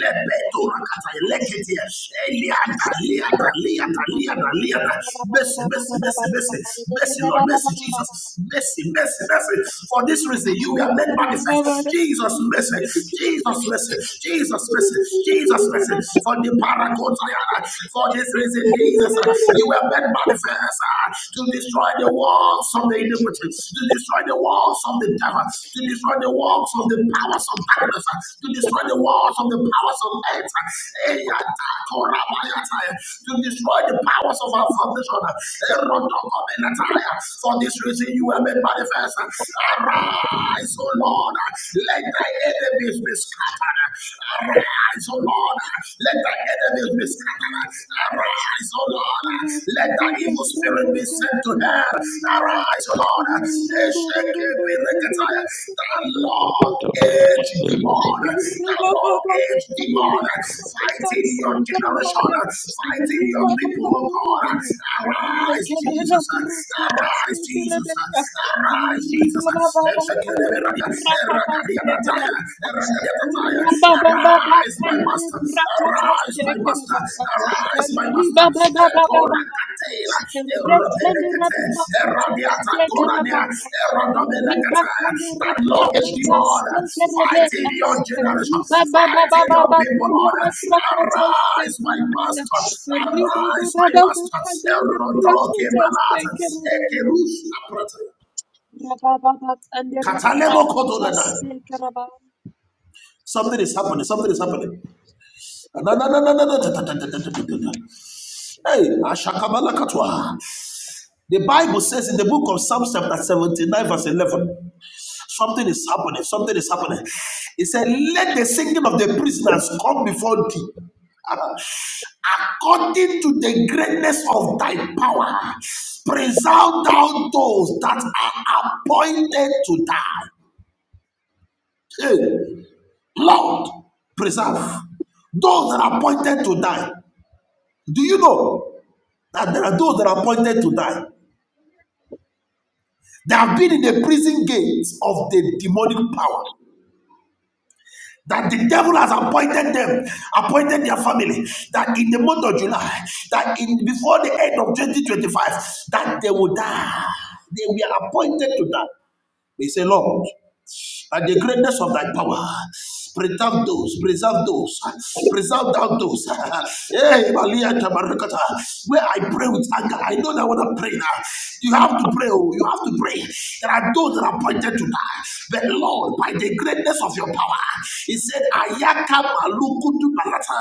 Speaker 3: Lebeto rakata. Lekete. Eliada. Liada. Liada. Liada. Liada. Mercy. Mercy. Mercy. Mercy. Mercy. Lord. Mercy Jesus. Mercy. Mercy. Mercy. For this reason you were made manifest. Jesus message, Jesus message, Jesus message, Jesus message. For the paracotayana, for this reason, Jesus, uh, you were made manifest uh, to destroy the walls of the iniquity, to destroy the walls of the devil, to destroy the walls of the powers of darkness, uh, to destroy the walls of the powers of earth, uh, to destroy the powers of our foundation. uh, For this reason, you were made manifest. uh, Arise, O Lord. Let thy enemies be scattered. Arise, O Lord. Let thy enemies be scattered. Arise, O Lord. Let thy evil spirit be sent to hell. Arise, O Lord. Eshekibirekataya. The Lord age demon. The Lord age demon. Fighting your generation. Fighting your people, O God. Arise, Jesus. Arise, Jesus. Arise, Jesus. Arise, my master. Arise, my master. Arise, my master. Ekorakatela, eropelekete, eradiata korania, erodobelekete. That Lord is the Lord. Fighting
Speaker 6: Sekerebets,
Speaker 3: your generation. Fighting your
Speaker 6: ribababababa,
Speaker 3: people, Lord.
Speaker 6: kamera prakatas,
Speaker 3: Arise, my
Speaker 6: sekerebaya,
Speaker 3: master. Arise, my
Speaker 6: ribababababa,
Speaker 3: master.
Speaker 6: kamera
Speaker 3: Erodoke
Speaker 6: prakatas,
Speaker 3: malata.
Speaker 6: sekerebaya,
Speaker 3: Ekerus abrata. Katalemo kodolena. Something is happening. Something is happening. Na- na- na- na- na- na- da- da- da- da- da- Hey, Ashakabala Katwa. The Bible says in the book of Psalms chapter 79, verse 11, something is happening. Something is happening. It said, Let the singing of the prisoners come before thee. According to the greatness of thy power, preserve thou those that are appointed to die. Hey, Lord, preserve those that are appointed to die. Do you know that there are those that are appointed to die? They have been in the prison gates of the demonic power. That the devil has appointed them, appointed their family, that in the month of July, that in before the end of 2025, that they will die. They were appointed to die. They say, Lord, and the greatness of thy power. Preserve those, preserve those, preserve thou those. Hey, Malia Tabarakata. Where I pray with anger, I know that when I pray now, you have to pray, oh, you have to pray. There are those that are appointed to die, but Lord, by the greatness of your power, He said, Ayaka Malukutu Balata.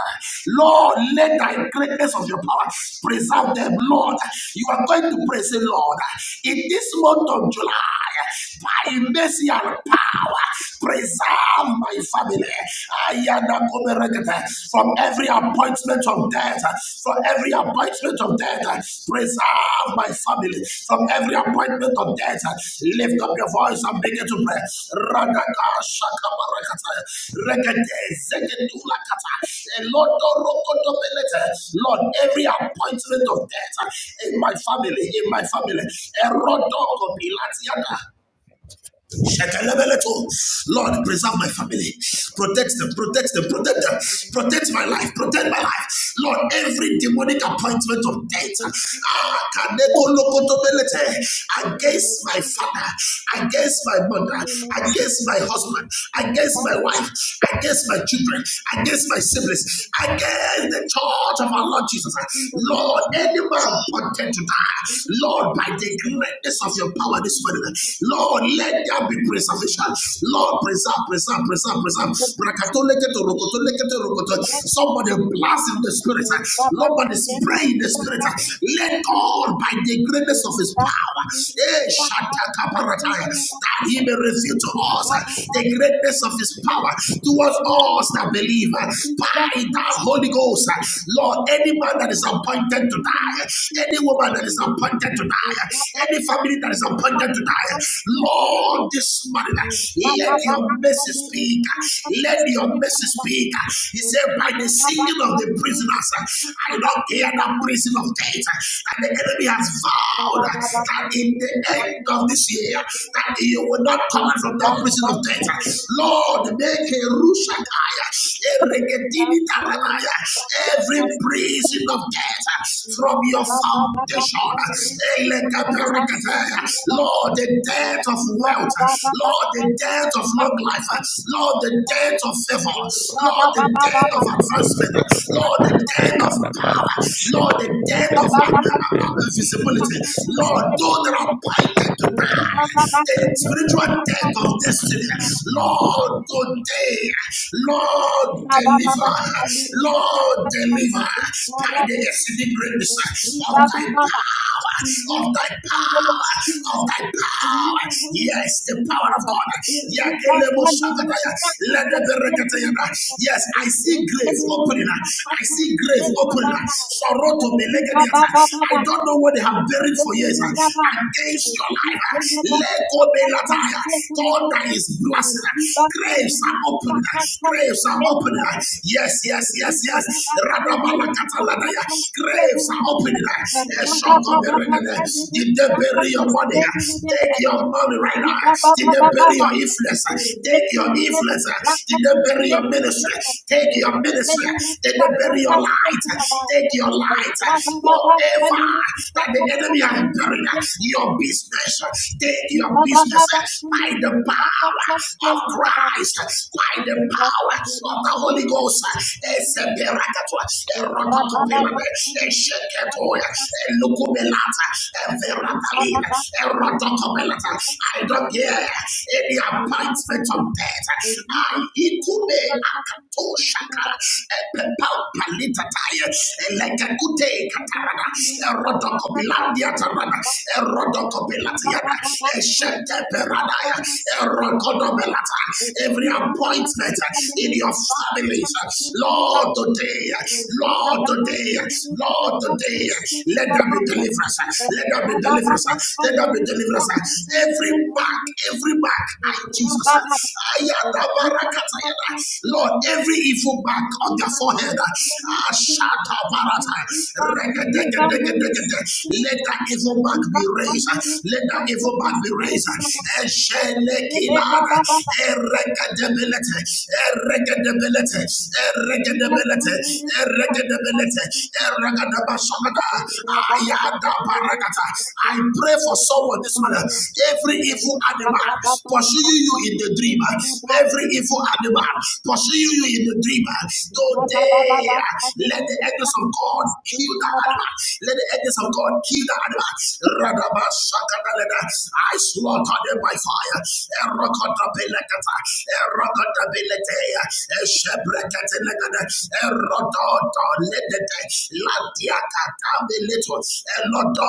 Speaker 3: Lord, let thy greatness of your power preserve them, Lord. You are going to praise the Lord in this month of July. By mercy and power preserve my family. Ayana koberegete. From every appointment of death, from every appointment of death, preserve my family. From every appointment of death, lift up your voice and begin to pray. Radaka shaka barakata. Regete zeketula kata. Elodo rokodo belete. Lord, every appointment of death in my family, in my family. Erodo kopilatiana. Shekelebeleto. Lord, preserve my family. Protect them, protect them, protect them. Protect my life, protect my life. Lord, every demonic appointment of death ah, kanekolokotobelete, against my father, against my mother, against my husband, against my wife, against my children, against my siblings, against the church of our Lord Jesus. Lord, any man wanted to die, Lord, by the greatness of your power this morning, Lord, Lord, let there be preservation. Lord, preserve, preserve, preserve, preserve. Rakatoleketo, rokotoleketo, rokoto. Somebody blast in the spirit. Nobody spray in the spirit. Let God, by the greatness of his power, eh, shatakaparataya, that he may reveal to us the greatness of his power towards us that believe by the Holy Ghost. Lord, any man that is appointed to die, any woman that is appointed to die, any family that is appointed to Lord, this morning, uh, let your mercy speak. uh, Let your mercy speak. uh, He said, by the singing of the prisoners, uh, I don't hear that prison of death. And the enemy has vowed uh, that in the end of this year, that you will not come out from that prison of death. uh, Lord, make a rushakaya, a regetini taranaya, every prison of death uh, from your foundation. A lekaperekataya. Lord, the death of wealth, Lord, the death of long life, Lord, the death of favor, Lord, the death of advancement, Lord, the death of power, Lord, the death of uh, uh, uh, visibility, Lord, though that are appointed to die the spiritual death of destiny. Lord, today, Lord, deliver, Lord, deliver by the exceeding greatness of thy power, of thy power, of thy power. Yes, the power of God.
Speaker 6: sekerebaya,
Speaker 3: Yes, I see grave
Speaker 6: rekebera
Speaker 3: opening. I
Speaker 6: prakatas,
Speaker 3: see grave opening.
Speaker 6: sekabaraya,
Speaker 3: Sorrow to be legated. I
Speaker 6: ribababababa,
Speaker 3: don't know where they have buried preparing for years
Speaker 6: rebeberaba,
Speaker 3: uh, against your life. uh,
Speaker 6: rikebera
Speaker 3: Let go be
Speaker 6: prakatas,
Speaker 3: latire. God that is
Speaker 6: sekerebaya,
Speaker 3: blessing. uh,
Speaker 6: riba
Speaker 3: Graves
Speaker 6: kamera
Speaker 3: are open. uh,
Speaker 6: prakatas,
Speaker 3: Graves are open.
Speaker 6: sekerebaya,
Speaker 3: Yes, Yes, yes, yes,
Speaker 6: Thank
Speaker 3: yes. Radabalakataladaya. Graves are open. uh, Eshokoberegede. Did they bury your money? uh, Take your money right now. uh, Did they bury your influence? uh, Take your influence. uh, Did they bury your ministry? Take your ministry. uh, Did they bury your light? uh, Take your light tonight, whatever that the enemy has buried, your business, take your business by the power of Christ, by the power of the Holy Ghost.
Speaker 6: you.
Speaker 3: Ezeberakatwa,
Speaker 6: My father's
Speaker 3: erotokopelade,
Speaker 6: side,
Speaker 3: esheketoya, elokobelata, everatalina, erotokopelata. I don't care any appointment of death. I ikube Toshaka, Epepapalitataye, Elekekute Katarada, Erodokopilandia Tarada, Erodokopilatiana, Esheteperadaya, Erokodobelata. Every appointment in your families, Lord today, Lord today, Lord today, let there be deliverance, let there be deliverance, let there be deliverance. Every mark every back. Ah, Jesus. ah, barakata yada. Lord, every evil back on their forehead. ah, shata Let that evil back be raised. Let that evil back be raised. Eshelekilana. Erekedebelete. Erekedebelete. Erekedebelete. Erekedebelete. Erekedebasomada. Ayada barakata. I pray for someone forward this man, Every evil animal pursuing you in the dream, every evil animal pursuing you in the dream, today let the angels of God kill that animal. Let the angels of God kill that animal. I slaughter them by fire. Erokotabelekata. Erokotabeleteya.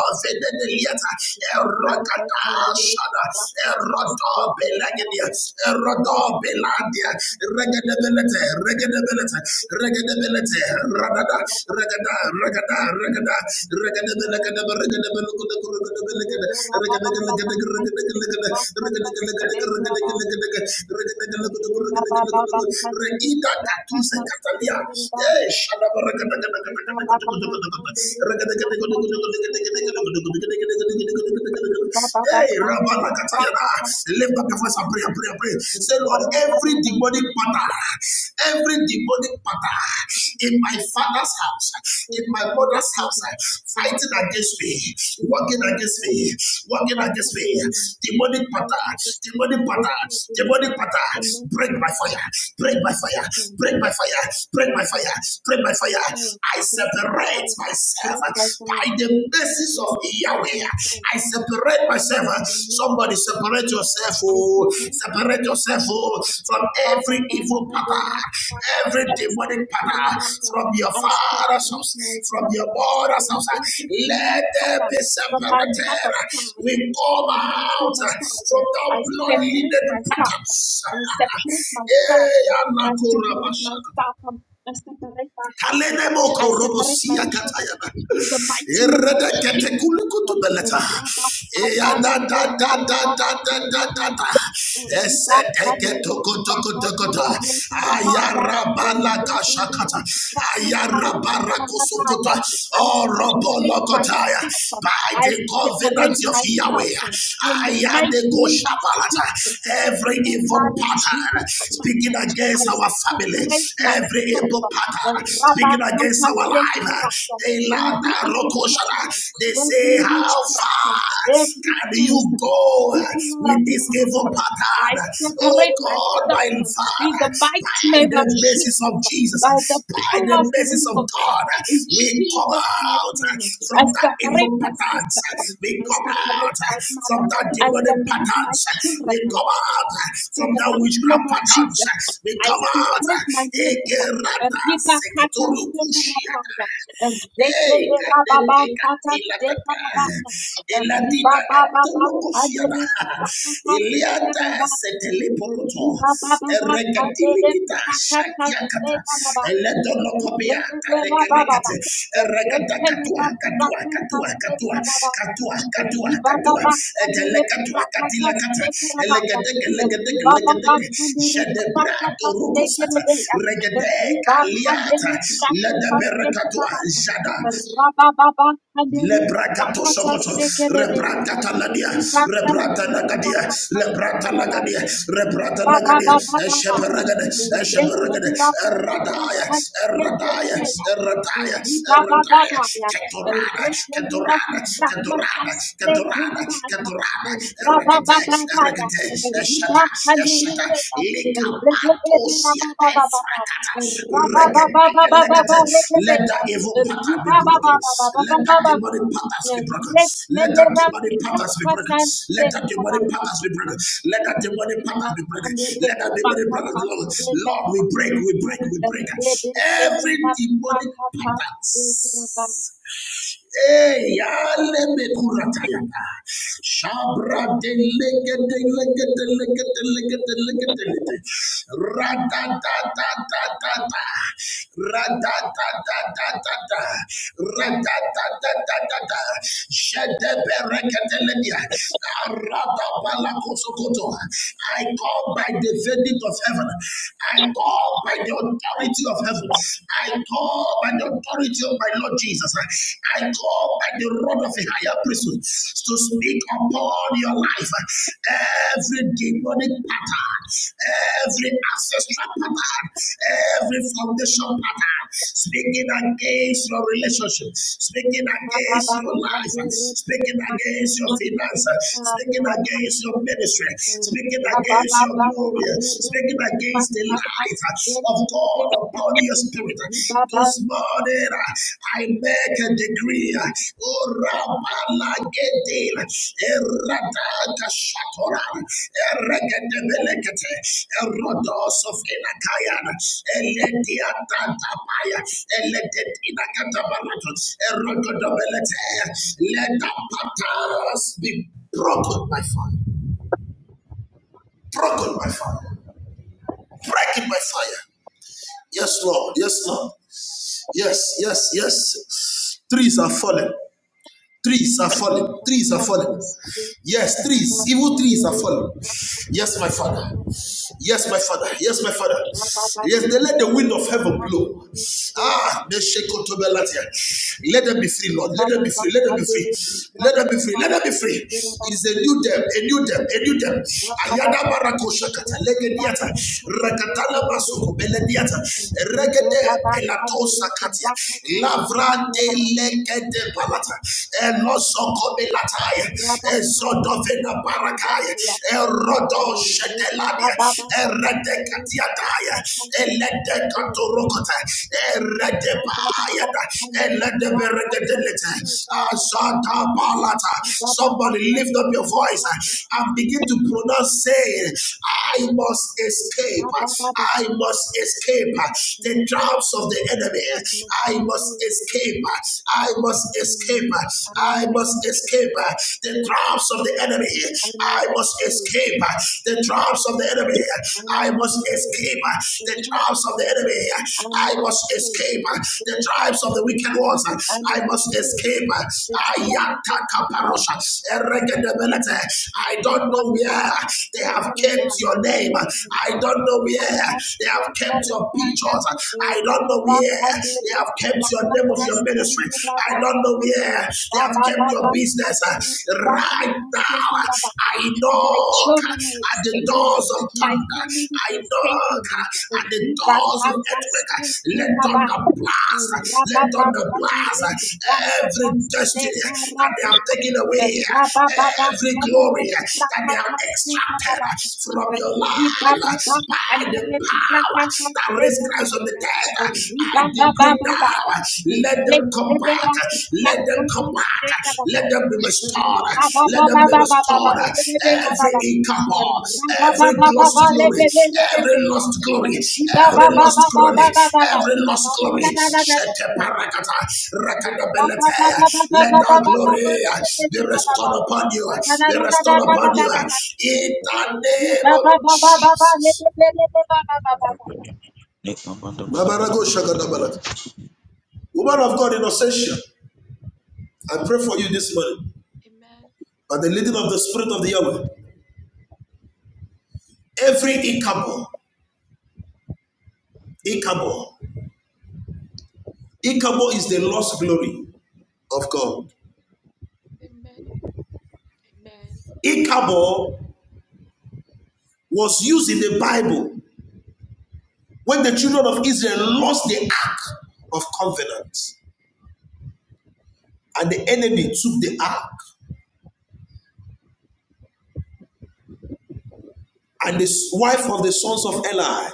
Speaker 3: Rodovedeliata, Erogadashada, Erodobelagidia, Erodobeladia, Regadability, Regadability, Regadability, Radada, Regada, Regada, Regada, Reida Katuze Catalia, Eh, Shadabara, Hey, Rabana Katayana. Lift up your voice and pray and pray and pray. Say, Lord, every demonic pattern, every demonic pattern in my father's house, in my mother's house, fighting against me, working against me, working against me. Demonic pattern, demonic pattern, demonic pattern. Break by fire, break by fire, break by fire, break by fire, break by fire. I separate myself by the basis of Yahweh. I separate myself. Somebody separate yourself. Oh, separate yourself oh, from every evil pattern, every demonic pattern, from your father's house, from your mother's house. Let them be separated. We come out from the blood-leaded patterns.
Speaker 6: I
Speaker 3: Kalenemo korobosia katayana. Erede kete kulukutu beleta. Eya da da da da da da da da
Speaker 6: Jesus.
Speaker 3: da.
Speaker 6: I separate myself.
Speaker 3: Ese teke toko toko toko ta. Ayara bala kashakata. Ayara bara kusukota. Orobo lokotaya.
Speaker 6: I
Speaker 3: By the covenant
Speaker 6: separate
Speaker 3: covenant of
Speaker 6: myself
Speaker 3: Yahweh.
Speaker 6: in the mighty name of
Speaker 3: Ayadekoshabalata.
Speaker 6: Jesus,
Speaker 3: Every
Speaker 6: in the blood
Speaker 3: evil
Speaker 6: of
Speaker 3: pattern
Speaker 6: Jesus
Speaker 3: speaking
Speaker 6: Christ. I
Speaker 3: against our family,
Speaker 6: separate
Speaker 3: every
Speaker 6: myself.
Speaker 3: evil pattern
Speaker 6: Rabba
Speaker 3: speaking against our life, they, la-
Speaker 6: Every
Speaker 3: da-
Speaker 6: evil
Speaker 3: rokoshana.
Speaker 6: pattern,
Speaker 3: they
Speaker 6: every
Speaker 3: say, How
Speaker 6: witchcraft,
Speaker 3: far?
Speaker 6: every
Speaker 3: And you
Speaker 6: curse,
Speaker 3: go uh,
Speaker 6: speaking on
Speaker 3: with this evil
Speaker 6: behalf. I
Speaker 3: pattern. Oh
Speaker 6: separate
Speaker 3: God, my
Speaker 6: myself in the
Speaker 3: Father,
Speaker 6: mighty
Speaker 3: by
Speaker 6: name of
Speaker 3: the basis of
Speaker 6: Jesus by the
Speaker 3: Jesus, by
Speaker 6: power
Speaker 3: the
Speaker 6: of the
Speaker 3: basis
Speaker 6: Holy
Speaker 3: of
Speaker 6: Ghost.
Speaker 3: God,
Speaker 6: In
Speaker 3: we come
Speaker 6: Jesus' mighty
Speaker 3: out uh,
Speaker 6: name, I
Speaker 3: from that
Speaker 6: separate
Speaker 3: evil
Speaker 6: my
Speaker 3: patterns.
Speaker 6: sister.
Speaker 3: We
Speaker 6: I
Speaker 3: come out
Speaker 6: separate
Speaker 3: uh,
Speaker 6: my
Speaker 3: from
Speaker 6: mother.
Speaker 3: that
Speaker 6: I
Speaker 3: demonic
Speaker 6: separate my
Speaker 3: patterns. We
Speaker 6: children.
Speaker 3: come out uh,
Speaker 6: In
Speaker 3: from
Speaker 6: the
Speaker 3: that
Speaker 6: mighty name
Speaker 3: witchcraft
Speaker 6: of Jesus,
Speaker 3: patterns. We
Speaker 6: I
Speaker 3: come out.
Speaker 6: separate my miracle. Riba kata seka rabaya. Rekele
Speaker 3: Hey,
Speaker 6: rababa
Speaker 3: kadete
Speaker 6: kata
Speaker 3: katila
Speaker 6: seka
Speaker 3: tata.
Speaker 6: rabaya. Riba
Speaker 3: Eladina
Speaker 6: baba baba
Speaker 3: antolokosiana.
Speaker 6: kadere riba kata seka
Speaker 3: Eliata
Speaker 6: rabaya.
Speaker 3: setele poroto.
Speaker 6: Riba baba baba
Speaker 3: Eregatili
Speaker 6: kadere
Speaker 3: kita
Speaker 6: riba kata
Speaker 3: shakia kata.
Speaker 6: seka rabaya.
Speaker 3: Eledo lokopia
Speaker 6: Rekele rababa baba.
Speaker 3: talekerekete. Katua,
Speaker 6: Rekele
Speaker 3: katua,
Speaker 6: rababa kata
Speaker 3: katua, katua,
Speaker 6: seka
Speaker 3: katua,
Speaker 6: rabaya.
Speaker 3: katua, katua,
Speaker 6: Riba
Speaker 3: katua.
Speaker 6: baba Andere
Speaker 3: Etelekatua,
Speaker 6: prakata
Speaker 3: katila kata.
Speaker 6: stekere baya.
Speaker 3: Elegedeke, elegedeke,
Speaker 6: Riba baba
Speaker 3: elegedeke.
Speaker 6: kandere
Speaker 3: Jedebrato
Speaker 6: prakata stekere
Speaker 3: rokosata.
Speaker 6: baya.
Speaker 3: Regedeka
Speaker 6: Riba
Speaker 3: liata.
Speaker 6: kandere prakata stekere
Speaker 3: Ledeberekatua,
Speaker 6: baya.
Speaker 3: jada.
Speaker 6: Raba baba kandere
Speaker 3: Lebrakato
Speaker 6: prakata
Speaker 3: Sokoto,
Speaker 6: stekere baya.
Speaker 3: Rebrata Taladia,
Speaker 6: Riba kandere
Speaker 3: Rebrata Lagadia, Lebrata Lagadia, Rebrata Lagadia, Esheperagade, Esheperagade, Eradaya, Eradaya, Eradaya, Eradaya,
Speaker 6: Ribabababaya,
Speaker 3: Ketorana,
Speaker 6: Rekelera
Speaker 3: Ketorana, Ketorana, Ketorana,
Speaker 6: Rakastankerabaya,
Speaker 3: Ketorana, Erekate,
Speaker 6: Rababababaya,
Speaker 3: Erekate, Eshata, Eshata shata
Speaker 6: Ribakanerebeya,
Speaker 3: lekapadosia
Speaker 6: Rebebebababababa,
Speaker 3: efrakata regedekelekete. Let
Speaker 6: Rababababababarebebeya,
Speaker 3: the evil pattern be broken. Let that
Speaker 6: Ribabababababababa,
Speaker 3: demonic patterns be broken. Let the
Speaker 6: Rekelera
Speaker 3: demonic patterns be broken. Let the demonic patterns be broken. Let the demonic patterns be broken. Let the demonic patterns be broken. Lord, we break, we break, we break every demonic pattern Eh, yale me kuratayaka. Shabra de leke de leke de leke de leke de leke de I call by the verdict of heaven. I call by the authority of heaven. I call by the authority of my Lord Jesus. I call by the rod of a higher priesthood to speak upon your life. Every demonic pattern, every ancestral pattern, every foundation pattern, speaking against your relationship, speaking against your life, speaking against your finances, speaking against your ministry, speaking against your glory, speaking against the light uh, of God upon your spirit. uh, This morning, uh, I make a decree. uh, Oh, Rabalagedela, Eradakashatoran, Eregedebelekete, Erodos of Enakayan, Elediatatabaya, Eledetinacatabaratus, Erogodobelete. Let the patterns be broken by fire. Broken by fire. Break it by fire. Yes, Lord. Yes, Lord. Yes, yes, yes. Trees are falling. Trees are falling. Trees are falling. Yes, trees. Evil trees are falling. Yes, my Father. Yes, my father. Yes, my father. Yes, they let the wind of heaven blow. Ah, they shake out to Belatia. Let them be free, Lord. Let them be free. Let them be free. Let them be free. Let them be free. It is a new day. a new day. a new them. Ayada barako shakata legediata. Rakatala basoko belediata. Regede elato sakatia. Lavra de legede palata. Elosoko belataya. Eloso ba barakaya, erodo shedeladia, eredekatiadaya, eledekatorokota, eredepayada, eledeberegedelete, asadabalata. Somebody lift up your voice uh, and begin to pronounce saying, I must escape, I must escape the traps of the enemy, I must escape, I must escape, I must escape uh, the traps of the enemy. I must escape uh, the traps of the enemy. I must escape uh, the traps of the enemy. I must escape uh, the tribes of the wicked ones. I must escape. uh, Ayatakaparosha, eregedebelete. I don't know where they have kept your name. I don't know where they have kept your pictures. I don't know where
Speaker 6: Ribakanere
Speaker 3: they have kept your name of your ministry. I
Speaker 6: Rakastankerabaya,
Speaker 3: don't know where they have kept your business. Right now,
Speaker 6: Rabababababababa,
Speaker 3: I
Speaker 6: My
Speaker 3: knock
Speaker 6: children are
Speaker 3: at the
Speaker 6: escaping
Speaker 3: doors
Speaker 6: them.
Speaker 3: of
Speaker 6: My
Speaker 3: thunder.
Speaker 6: family is
Speaker 3: I knock
Speaker 6: escaping them.
Speaker 3: at the
Speaker 6: Ribakatasekerabaya.
Speaker 3: doors of earthquake. Let thunder blast. Let thunder blast every destiny
Speaker 6: Rababakadirebrakataseka
Speaker 3: that they have taken away,
Speaker 6: Rabababa
Speaker 3: every
Speaker 6: and the
Speaker 3: glory that they have
Speaker 6: Rakata
Speaker 3: extracted from your life by the power that raised Christ from the dead. I decree now, let them come back, let them come back, let them be
Speaker 6: Rabba
Speaker 3: restored, let them be restored. Every income, every lost glory, every lost glory, every lost glory, every lost glory. Shete parakata, rakadabeletea. Let that glory be restored upon you, be restored upon you. In the name of Jesus. Nabarago shagadabalata. Woman of God in Ossetia, I pray for you this morning by the leading of the Spirit of the Yahweh. Every Ichabod, Ichabod, Ichabod is the lost glory of God. Ichabod was used in the Bible when the children of Israel lost the ark of covenant and the enemy took the ark and the wife of the sons of Eli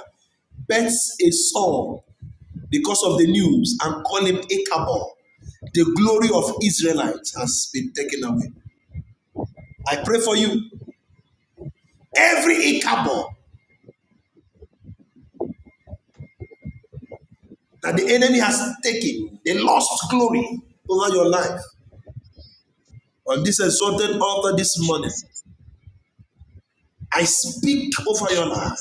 Speaker 3: bets a son because of the news and call him Ichabod the glory of Israelites has been taken away. I pray for you. Every Ichabod that the enemy has taken, the lost glory over your life. On this exalted altar this morning, I speak over your life,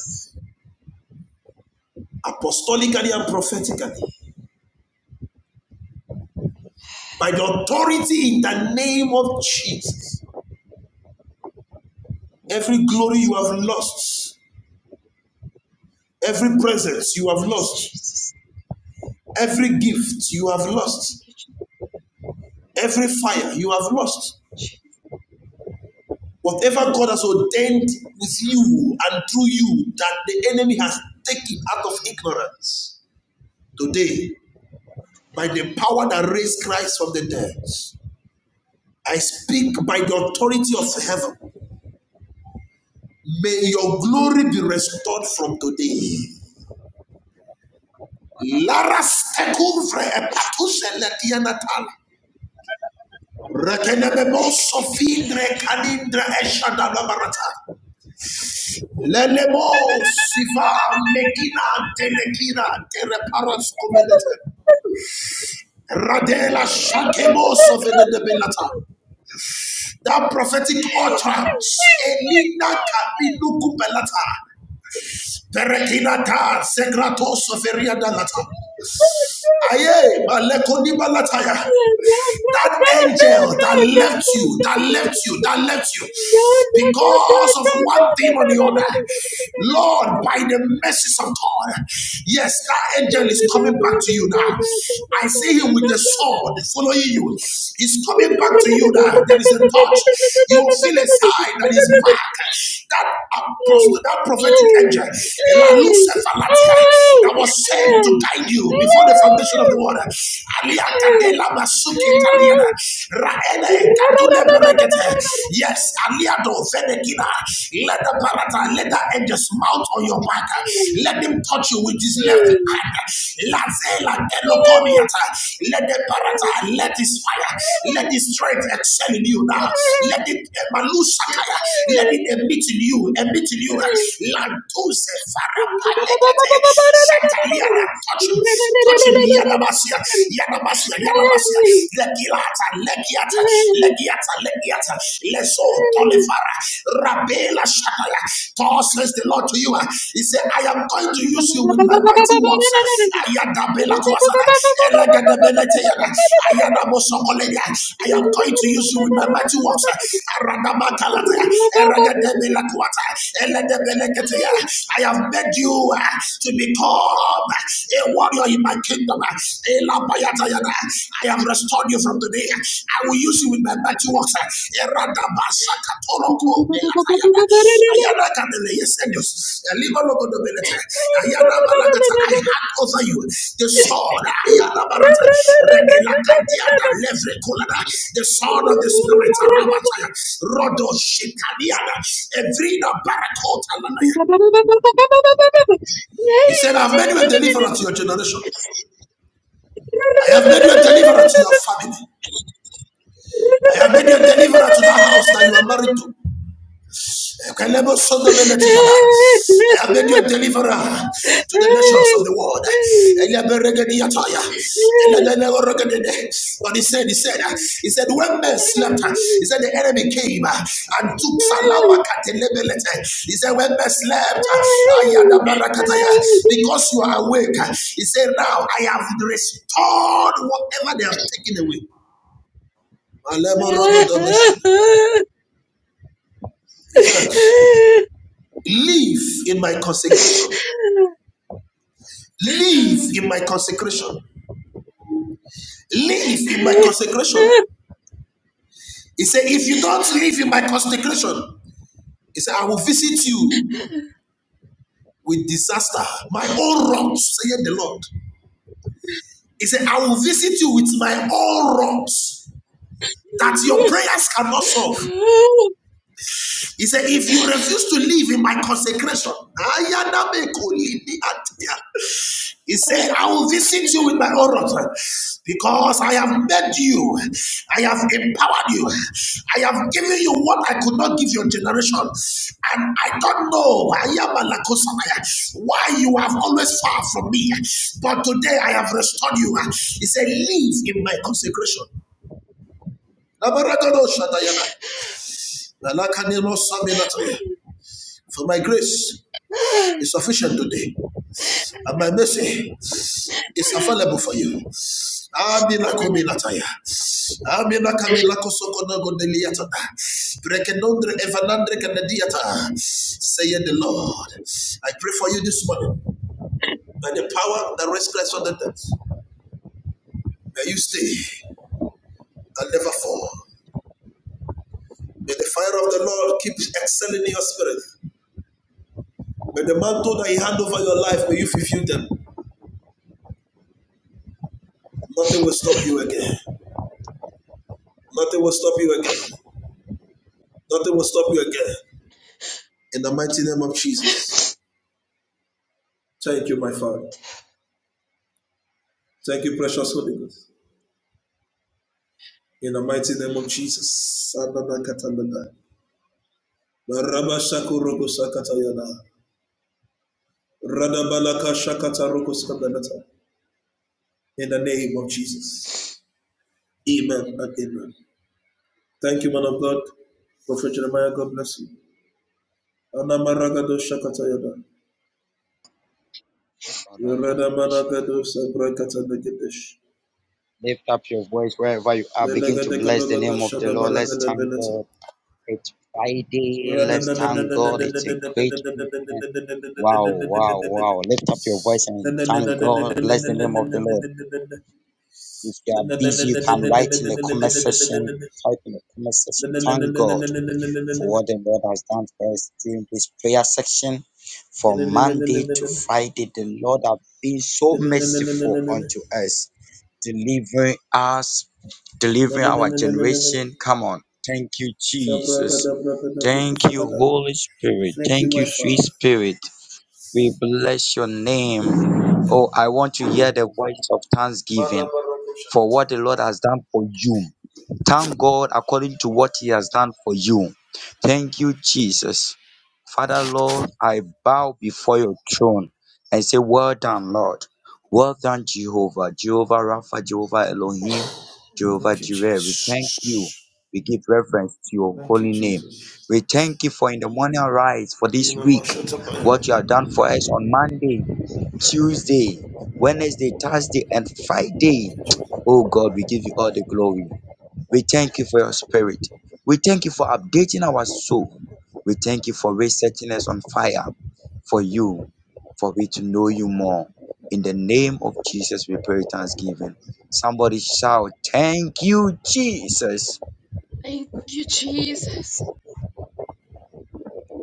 Speaker 3: apostolically and prophetically, by the authority in the name of Jesus. Every glory you have lost, every presence you have lost, every gift you have lost, every fire you have lost, Whatever God has ordained with you and through you that the enemy has taken out of ignorance, today, by the power that raised Christ from the dead, I speak by the authority of heaven. May your glory be restored from today. Laras Lelemo sifa mekina telekina tereparos kovelete. Radela shakemo sovenede belata. That prophetic utterance, Elina kabinu kupelata. Perekina ta segrato soferia
Speaker 6: Hey!
Speaker 3: dalata. Aye, maleko ni balata ya. That angel that left you, that left you, that left you because of one thing or the other. Lord, by the mercies of God, yes, that angel is coming back to you now. I see him with the sword following you. He's coming back to you now. There is a touch. You will feel a sign that is back. That, that prophetic angel, Lalu
Speaker 6: Hey!
Speaker 3: Sephalatia, that was sent to
Speaker 6: Hey!
Speaker 3: guide you before the foundation of
Speaker 6: Hey!
Speaker 3: the world. Alia Kadela Masuke Taliana. Raene Kadule Berekete. Yes, Aliado Venekina. Let the parata, let the angels mount on your back. Let him touch you with his left hand. Lazela Kelokoniata. Let the parata, let his fire, let his strength excel in you now. Let it Malusakaya. Let it emit in you, emit in you. Lantuse Farapalekete. Shatalia touch him, touch him, Yanamasia, Yanamasia, Yanamasia, Legiata, Legiata, Legiata, Legiata, Leso, Tolifara, Rabela, Shataya. Paul says the Lord to you, uh, He said, I am going to use you with my mighty words. Ayadabela Kwasana, Elegadabeleteana, Ayadabosokoledia. I am going to use you with my mighty works. Aradamakalata, Eradabela Kwata, Eledebelegete. I have made you. uh, to become a warrior in my kingdom. Elabayatayana. I have restored you from today. I will use you with my mighty works. Eradabasakatoroko belatayana. Ayana kadele yesenios. Elibalogodobelete. Ayana balakata. I hand over you the sword. Ayana barata. Regelakadiada levrekolada. The sword of the spirit. Arabataya. Rodo shikadiana. Evrina barakota Lanaya. He said, I've made you a deliverer to your generation. I have made you a deliverer to your family. I have made you a deliverer to that house that you are married to. I have made you a deliverer to the nations of the world. But he said, he said, he said, when men slept, he said, the enemy came and took Salama Katelebelete. He said, when men slept,
Speaker 6: Woo!
Speaker 3: Ayada Barakataya, because you are awake, he said, now I have restored whatever they have taken away. He said, live in my consecration. Live in my consecration. Live in my consecration. He said, if you don't live in my consecration, he said, I will visit you with disaster. My own wrongs, said the Lord. He said, I will visit you with my own wrongs that your prayers cannot solve. He said, if you refuse to live in my consecration, he said, I will visit you with my oracles, because I have made you, I have empowered you, I have given you what I could not give your generation. And I don't know why you have always far from me, but today I have restored you. He said, Live in my consecration. For my grace is sufficient today, and my mercy is available for you. Amina kuminataya. Amina kamila kosokono godeliata. Brekenondre evanandre kanadiata. Say the Lord. I pray for you this morning. By the power that rests Christ on the dead, may you stay and never fall. May the fire of the Lord keep excelling in your spirit. May the mantle that He hand over your life, may you fulfill them. Nothing will stop you again. Nothing will stop you again. Nothing will stop you again. In the mighty name of Jesus. Thank you, my Father. Thank you, precious Holy Ghost. In the mighty name of Jesus. In the name of Jesus. Amen and amen. Thank you, man of God. Prophet Jeremiah, God bless you. Anamaragado
Speaker 2: lift up your voice wherever you are. Begin to bless the name of the Lord. Let's thank God. It's Friday.
Speaker 3: Thank
Speaker 2: Let's thank God. It's a great weekend. Wow, wow, wow. Lift up your voice and thank God. Bless the name of the Lord. If you are busy, you can write in the comment section. Type in the comment section. Thank God. for what the Lord has done for us during this prayer section. From Monday to Friday, the Lord has been so merciful unto us, delivering us, delivering our generation. Come on. Thank you, Jesus. Thank you, Holy Spirit.
Speaker 3: you,
Speaker 2: Thank you,
Speaker 3: my
Speaker 2: sweet
Speaker 3: Father.
Speaker 2: Spirit. We bless your name. Oh, I want to hear the voice of thanksgiving for what the Lord has done for you Thank God according to what He has done for you. Thank you, Jesus. Father, Lord, I bow before your throne and say, Well done, Lord. Well done, Jehovah. Jehovah Rapha, Jehovah Elohim, Jehovah
Speaker 3: Thank you,
Speaker 2: Jireh. We thank you.
Speaker 3: Jesus.
Speaker 2: We give reverence to your
Speaker 3: Thank you,
Speaker 2: holy name.
Speaker 3: Jesus.
Speaker 2: We thank you for in the morning rise for
Speaker 3: Thank you,
Speaker 2: this week, what you have done for us on Monday, Tuesday, Wednesday, Thursday, and Friday. Oh God, we give you all the glory. We thank you for your spirit. We thank you for updating our soul. We thank you for resetting us on fire for you, for we to know you more. In the name of Jesus, we pray thanksgiving. Somebody shout, Thank you, Jesus.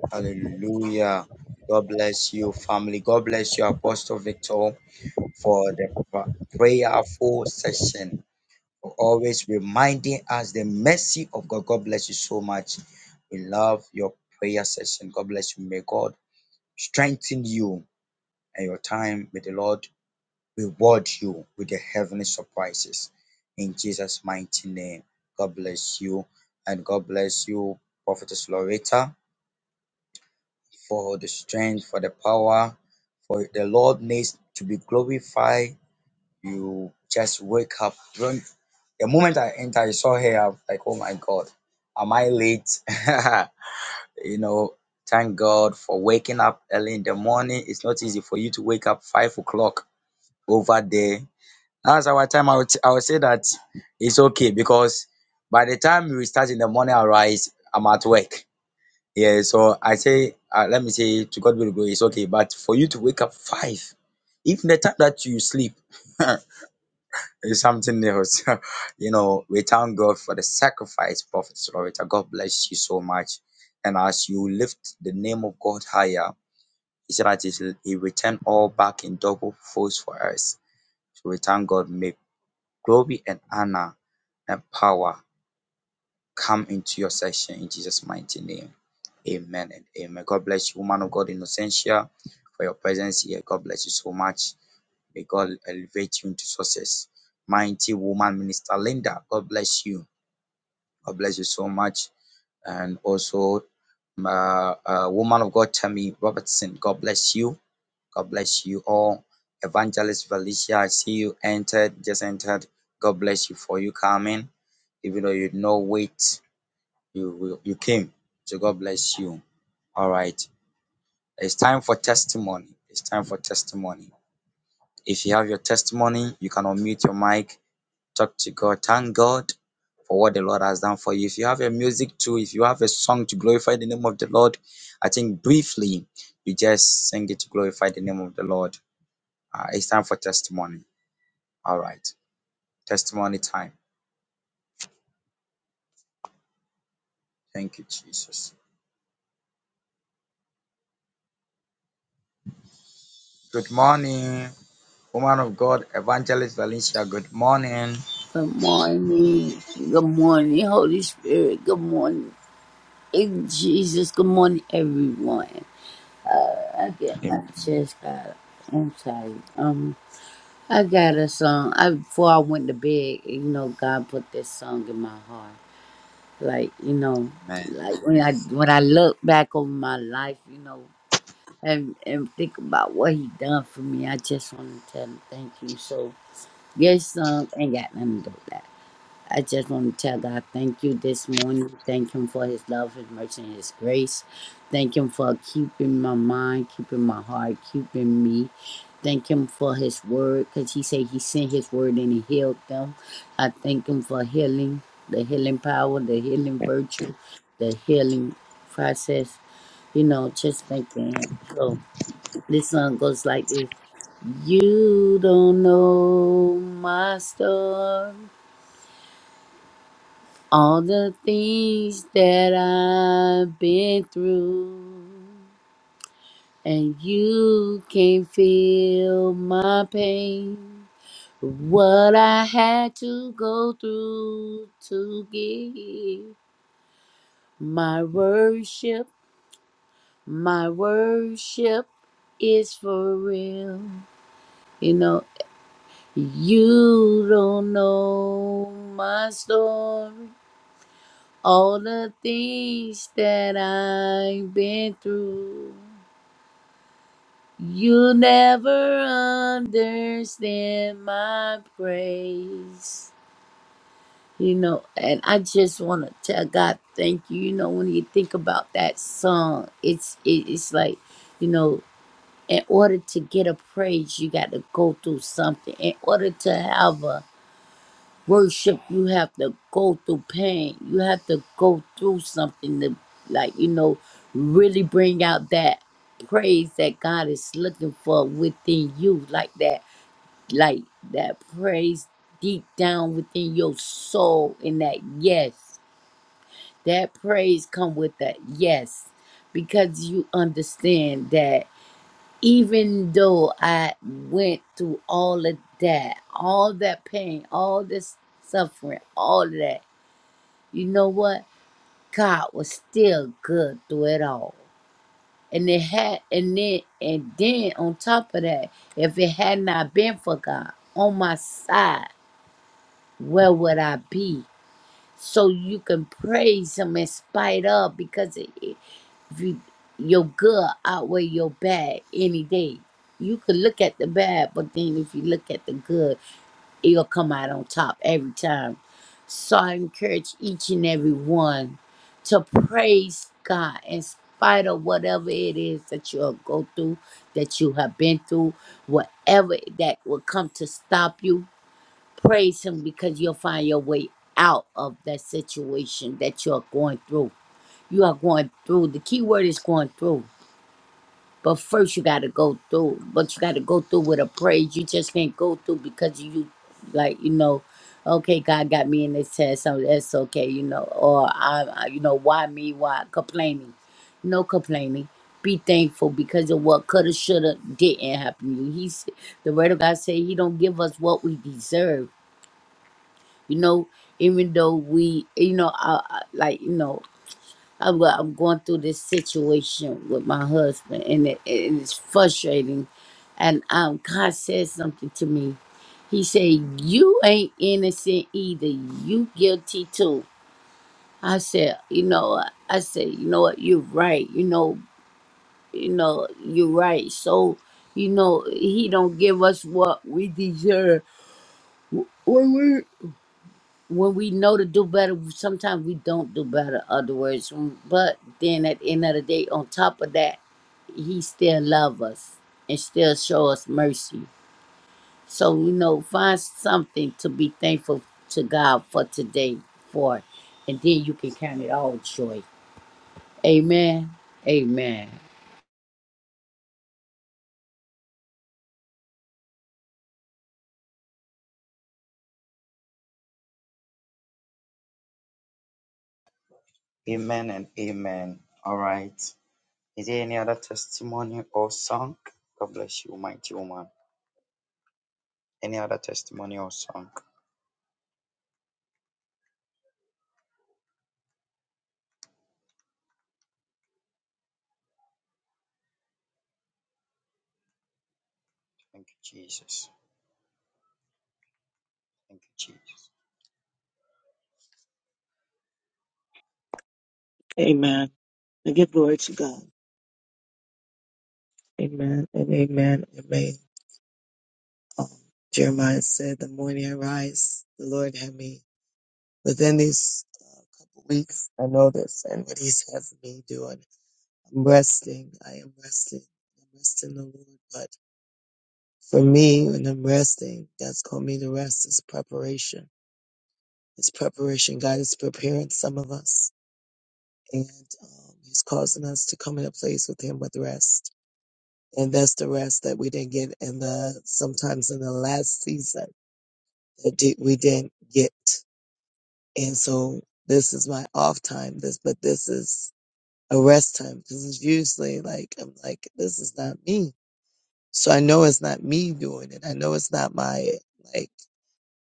Speaker 2: Hallelujah. God bless you, family. God bless you, Apostle Victor, for the pra- prayerful session. always reminding us the mercy of God. God bless you so much. We love your prayer session. God bless you. May God strengthen you and your time. May the Lord reward you with the heavenly surprises. In Jesus' mighty name, God bless you. And God bless you, Prophetess Loretta, for the strength, for the power, for the Lord needs to be glorified you just wake up. When the moment I enter, I saw her. I'm like, oh my god, am I late? you know, thank God for waking up early in the morning. It's not easy for you to wake up five o'clock over there. That's our time. I would I would say that it's okay because by the time we start in the morning, I rise. I'm at work. Yeah, so I say, uh, let me say, to God be the glory. It's okay, but for you to wake up five, even the time that you sleep. It's something new. So, you know, we thank God for the sacrifice, Prophet Slorita. God bless you so much. And as you lift the name of God higher, He said that He shall- He returned all back in double force for us. So we thank God. May glory and honor and power come into your session in Jesus' mighty name. Amen and amen. God bless you, woman of God, Innocentia, for your presence here. God bless you so much. May God elevate you into success. Mighty woman, Minister Linda, God bless you. God bless you so much. And also, um, uh, uh, woman of God, Tammy Robertson, God bless you. God bless you all. Evangelist Valicia, I see you entered, just entered. God bless you for you coming. Even though you know wait, you you came. So God bless you. All right. It's time for testimony. It's time for testimony. If you have your testimony, you can unmute your mic Talk to God. Thank God for what the Lord has done for you. If you have a music too, if you have a song to glorify the name of the Lord, I think briefly you just sing it to glorify the name of the Lord. Uh, it's time for testimony. All right, testimony time. Thank you, Jesus. Good morning, woman of God, Evangelist Valencia. Good morning.
Speaker 7: Good morning. Good morning, Holy Spirit. Good morning, in Jesus. Good morning, everyone. I get
Speaker 2: Amen.
Speaker 7: my chest out. I'm tired. Um, I got a song. I before I went to bed, you know, God put this song in my heart. Like you know, like when I when I look back over my life, you know, and and think about what He done for me, I just want to tell Him thank you. So. this song ain't got nothing to do with that. I just want to tell God, thank you this morning. Thank Him for His love, His mercy, and His grace. Thank Him for keeping my mind, keeping my heart, keeping me. Thank Him for His word, because He said He sent His word and He healed them. I thank Him for healing, the healing power, the healing virtue, the healing process. You know, just thanking Him. So this song goes like this You don't know my story all the things that I've been through, and you can feel my pain. What I had to go through to give my worship, my worship is for real. You know, you don't know my story. All the things that I've been through, you never understand my praise. You know, and I just want to tell God thank you. You know, when you think about that song, it's it, it's like, you know, in order to get a praise, you got to go through something. In order to have a worship you have to go through pain you have to go through something to like you know really bring out that praise that god is looking for within you like that like that praise deep down within your soul and that yes that praise come with that yes because you understand that even though I went through all of that, all that pain, all this suffering, all of that, you know what? God was still good through it all. And it had and then and then on top of that, if it had not been for God on my side, where would I be? So you can praise him in spite of because it you, your good outweigh your bad any day. You could look at the bad, but then if you look at the good, it'll come out on top every time. So I encourage each and every one to praise God in spite of whatever it is that you'll go through, that you have been through, whatever that will come to stop you. Praise Him because you'll find your way out of that situation that you're going through. You are going through. The key word is going through but first, you gotta go through. But you gotta go through with a praise. You just can't go through because you, like you know, okay, God got me in this test, so that's okay, you know. Or I, I you know, why me? Why complaining? No complaining. Be thankful because of what coulda, shoulda, didn't happen. to you. He's the word of God say He don't give us what we deserve. You know, even though we, you know, I, I, like you know. I'm, go- I'm going through this situation with my husband, and it, it is frustrating. And um, God said something to me. He said, "You ain't innocent either. You guilty too." I said, "You know, what?" I said, you know what? You're right. You know, you know, you're right." So, you know, He don't give us what we deserve when we know to do better, sometimes we don't do better. Other words, mm, but then at the end of the day, on top of that, He still love us and still show us mercy. So you know, find something to be thankful to God for today for, and then you can count it all joy. Amen. Amen.
Speaker 2: Amen and amen. All right. Is there any other testimony or song? God bless you, mighty woman. Any other testimony or song? Thank you, Jesus. Thank you, Jesus.
Speaker 1: Amen. And give glory to God. Amen and amen. Amen. Jeremiah said, The morning I rise, the Lord had me. Within these uh, couple weeks, I know this and what He's having me doing. I'm resting. I am resting. I'm resting the Lord. But for me, when I'm resting, God's called me to rest. It's preparation. It's preparation. God is preparing some of us, and um, He's causing us to come in a place with Him with rest. And that's the rest that we didn't get in the sometimes in the last season that di- we didn't get. And so this is my off time. This, but this is a rest time because it's usually like, I'm like, this is not me. So I know it's not me doing it. I know it's not my, like,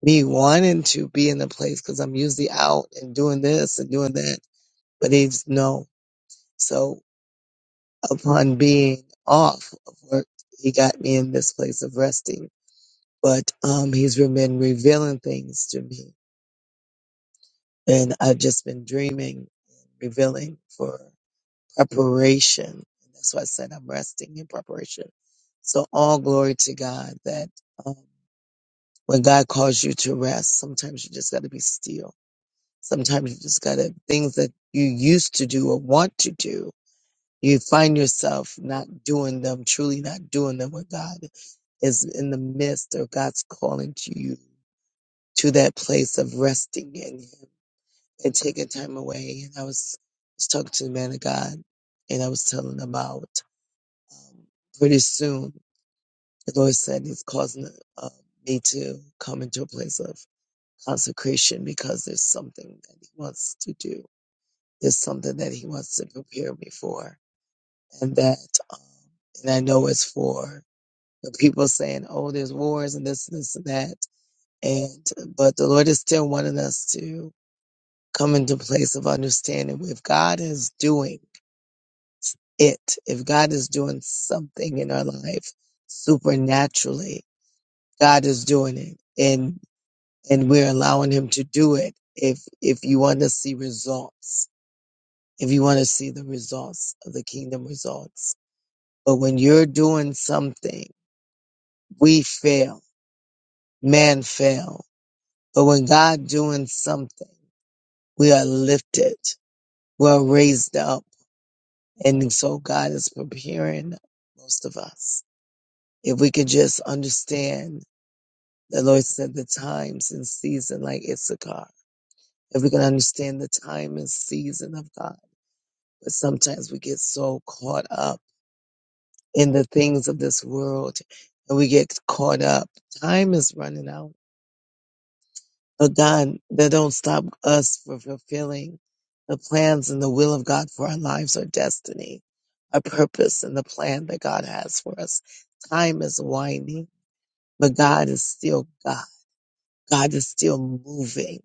Speaker 1: me wanting to be in the place because I'm usually out and doing this and doing that. But he's no. So upon being off of work, he got me in this place of resting. But, um, he's been revealing things to me and I've just been dreaming, revealing for preparation. That's why I said I'm resting in preparation. So all glory to God that um, when God calls you to rest, sometimes you just got to be still. Sometimes you just got to things that you used to do or want to do. You find yourself not doing them, truly not doing them when God is in the midst or God's calling to you to that place of resting in Him and taking time away. And I was, was talking to the man of God and I was telling him out. Um, pretty soon, the Lord said He's causing uh, me to come into a place of consecration because there's something that He wants to do. There's something that He wants to prepare me for, and that, um, and I know it's for the people saying, "Oh, there's wars and this, this, and that," and but the Lord is still wanting us to come into a place of understanding if God is doing it, if God is doing something in our life supernaturally God is doing it and and we're allowing him to do it if if you want to see results if you want to see the results of the kingdom results but when you're doing something we fail man fail but when God doing something we are lifted we are raised up and so God is preparing most of us if we could just understand the Lord said the times and season like Issachar if we can understand the time and season of God. But sometimes we get so caught up in the things of this world and we get caught up. Time is running out. But God, that don't stop us from fulfilling the plans and the will of God for our lives, our destiny, our purpose and the plan that God has for us. Time is winding, but God is still God. God is still moving,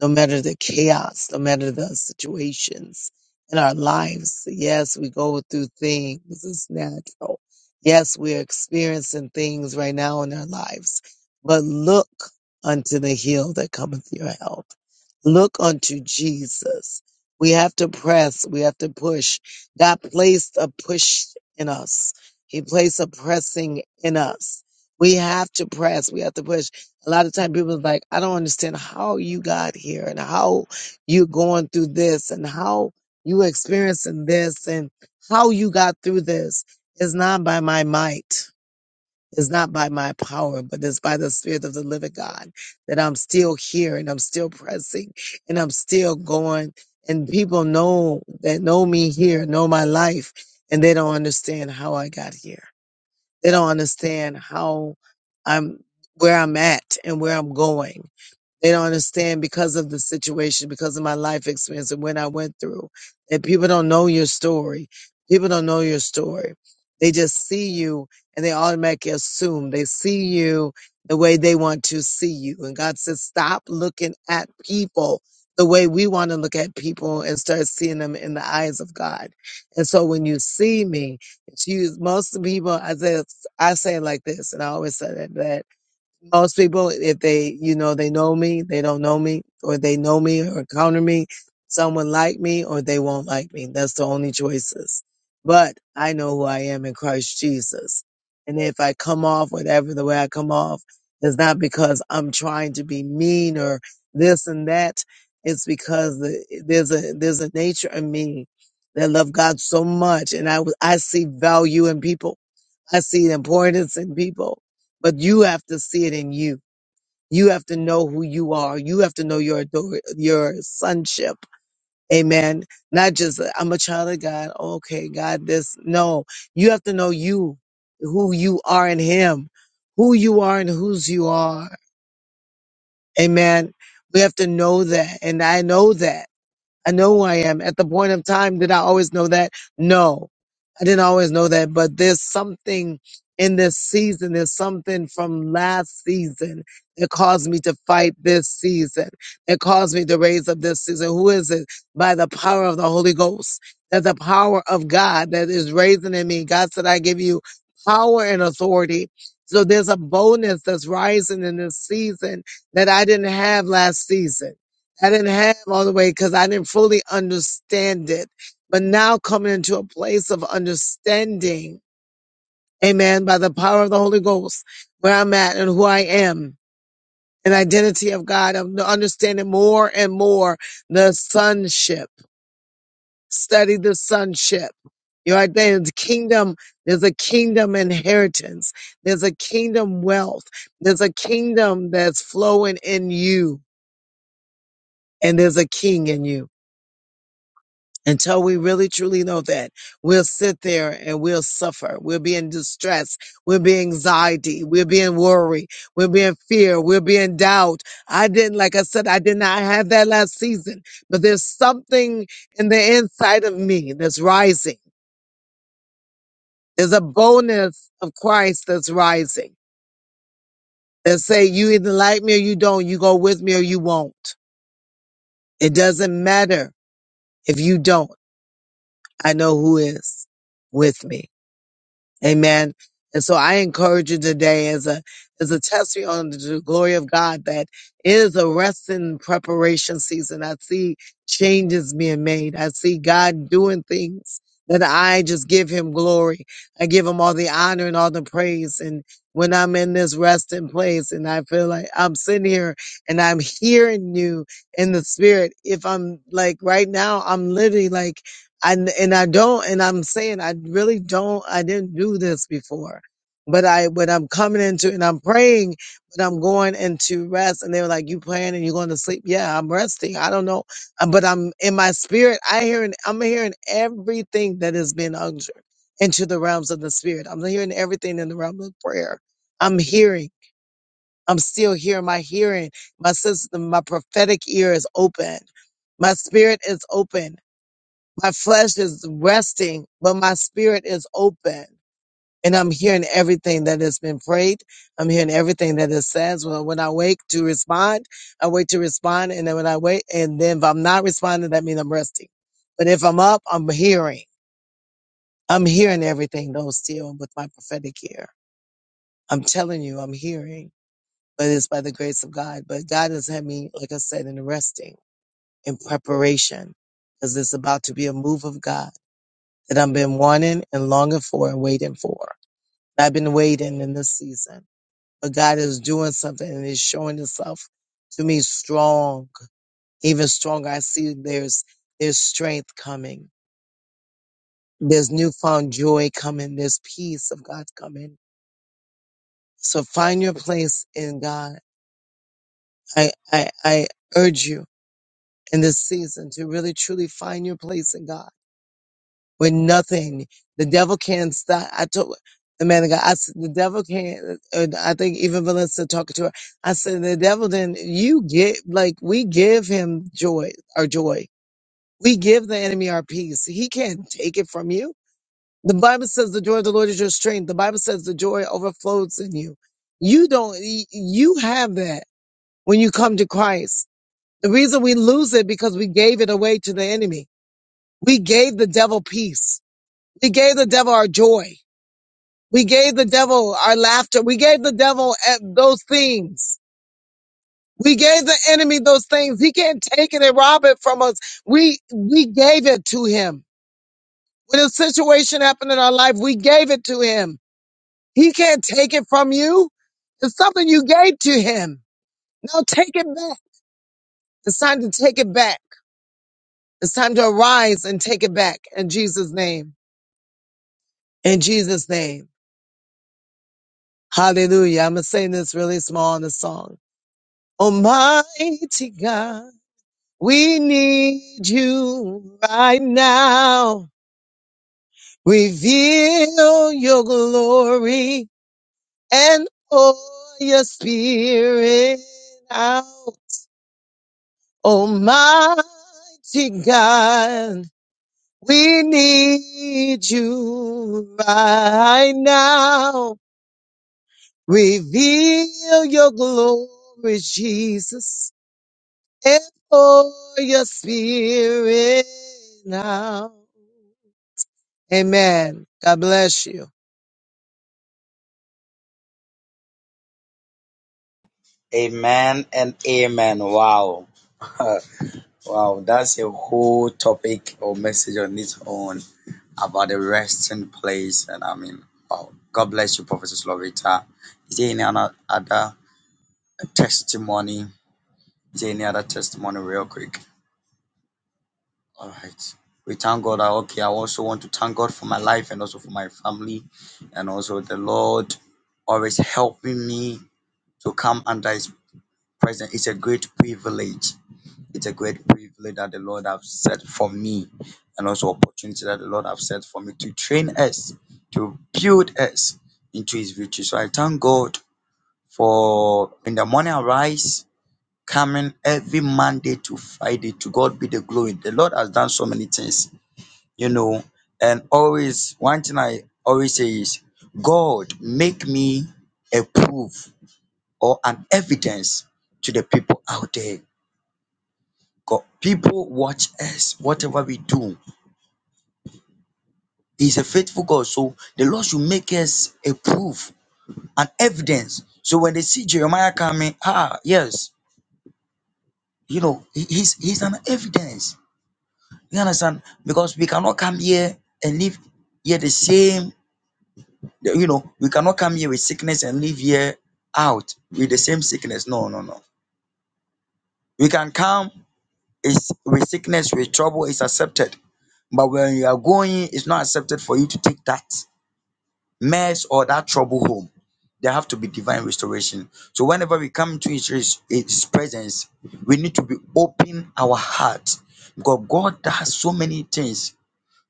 Speaker 1: no matter the chaos, no matter the situations in our lives. Yes, we go through things, it's natural. Yes, we're experiencing things right now in our lives, but look unto the hill that cometh your help. Look unto Jesus. We have to press, we have to push. God placed a push in us, He placed a pressing in us. We have to press, we have to push. A lot of time people is like, I don't understand how you got here and how you're going through this and how you experiencing this and how you got through this. It's not by my might. It's not by my power, but it's by the spirit of the living God that I'm still here and I'm still pressing and I'm still going. And people know that know me here, know my life, and they don't understand how I got here. They don't understand how I'm, where I'm at and where I'm going. They don't understand because of the situation, because of my life experience and what I went through. And people don't know your story. People don't know your story. They just see you and they automatically assume they see you the way they want to see you. And God says, stop looking at people the way we want to look at people and start seeing them in the eyes of God. And so when you see me, it's you, most of the people, I say, I say it like this, and I always say that most people if they you know they know me they don't know me or they know me or counter me someone like me or they won't like me that's the only choices but i know who i am in christ jesus and if i come off whatever the way i come off it's not because i'm trying to be mean or this and that it's because the, there's a there's a nature in me that love god so much and i w- i see value in people I see the importance in people, but you have to see it in you. You have to know who you are. You have to know your ador- your sonship. Amen. Not just I'm a child of God. Okay, God, this. No, you have to know you, who you are in Him, who you are and whose you are. Amen. We have to know that, and I know that. I know who I am. At the point of time, did I always know that? No, I didn't always know that, but there's something in this season. There's something from last season that caused me to fight this season. That caused me to raise up this season. Who is it? By the power of the Holy Ghost. That the power of God that is raising in me. God said, I give you power and authority. So there's a boldness that's rising in this season that I didn't have last season. I didn't have all the way because I didn't fully understand it. But now coming into a place of understanding, amen, by the power of the Holy Ghost, where I'm at and who I am, an identity of God, I'm understanding more and more the sonship. Study the sonship. You Your identity, kingdom, there's a kingdom inheritance. There's a kingdom wealth. There's a kingdom that's flowing in you and there's a king in you. until we really truly know that we'll sit there and we'll suffer we'll be in distress we'll be anxiety we'll be in worry we'll be in fear we'll be in doubt i didn't like i said i did not have that last season but there's something in the inside of me that's rising there's a boldness of christ that's rising that say you either like me or you don't you go with me or you won't it doesn't matter if you don't i know who is with me Amen. And so I encourage you today as a as a testimony to the glory of God that it is a rest and preparation season. I see changes being made. I see God doing things that I just give him glory. I give him all the honor and all the praise. And when I'm in this resting place and I feel like I'm sitting here and I'm hearing you in the spirit, if I'm like right now, I'm literally like I and I don't, and I'm saying I really don't. I didn't do this before, but I, but I'm coming into and I'm praying, but I'm going into rest. And they were like, "You praying and you're going to sleep?" Yeah, I'm resting. I don't know, Uh, but I'm in my spirit. I hearing, I'm hearing everything that is being unctioned into the realms of the spirit. I'm hearing everything in the realm of prayer. I'm hearing. I'm still hearing. My hearing, my system, my prophetic ear is open. My spirit is open my flesh is resting, but my spirit is open. And I'm hearing everything that has been prayed. I'm hearing everything that it says. Well, when I wake to respond, I wait to respond. And then when I wait, and then if I'm not responding, that means I'm resting. But if I'm up, I'm hearing. I'm hearing everything, though, still with my prophetic ear. I'm telling you, I'm hearing, but it's by the grace of God. But God has had me, like I said, in resting, in preparation, because it's about to be a move of God that I've been wanting and longing for and waiting for. I've been waiting in this season, but God is doing something and is showing Himself to me strong, even stronger. I see there's there's strength coming, there's newfound joy coming, there's peace of God coming. So find your place in God. I I, I urge you in this season to really truly find your place in God with nothing. The devil can't stop. I told the man of God, I said, the devil can't, and I think even Melissa talking to her, I said, the devil then, you get, like, we give him joy, our joy. We give the enemy our peace. He can't take it from you. The Bible says the joy of the Lord is your strength. The Bible says the joy overflows in you. You don't, y- you have that when you come to Christ. The reason we lose it because we gave it away to the enemy. We gave the devil peace. We gave the devil our joy. We gave the devil our laughter. We gave the devil eh, those things. We gave the enemy those things. He can't take it and rob it from us. We, we gave it to him. When a situation happened in our life, we gave it to him. He can't take it from you. It's something you gave to him. Now take it back. It's time to take it back. It's time to arise and take it back in Jesus' name. In Jesus' name. Hallelujah. I'm going to sing this really small in the song. Almighty God. We need you right now. Reveal your glory and pour your spirit out. Almighty God, we need you right now. Reveal your glory, Jesus, and pour your spirit out. Amen. God bless you.
Speaker 2: Amen and amen. Wow. wow. That's a whole topic or message on its own about the resting place. And I mean, wow. God bless you, Professor Slovita. Is there any other, other testimony? Is there any other testimony, real quick? All right. We thank God. Ah, Okay. I also want to thank God for my life and also for my family. And also, the Lord always helping me to come under his presence it's a great privilege. It's a great privilege that the Lord have set for me and also opportunity that the Lord have set for me to train us, to build us into his victory. So I thank God for in the morning arise, coming every Monday to Friday. To God be the glory. The Lord has done so many things, you know. And always one thing I always say is God make me a proof or an evidence to the people out there. God, people watch us, whatever we do. He's a faithful God. So the Lord should make us a proof, an evidence. So when they see Jeremiah coming, ah, yes, you know, he- he's he's an evidence. You understand? Because we cannot come here and live here the same, you know, we cannot come here with sickness and live here out with the same sickness. No, no, no. We can come is with sickness, with trouble, is accepted. But when you are going, it's not accepted for you to take that mess or that trouble home. There have to be divine restoration. So whenever we come to his, his, his presence, we need to be open our heart because God does so many things.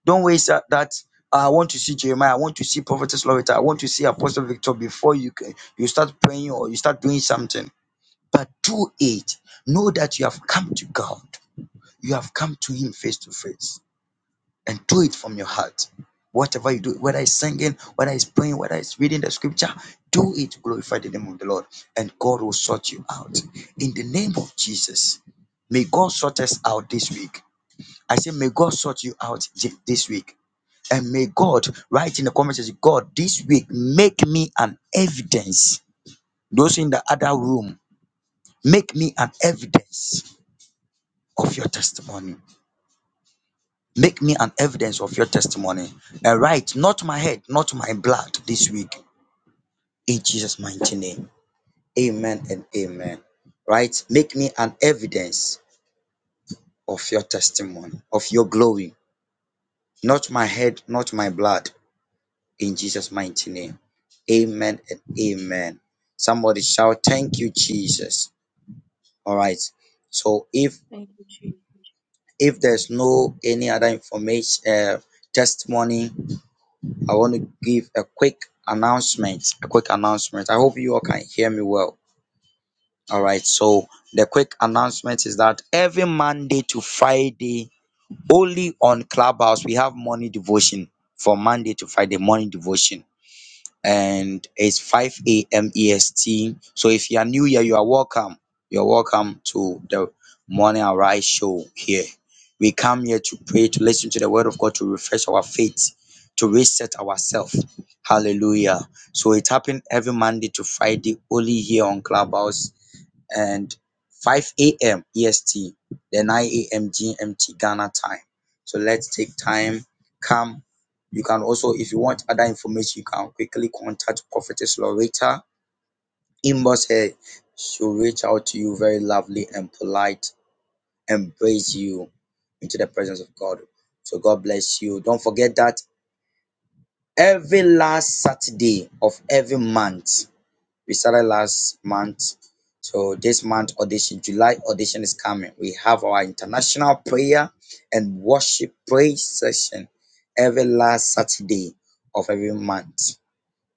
Speaker 2: Don't waste that. that, "Ah, I want to see Jeremiah. I want to see Prophetess Loretta. I want to see Apostle Victor before you can, you start praying or you start doing something. But do it. Know that you have come to God. You have come to Him face to face and do it from your heart. Whatever you do, whether it's singing, whether it's praying, whether it's reading the scripture, do it. Glorify the name of the Lord, and God will sort you out. In the name of Jesus, may God sort us out this week. I say, may God sort you out thi- this week. And may God write in the comments, section, God, this week, make me an evidence. Those in the other room, make me an evidence of your testimony Make me an evidence of your testimony and write not my head, not my blood this week. In Jesus' mighty name. Amen and amen. Right? Make me an evidence of your testimony, of your glory. Not my head, not my blood. In Jesus' mighty name. Amen and amen. Somebody shout, Thank you, Jesus. All right. So if if there's no any other information uh, testimony I want to give a quick announcement. A quick announcement. I hope you all can hear me well. All right. So the quick announcement is that every Monday to Friday, only on Clubhouse, we have morning devotion. From Monday to Friday, morning devotion and it's 5 a.m. EST. So if you are new here, you are welcome. You're welcome to the Morning Arise show here. We come here to pray, to listen to the word of God, to refresh our faith, to reset ourselves. Hallelujah. So it happened every Monday to Friday, only here on Clubhouse and 5 a.m. EST, then 9 a.m. GMT Ghana time. So let's take time, come. You can also, if you want other information, you can quickly contact Prophetess Loretta. Inbox her. She'll reach out to you very lovely and polite, embrace you into the presence of God. So God bless you. Don't forget that every last Saturday of every month we started last month. So this month audition, July audition is coming. We have our international prayer and worship praise session every last Saturday of every month.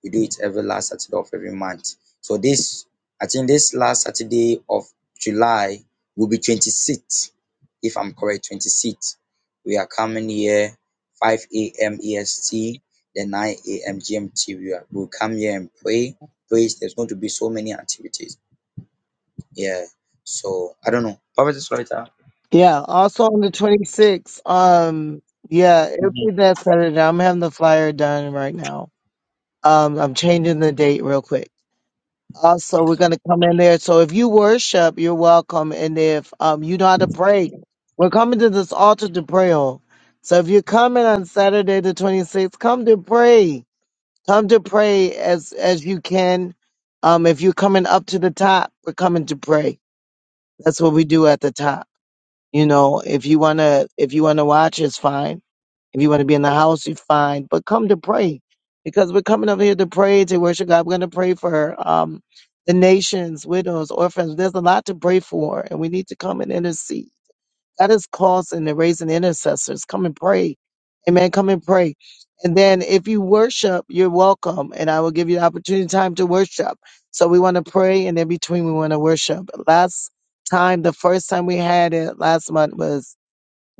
Speaker 2: We do it every last Saturday of every month. So this, I think this last Saturday of July will be twenty-sixth, if I'm correct, twenty-sixth. We are coming here five AM EST, then nine AM GMT. We are, we'll come here and pray, praise. There's going to be so many activities. Yeah. So I don't know. Prophet is right.
Speaker 1: Yeah, also on the 26th, um, yeah, it'll be that Saturday. I'm having the flyer done right now. Um, I'm changing the date real quick. Also, we're going to come in there. So if you worship, you're welcome. And if um, you know how to pray, we're coming to this altar to pray on. So if you're coming on Saturday the 26th, come to pray. Come to pray as as you can. Um, if you're coming up to the top, we're coming to pray. That's what we do at the top. You know, if you wanna if you wanna watch, it's fine. If you wanna be in the house, you fine. But come to pray, because we're coming over here to pray to worship God. We're gonna pray for um the nations, widows, orphans. There's a lot to pray for, and we need to come and intercede. God is causing and raising intercessors. Come and pray. Amen. Come and pray. And then if you worship, you're welcome. And I will give you the opportunity and time to worship. So we want to pray and in between we want to worship. Last time, the first time we had it last month was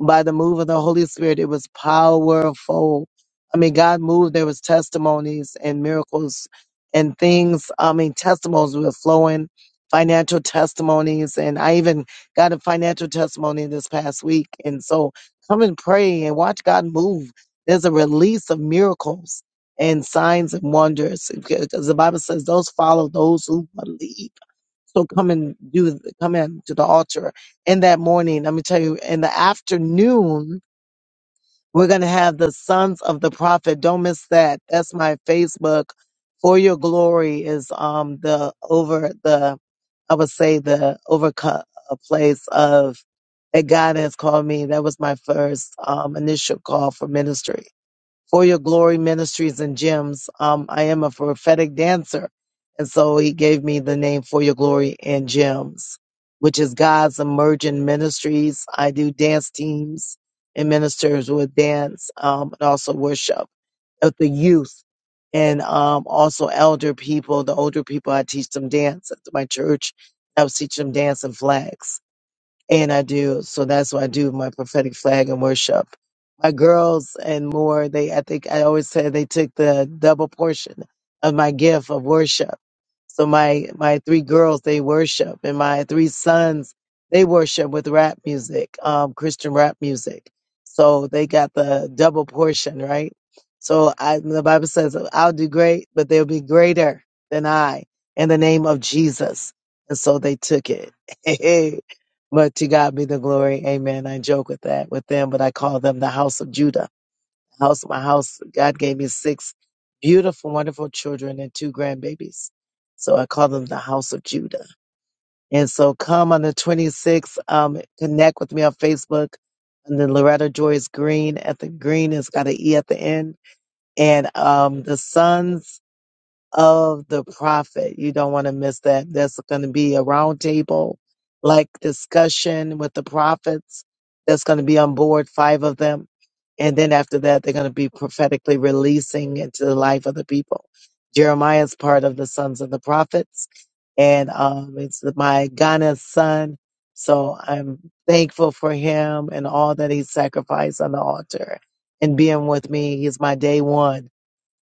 Speaker 1: by the move of the Holy Spirit, it was powerful. I mean, God moved. There was testimonies and miracles and things. I mean, testimonies were flowing, financial testimonies, and I even got a financial testimony this past week. And so, come and pray and watch God move. There's a release of miracles and signs and wonders because the Bible says those follow those who believe. So come and do, come in to the altar in that morning. Let me tell you, in the afternoon, we're going to have the sons of the prophet. Don't miss that. That's my Facebook. For your glory is, um, the over the, I would say the overcome place of that God has called me. That was my first, um, initial call for ministry for your glory ministries and gyms. Um, I am a prophetic dancer. And so he gave me the name for your glory and gems, which is God's emerging ministries. I do dance teams and ministers with dance, um, and also worship of the youth and, um, also elder people. The older people, I teach them dance at my church. I was teaching them dance and flags and I do. So that's why I do my prophetic flag and worship. My girls and more, they I think I always said they took the double portion of my gift of worship. So my my three girls they worship, and my three sons they worship with rap music, um, Christian rap music. So they got the double portion, right? So I, the Bible says, "I'll do great, but they'll be greater than I." In the name of Jesus, and so they took it. But to God be the glory. Amen. I joke with that with them, but I call them the house of Judah. The house of my house. God gave me six beautiful, wonderful children and two grandbabies. So I call them the house of Judah. And so come on the 26th, um, connect with me on Facebook under Loretta Joyce Green at the green. It's got an E at the end. And um, the sons of the prophet. You don't want to miss that. That's going to be a roundtable like discussion with the prophets. That's going to be on board, five of them. And then after that, they're going to be prophetically releasing into the life of the people. Jeremiah's part of the sons of the prophets. And um, it's my Ghana's son. So I'm thankful for him and all that he sacrificed on the altar and being with me. He's my day one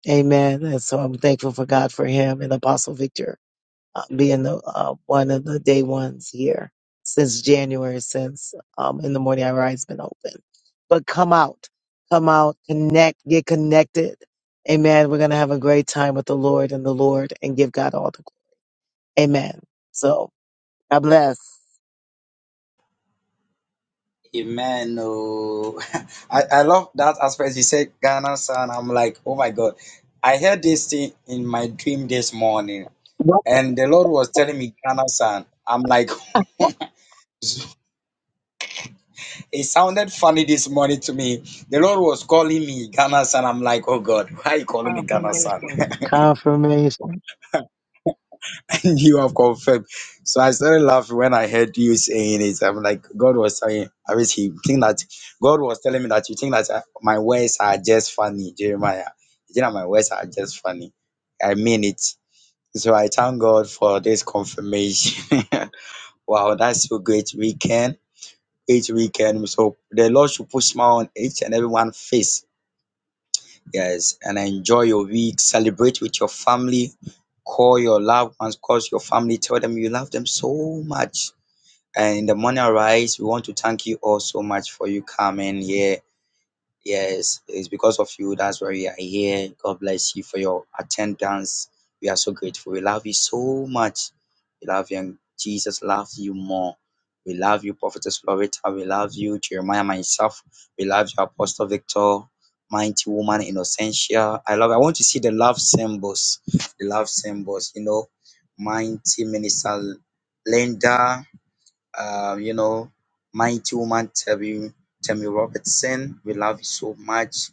Speaker 1: Amen. And so I'm thankful for God for him and Apostle Victor uh, being the uh, one of the day ones here since January, since um, in the morning I rise been open. But come out, come out, connect, get connected. Amen. We're gonna have a great time with the Lord and the Lord and give God all the glory. Amen. So God bless.
Speaker 2: Amen. Oh, I, I love that aspect. You said Ghana son. I'm like, oh my God. I heard this thing in my dream this morning, and the Lord was telling me Ghana son. I'm like, it sounded funny this morning to me. The Lord was calling me Ghana son. I'm like, oh God, why are you calling me Ghana son?
Speaker 1: Confirmation. Confirmation.
Speaker 2: you have confirmed. So I started laughing when I heard you saying it. I'm like, God was saying, I wish he think that God was telling me that you think that I- my words are just funny, Jeremiah. You think that my words are just funny. I mean it. So I thank God for this confirmation. wow, that's so great weekend. Each weekend. So the Lord should put smile on each and every face Yes, and enjoy your week. Celebrate with your family. Call your loved ones, call your family, tell them you love them so much. And in the morning rise, we want to thank you all so much for you coming here Yes, it's because of you. That's why we are here. God bless you for your attendance. We are so grateful. We love you so much. We love you, and Jesus loves you more. We love you, Prophetess Loretta. We love you, Jeremiah, myself. We love you, Apostle Victor, Mighty Woman, Innocentia. I love. I want to see the love symbols. The love symbols. You know, Mighty Minister Linda uh, you know, mighty woman Tammy, Tammy Robertson, we love you so much.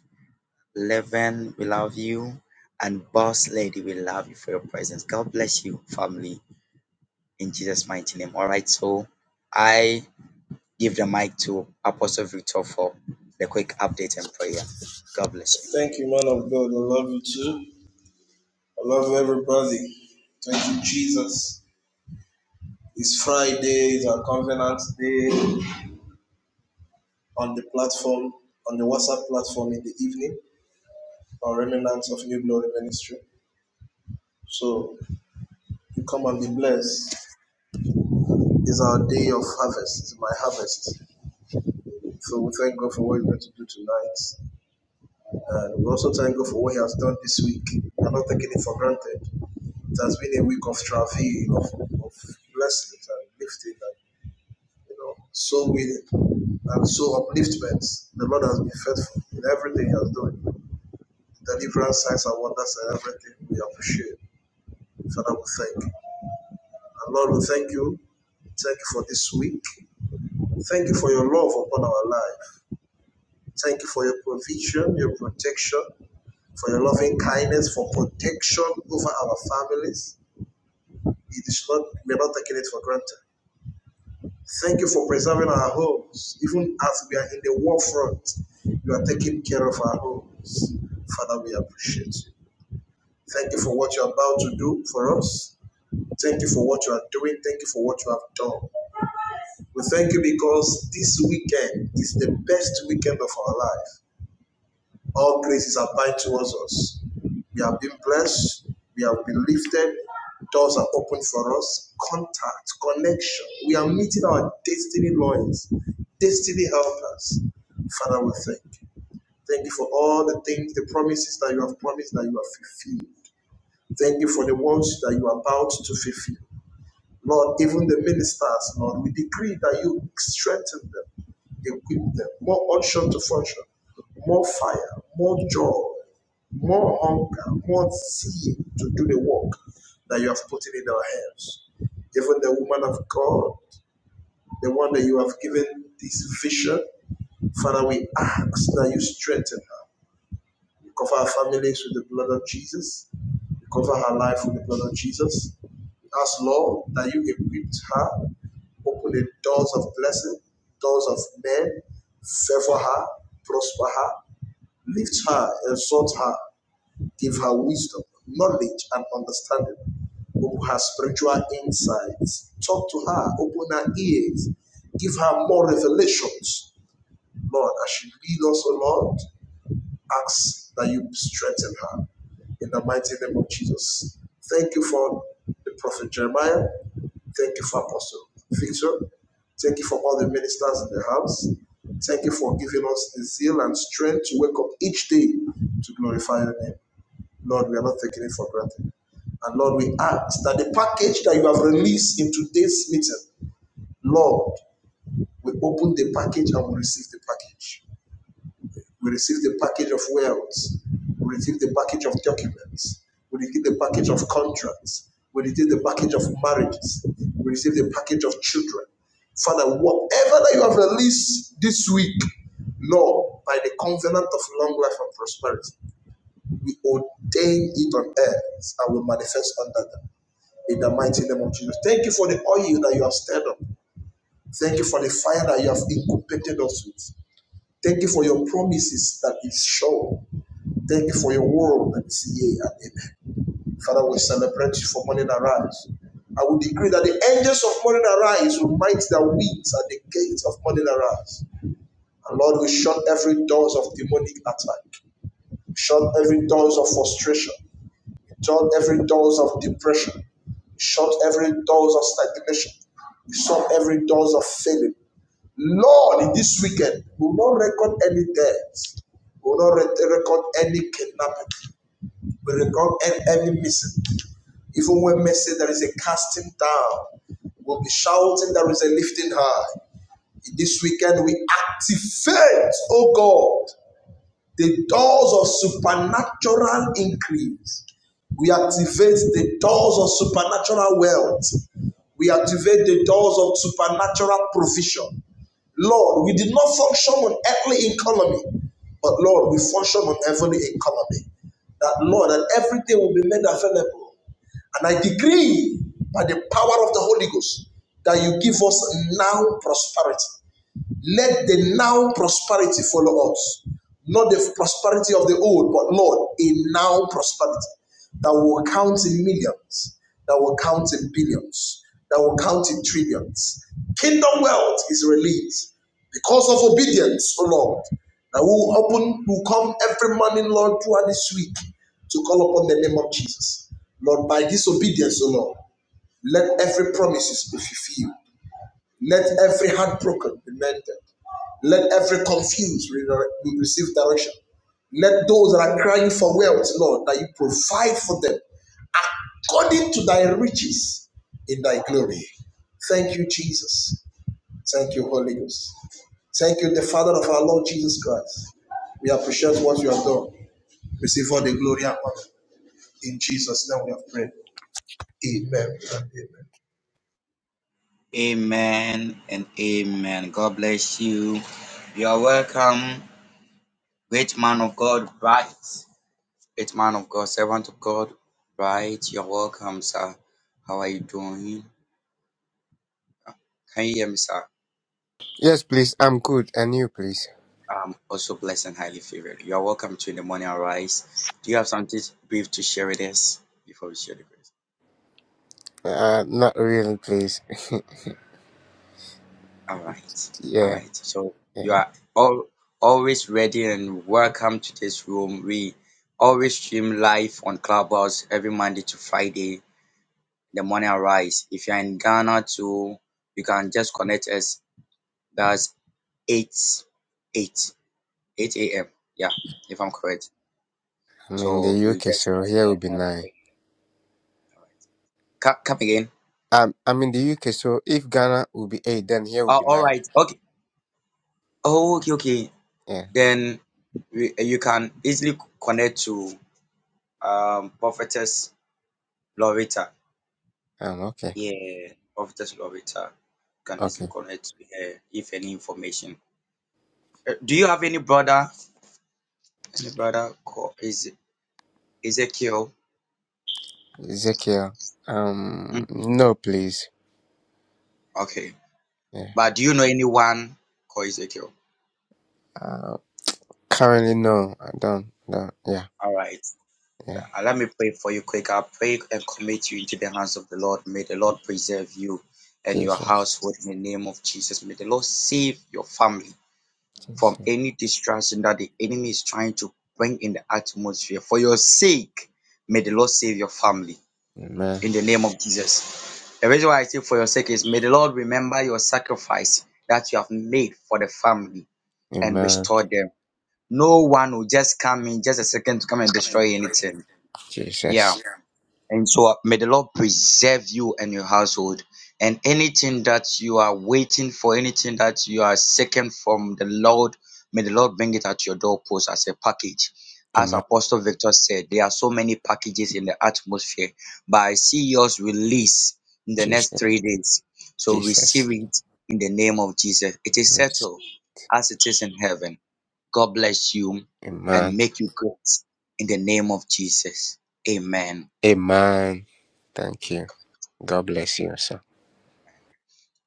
Speaker 2: Levin, we love you. And Boss Lady, we love you for your presence. God bless you, family, in Jesus' mighty name. All right, so I give the mic to Apostle Victor for the quick update and prayer. God bless you.
Speaker 3: man of God. I love you too. I love everybody. Thank you, Jesus. It's Friday, it's our covenant day on the platform, on the WhatsApp platform in the evening, Our Remnants of New Glory Ministry. So you come and be blessed. It's our day of harvest, it's my harvest. So we thank God for what He's going to do tonight. And we also thank God for what He has done this week. We're not taking it for granted. It has been a week of travail, of, of blessings and lifting and. you know, so willing and so upliftment. The Lord has been faithful in everything He has done. The Deliverance, signs, and wonders, and everything we appreciate. Father, we thank you. And Lord, we thank you. Thank you for this week. Thank you for your love upon our life. Thank you for your provision, your protection, for your loving kindness, for protection over our families. It is not, we are not taking it for granted. Thank you for preserving our homes. Even as we are in the war front, you are taking care of our homes. Father, we appreciate you. Thank you for what you are about to do for us. Thank you for what you are doing. Thank you for what you have done. We thank you because this weekend is the best weekend of our life. All graces abide towards us. We have been blessed. We have been lifted. Doors are open for us. Contact, connection. We are meeting our destiny lawyers, destiny helpers. Father, we thank you. Thank you for all the things, the promises that you have promised that you have fulfilled. Thank you for the ones that you are about to fulfill. Lord, even the ministers, Lord, we decree that you strengthen them, equip them, more unction to function, more fire, more joy, more hunger, more zeal to do the work that you have put in our hands. Even the woman of God, the one that you have given this vision, Father, we ask that you strengthen her. We cover our families with the blood of Jesus. We cover her life with the blood of Jesus. We ask, Lord, that you equip her, open the doors of blessing, doors of men, favor her, prosper her, lift her, exalt her, give her wisdom, knowledge, and understanding. Open her spiritual insights. Talk to her, open her ears, give her more revelations, Lord, as she leads us, O Lord ask that you strengthen her in the mighty name of Jesus. Thank you for the prophet Jeremiah. Thank you for Apostle Victor. Thank you for all the ministers in the house. Thank you for giving us the zeal and strength to wake up each day to glorify your name. Lord, we are not taking it for granted. And Lord, we ask that the package that you have released in today's meeting, Lord, we open the package and we receive the package. We receive the package of wealth. We receive the package of documents. We receive the package of contracts. We receive the package of marriages. We receive the package of children. Father, whatever that you have released this week, Lord, by the covenant of long life and prosperity, we ordain it on earth and will manifest under them. In the mighty name of Jesus. Thank you for the oil that you have stirred up. Thank you for the fire that you have incubated us with. Thank you for your promises that is sure. Thank you for your word that is yea and amen. Father, we celebrate you for morning arise. I will decree that the angels of morning arise will might their wings at the gates of morning arise. And Lord, we shut every doors of demonic attack, We shut every doors of frustration, We shut every doors of depression, We shut every doors of stagnation, We shut every doors of failure. Lord, in this weekend, we will not record any deaths. We will not record any kidnapping. We record e- every missing. Even when men there is a casting down, we'll be shouting there is a lifting high. This weekend we activate, oh God, the doors of supernatural increase. We activate the doors of supernatural wealth. We activate the doors of supernatural provision. Lord, we did not function on earthly economy, but Lord, we function on heavenly economy. That Lord, that everything will be made available. And I decree by the power of the Holy Ghost that you give us now prosperity. Let the now prosperity follow us. Not the prosperity of the old, but Lord, a now prosperity that will count in millions, that will count in billions, that will count in trillions. Kingdom wealth is released because of obedience, O Lord. That will open, will come every morning, Lord, throughout this week to call upon the name of Jesus. Lord, by this obedience, O Lord, let every promises be fulfilled. Let every heart broken be mended. Let every confused receive direction. Let those that are crying for wealth, Lord, that you provide for them according to thy riches in thy glory. Thank you, Jesus. Thank you, Holy Ghost. Thank you, the Father of our Lord Jesus Christ. We appreciate what you have done. Receive all the glory and honor. In Jesus' name we have prayed. Amen. and Amen.
Speaker 2: Amen and amen. God bless you. You are welcome, great man of God, right? It's man of God, servant of God. Right, you're welcome, sir. How are you doing? Can you hear me, sir?
Speaker 8: Yes, please. I'm good. And you, please?
Speaker 2: I'm also blessed and highly favored. You're welcome to the morning arise. Do you have something brief to share with us before we share the grace?
Speaker 8: Uh, not really, please.
Speaker 2: All right, all
Speaker 8: Yeah,
Speaker 2: right. So you
Speaker 8: yeah.
Speaker 2: are all always ready and welcome to this room. We always stream live on Clubhouse every Monday to Friday. The morning arise. If you're in Ghana too, you can just connect us. That's 8, 8, 8 a.m. Yeah, if I'm correct.
Speaker 8: I'm in
Speaker 2: So
Speaker 8: the
Speaker 2: you
Speaker 8: UK,
Speaker 2: just
Speaker 8: so
Speaker 2: come
Speaker 8: here will
Speaker 2: here
Speaker 8: be
Speaker 2: and
Speaker 8: nine.
Speaker 2: pick. All right. Come, come again.
Speaker 8: Um, I'm in the UK, so if Ghana will be eight, then here will
Speaker 2: Oh,
Speaker 8: be
Speaker 2: all
Speaker 8: nine.
Speaker 2: right. Okay. Oh, okay, okay.
Speaker 8: Yeah.
Speaker 2: Then we, you can easily connect to um Prophetess Loretta.
Speaker 8: Um. Okay.
Speaker 2: Yeah, Prophetess Loretta. can easily
Speaker 8: Okay.
Speaker 2: connect to her if any information. Uh, do you have any brother? Any brother called is Ezekiel?
Speaker 8: Ezekiel. Um.
Speaker 2: Mm,
Speaker 8: No, please.
Speaker 2: Okay.
Speaker 8: Yeah.
Speaker 2: But do you know anyone called Ezekiel?
Speaker 8: Uh, currently, no. I don't. No. Yeah.
Speaker 2: All right.
Speaker 8: Yeah.
Speaker 2: Uh, Let me pray for you quick. I'll pray and commit you into the hands of the Lord. May the Lord preserve you and your
Speaker 8: Jesus.
Speaker 2: household in the name of Jesus. May the Lord save your family
Speaker 8: Jesus.
Speaker 2: from any distraction that the enemy is trying to bring in the atmosphere. For your sake, may the Lord save your family
Speaker 8: Amen.
Speaker 2: in the name of Jesus. The reason why I say for your sake is may the Lord remember your sacrifice that you have made for the family and
Speaker 8: Amen.
Speaker 2: restore them. No one will just come in just a second to come and destroy anything. Yeah.
Speaker 8: Jesus.
Speaker 2: And so uh, may the Lord preserve you and your household. And anything that you are waiting for, anything that you are seeking from the Lord, may the Lord bring it at your doorpost as a package. As
Speaker 8: Amen.
Speaker 2: Apostle Victor said, there are so many packages in the atmosphere, but I see yours release in the next
Speaker 8: Jesus.
Speaker 2: three days. So receive
Speaker 8: Jesus.
Speaker 2: it in the name of Jesus. It is settled as it is in heaven. God bless you and
Speaker 8: Amen.
Speaker 2: make you great in the name of Jesus. Amen.
Speaker 8: Amen. Thank you. God bless you, sir.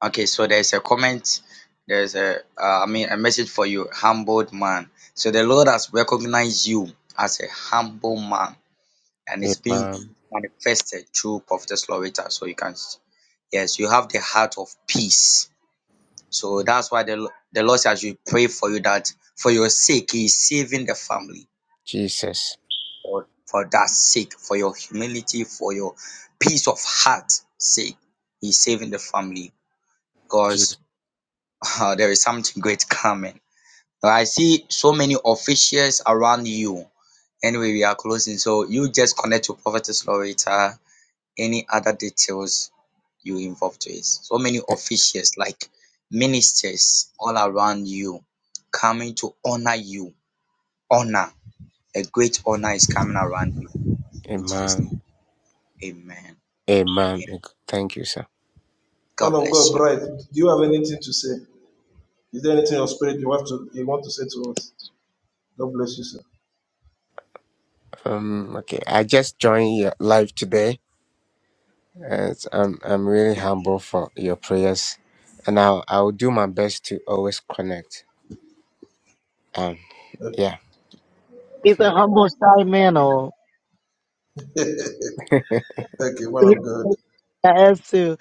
Speaker 2: Okay, so there's a comment, there's a, uh, I mean, a message for you, humbled man. So the Lord has recognized you as a humble man, and it's being
Speaker 8: Amen.
Speaker 2: manifested through Prophet Loretta. So you can, s- yes, you have the heart of peace. So that's why the, Lo- the Lord says we pray for you that for your sake, He is saving the family.
Speaker 8: Jesus.
Speaker 2: For, for that sake, for your humility, for your peace of heart sake, He's saving the family because
Speaker 8: Jesus.
Speaker 2: Oh, there is something great coming. I see so many officials around you. Anyway, we are closing. So you just connect to Prophetess Loretta. Any other details you involved with? So many officials, like ministers all around you, coming to honor you. Honor. A great honor is coming around you. In Jesus'
Speaker 8: Amen.
Speaker 2: name. Amen. And
Speaker 8: Amen.
Speaker 2: amen.
Speaker 8: Thank you, sir.
Speaker 3: Man
Speaker 2: God
Speaker 3: of God,
Speaker 2: bless you.
Speaker 3: Bright, do you have anything to say? Is there anything in your spirit you want to you want to say to us? God bless you, sir.
Speaker 8: Um, okay, I just joined your live today. and I'm I'm really humble for your prayers, and I'll I'll do my best to always connect. Um, yeah,
Speaker 1: He's a humble shy man. Oh.
Speaker 3: Okay, one of God.
Speaker 1: I asked to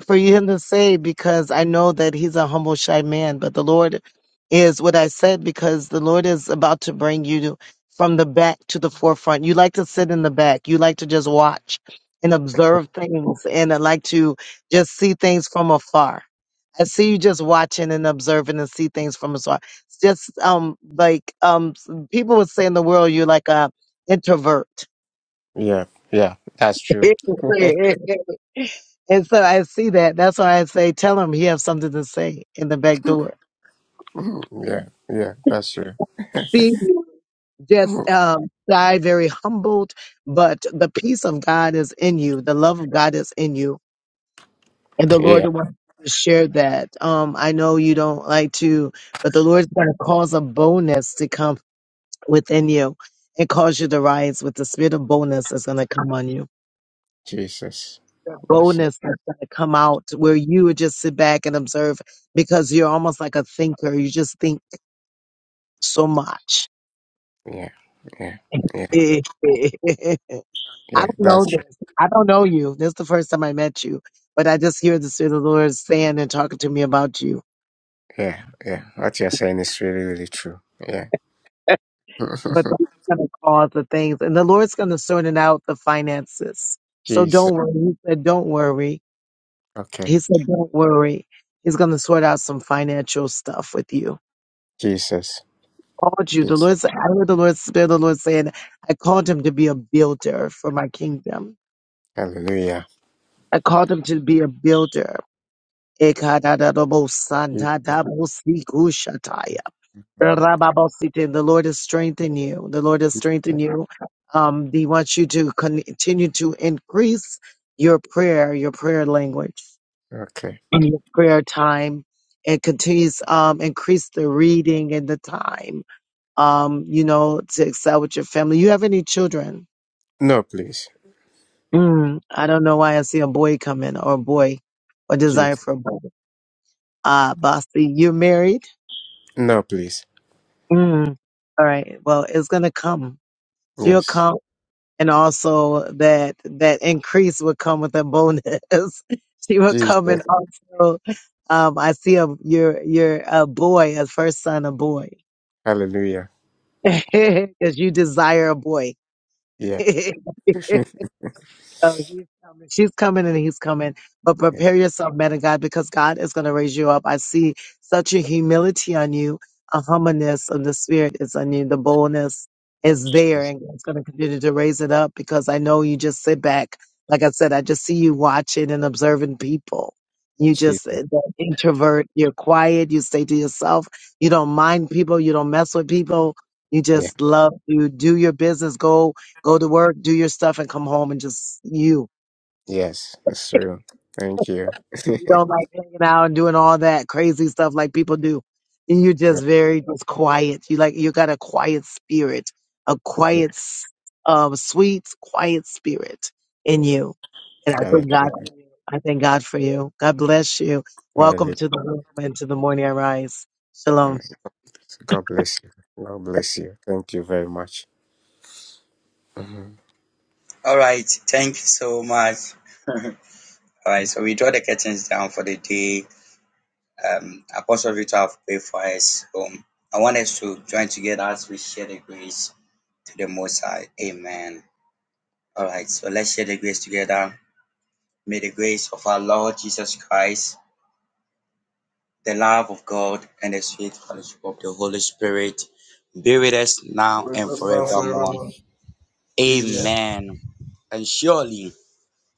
Speaker 1: for him to say because I know that he's a humble, shy man. But the Lord is what I said because the Lord is about to bring you from the back to the forefront. You like to sit in the back. You like to just watch and observe things, and I like to just see things from afar. I see you just watching and observing and see things from afar. It's Just um, like um, people would say in the world, you're like a introvert
Speaker 8: yeah, yeah. That's true.
Speaker 1: it- can say it- it- it- and so I see that. That's why I say, tell him he has something to say in the back door.
Speaker 8: Mm, yeah, yeah. That's true.
Speaker 1: See,
Speaker 8: Mm,
Speaker 1: just um, die very humbled, but the peace of God is in you. The love of God is in you, and the Lord
Speaker 8: yeah,
Speaker 1: wants to share that. Um, I know you don't like to, but the Lord's going to cause a boldness to come within you and cause you to rise with the spirit of boldness that's going to come on you.
Speaker 8: Jesus.
Speaker 1: that
Speaker 8: Yes.
Speaker 1: boldness that's going to come out where you would just sit back and observe because you're almost like a thinker. You just think so much.
Speaker 8: Yeah, yeah, yeah,
Speaker 1: I
Speaker 8: yeah.
Speaker 1: don't
Speaker 8: That's true.
Speaker 1: know this. I don't know you. This is the first time I met you, but I just hear the Spirit of the Lord saying and talking to me about you.
Speaker 8: Yeah, yeah. What you're saying is really, really true. Yeah.
Speaker 1: But the Lord's going to cause the things, and the Lord's going to sort it out the finances. So
Speaker 8: Jesus.
Speaker 1: don't worry. He said, don't worry.
Speaker 8: Okay.
Speaker 1: He said, don't worry. He's going to sort out some financial stuff with you.
Speaker 8: Jesus.
Speaker 1: called you. The
Speaker 8: Jesus.
Speaker 1: Lord I heard the Lord Spirit of the Lord saying, I called him to be a builder for my kingdom.
Speaker 8: Hallelujah.
Speaker 1: I called him to be a builder.
Speaker 8: Jesus.
Speaker 1: Ekadadadabosandadabosikoshataya. Rababosite. The Lord has strengthened you. The Lord has strengthened you. Um, he wants you to continue to increase your prayer, your prayer language,
Speaker 8: Okay.
Speaker 1: and your prayer time, and continues um increase the reading and the time. um, you know, to excel with your family. You have any children?
Speaker 8: No, please.
Speaker 1: Mm, I don't know why I see a boy coming or a boy or desire
Speaker 8: Jesus.
Speaker 1: for a boy. Ah, Bossy, you're married?
Speaker 8: No, please.
Speaker 1: Mm. All right. Well, it's going to come. She'll
Speaker 8: Yes.
Speaker 1: come. And also that, that increase will come with a bonus. she will
Speaker 8: Jesus.
Speaker 1: come and also, um, I see a, your, your, a boy, a first son, a boy.
Speaker 8: Hallelujah.
Speaker 1: Cause you desire a boy.
Speaker 8: Yeah.
Speaker 1: So he's coming. She's coming and he's coming. But
Speaker 8: yeah
Speaker 1: prepare yourself, man of God, because God is going to raise you up. I see such a humility on you, a humbleness of the spirit is on you. The boldness is there
Speaker 8: please.
Speaker 1: and God's going to continue to raise it up because I know you just sit back. Like I said, I just see you watching and observing people. You
Speaker 8: Jesus.
Speaker 1: just that introvert, you're quiet, you stay to yourself, you don't mind people, you don't mess with people, you
Speaker 8: Yeah.
Speaker 1: just love to do your business, go Go to work, do your stuff, and come home and just you.
Speaker 8: Yes. That's true. Thank you. yeah.
Speaker 1: You don't like hanging out and doing all that crazy stuff like people do. And you're just very just quiet. You like you got a quiet spirit, a
Speaker 8: yeah.
Speaker 1: quiet, s- um, sweet, quiet spirit in you. And I thank God.
Speaker 8: Hallelujah.
Speaker 1: for you. I thank God for you. God bless you.
Speaker 8: Hallelujah.
Speaker 1: Welcome to the room and to the morning I rise. Shalom.
Speaker 8: God bless you. God bless you. Thank you very much. Mhm.
Speaker 2: All right. Thank you so much. All right. So we draw the curtains down for the day. um, Apostle Victor have prayed for us. Um, I want us to join together as we share the grace to the Most High. Amen. All right, so let's share the grace together. May the grace of our Lord Jesus Christ, the love of God, and the sweet fellowship of the Holy Spirit be with us now
Speaker 3: Bless
Speaker 2: and
Speaker 3: us now
Speaker 2: forevermore.
Speaker 3: forevermore. Amen.
Speaker 2: Amen. And surely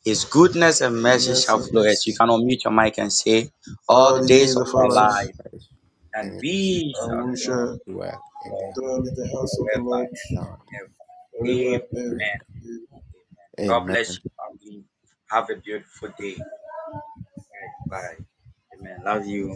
Speaker 2: His goodness and mercy
Speaker 3: Goodness
Speaker 2: shall
Speaker 3: and
Speaker 2: flow us. You
Speaker 3: mercy.
Speaker 2: can unmute your mic and say, All
Speaker 3: All
Speaker 2: the
Speaker 3: the
Speaker 2: days
Speaker 3: days
Speaker 2: of
Speaker 3: of
Speaker 8: they
Speaker 2: our
Speaker 3: our life,
Speaker 2: life,
Speaker 8: sacrifice
Speaker 2: and
Speaker 8: and it is
Speaker 2: we
Speaker 3: and
Speaker 8: done
Speaker 2: shall
Speaker 3: we
Speaker 2: grow
Speaker 3: shall
Speaker 8: well in
Speaker 2: Lord
Speaker 8: their
Speaker 3: dwell in the house of the
Speaker 2: forever.
Speaker 3: Lord
Speaker 8: Lord.
Speaker 2: Amen.
Speaker 3: forever and ever.
Speaker 2: Amen.
Speaker 3: Amen.
Speaker 2: God
Speaker 8: Amen.
Speaker 2: bless you, family. Have a beautiful day. Bye. Bye. Amen. Love you.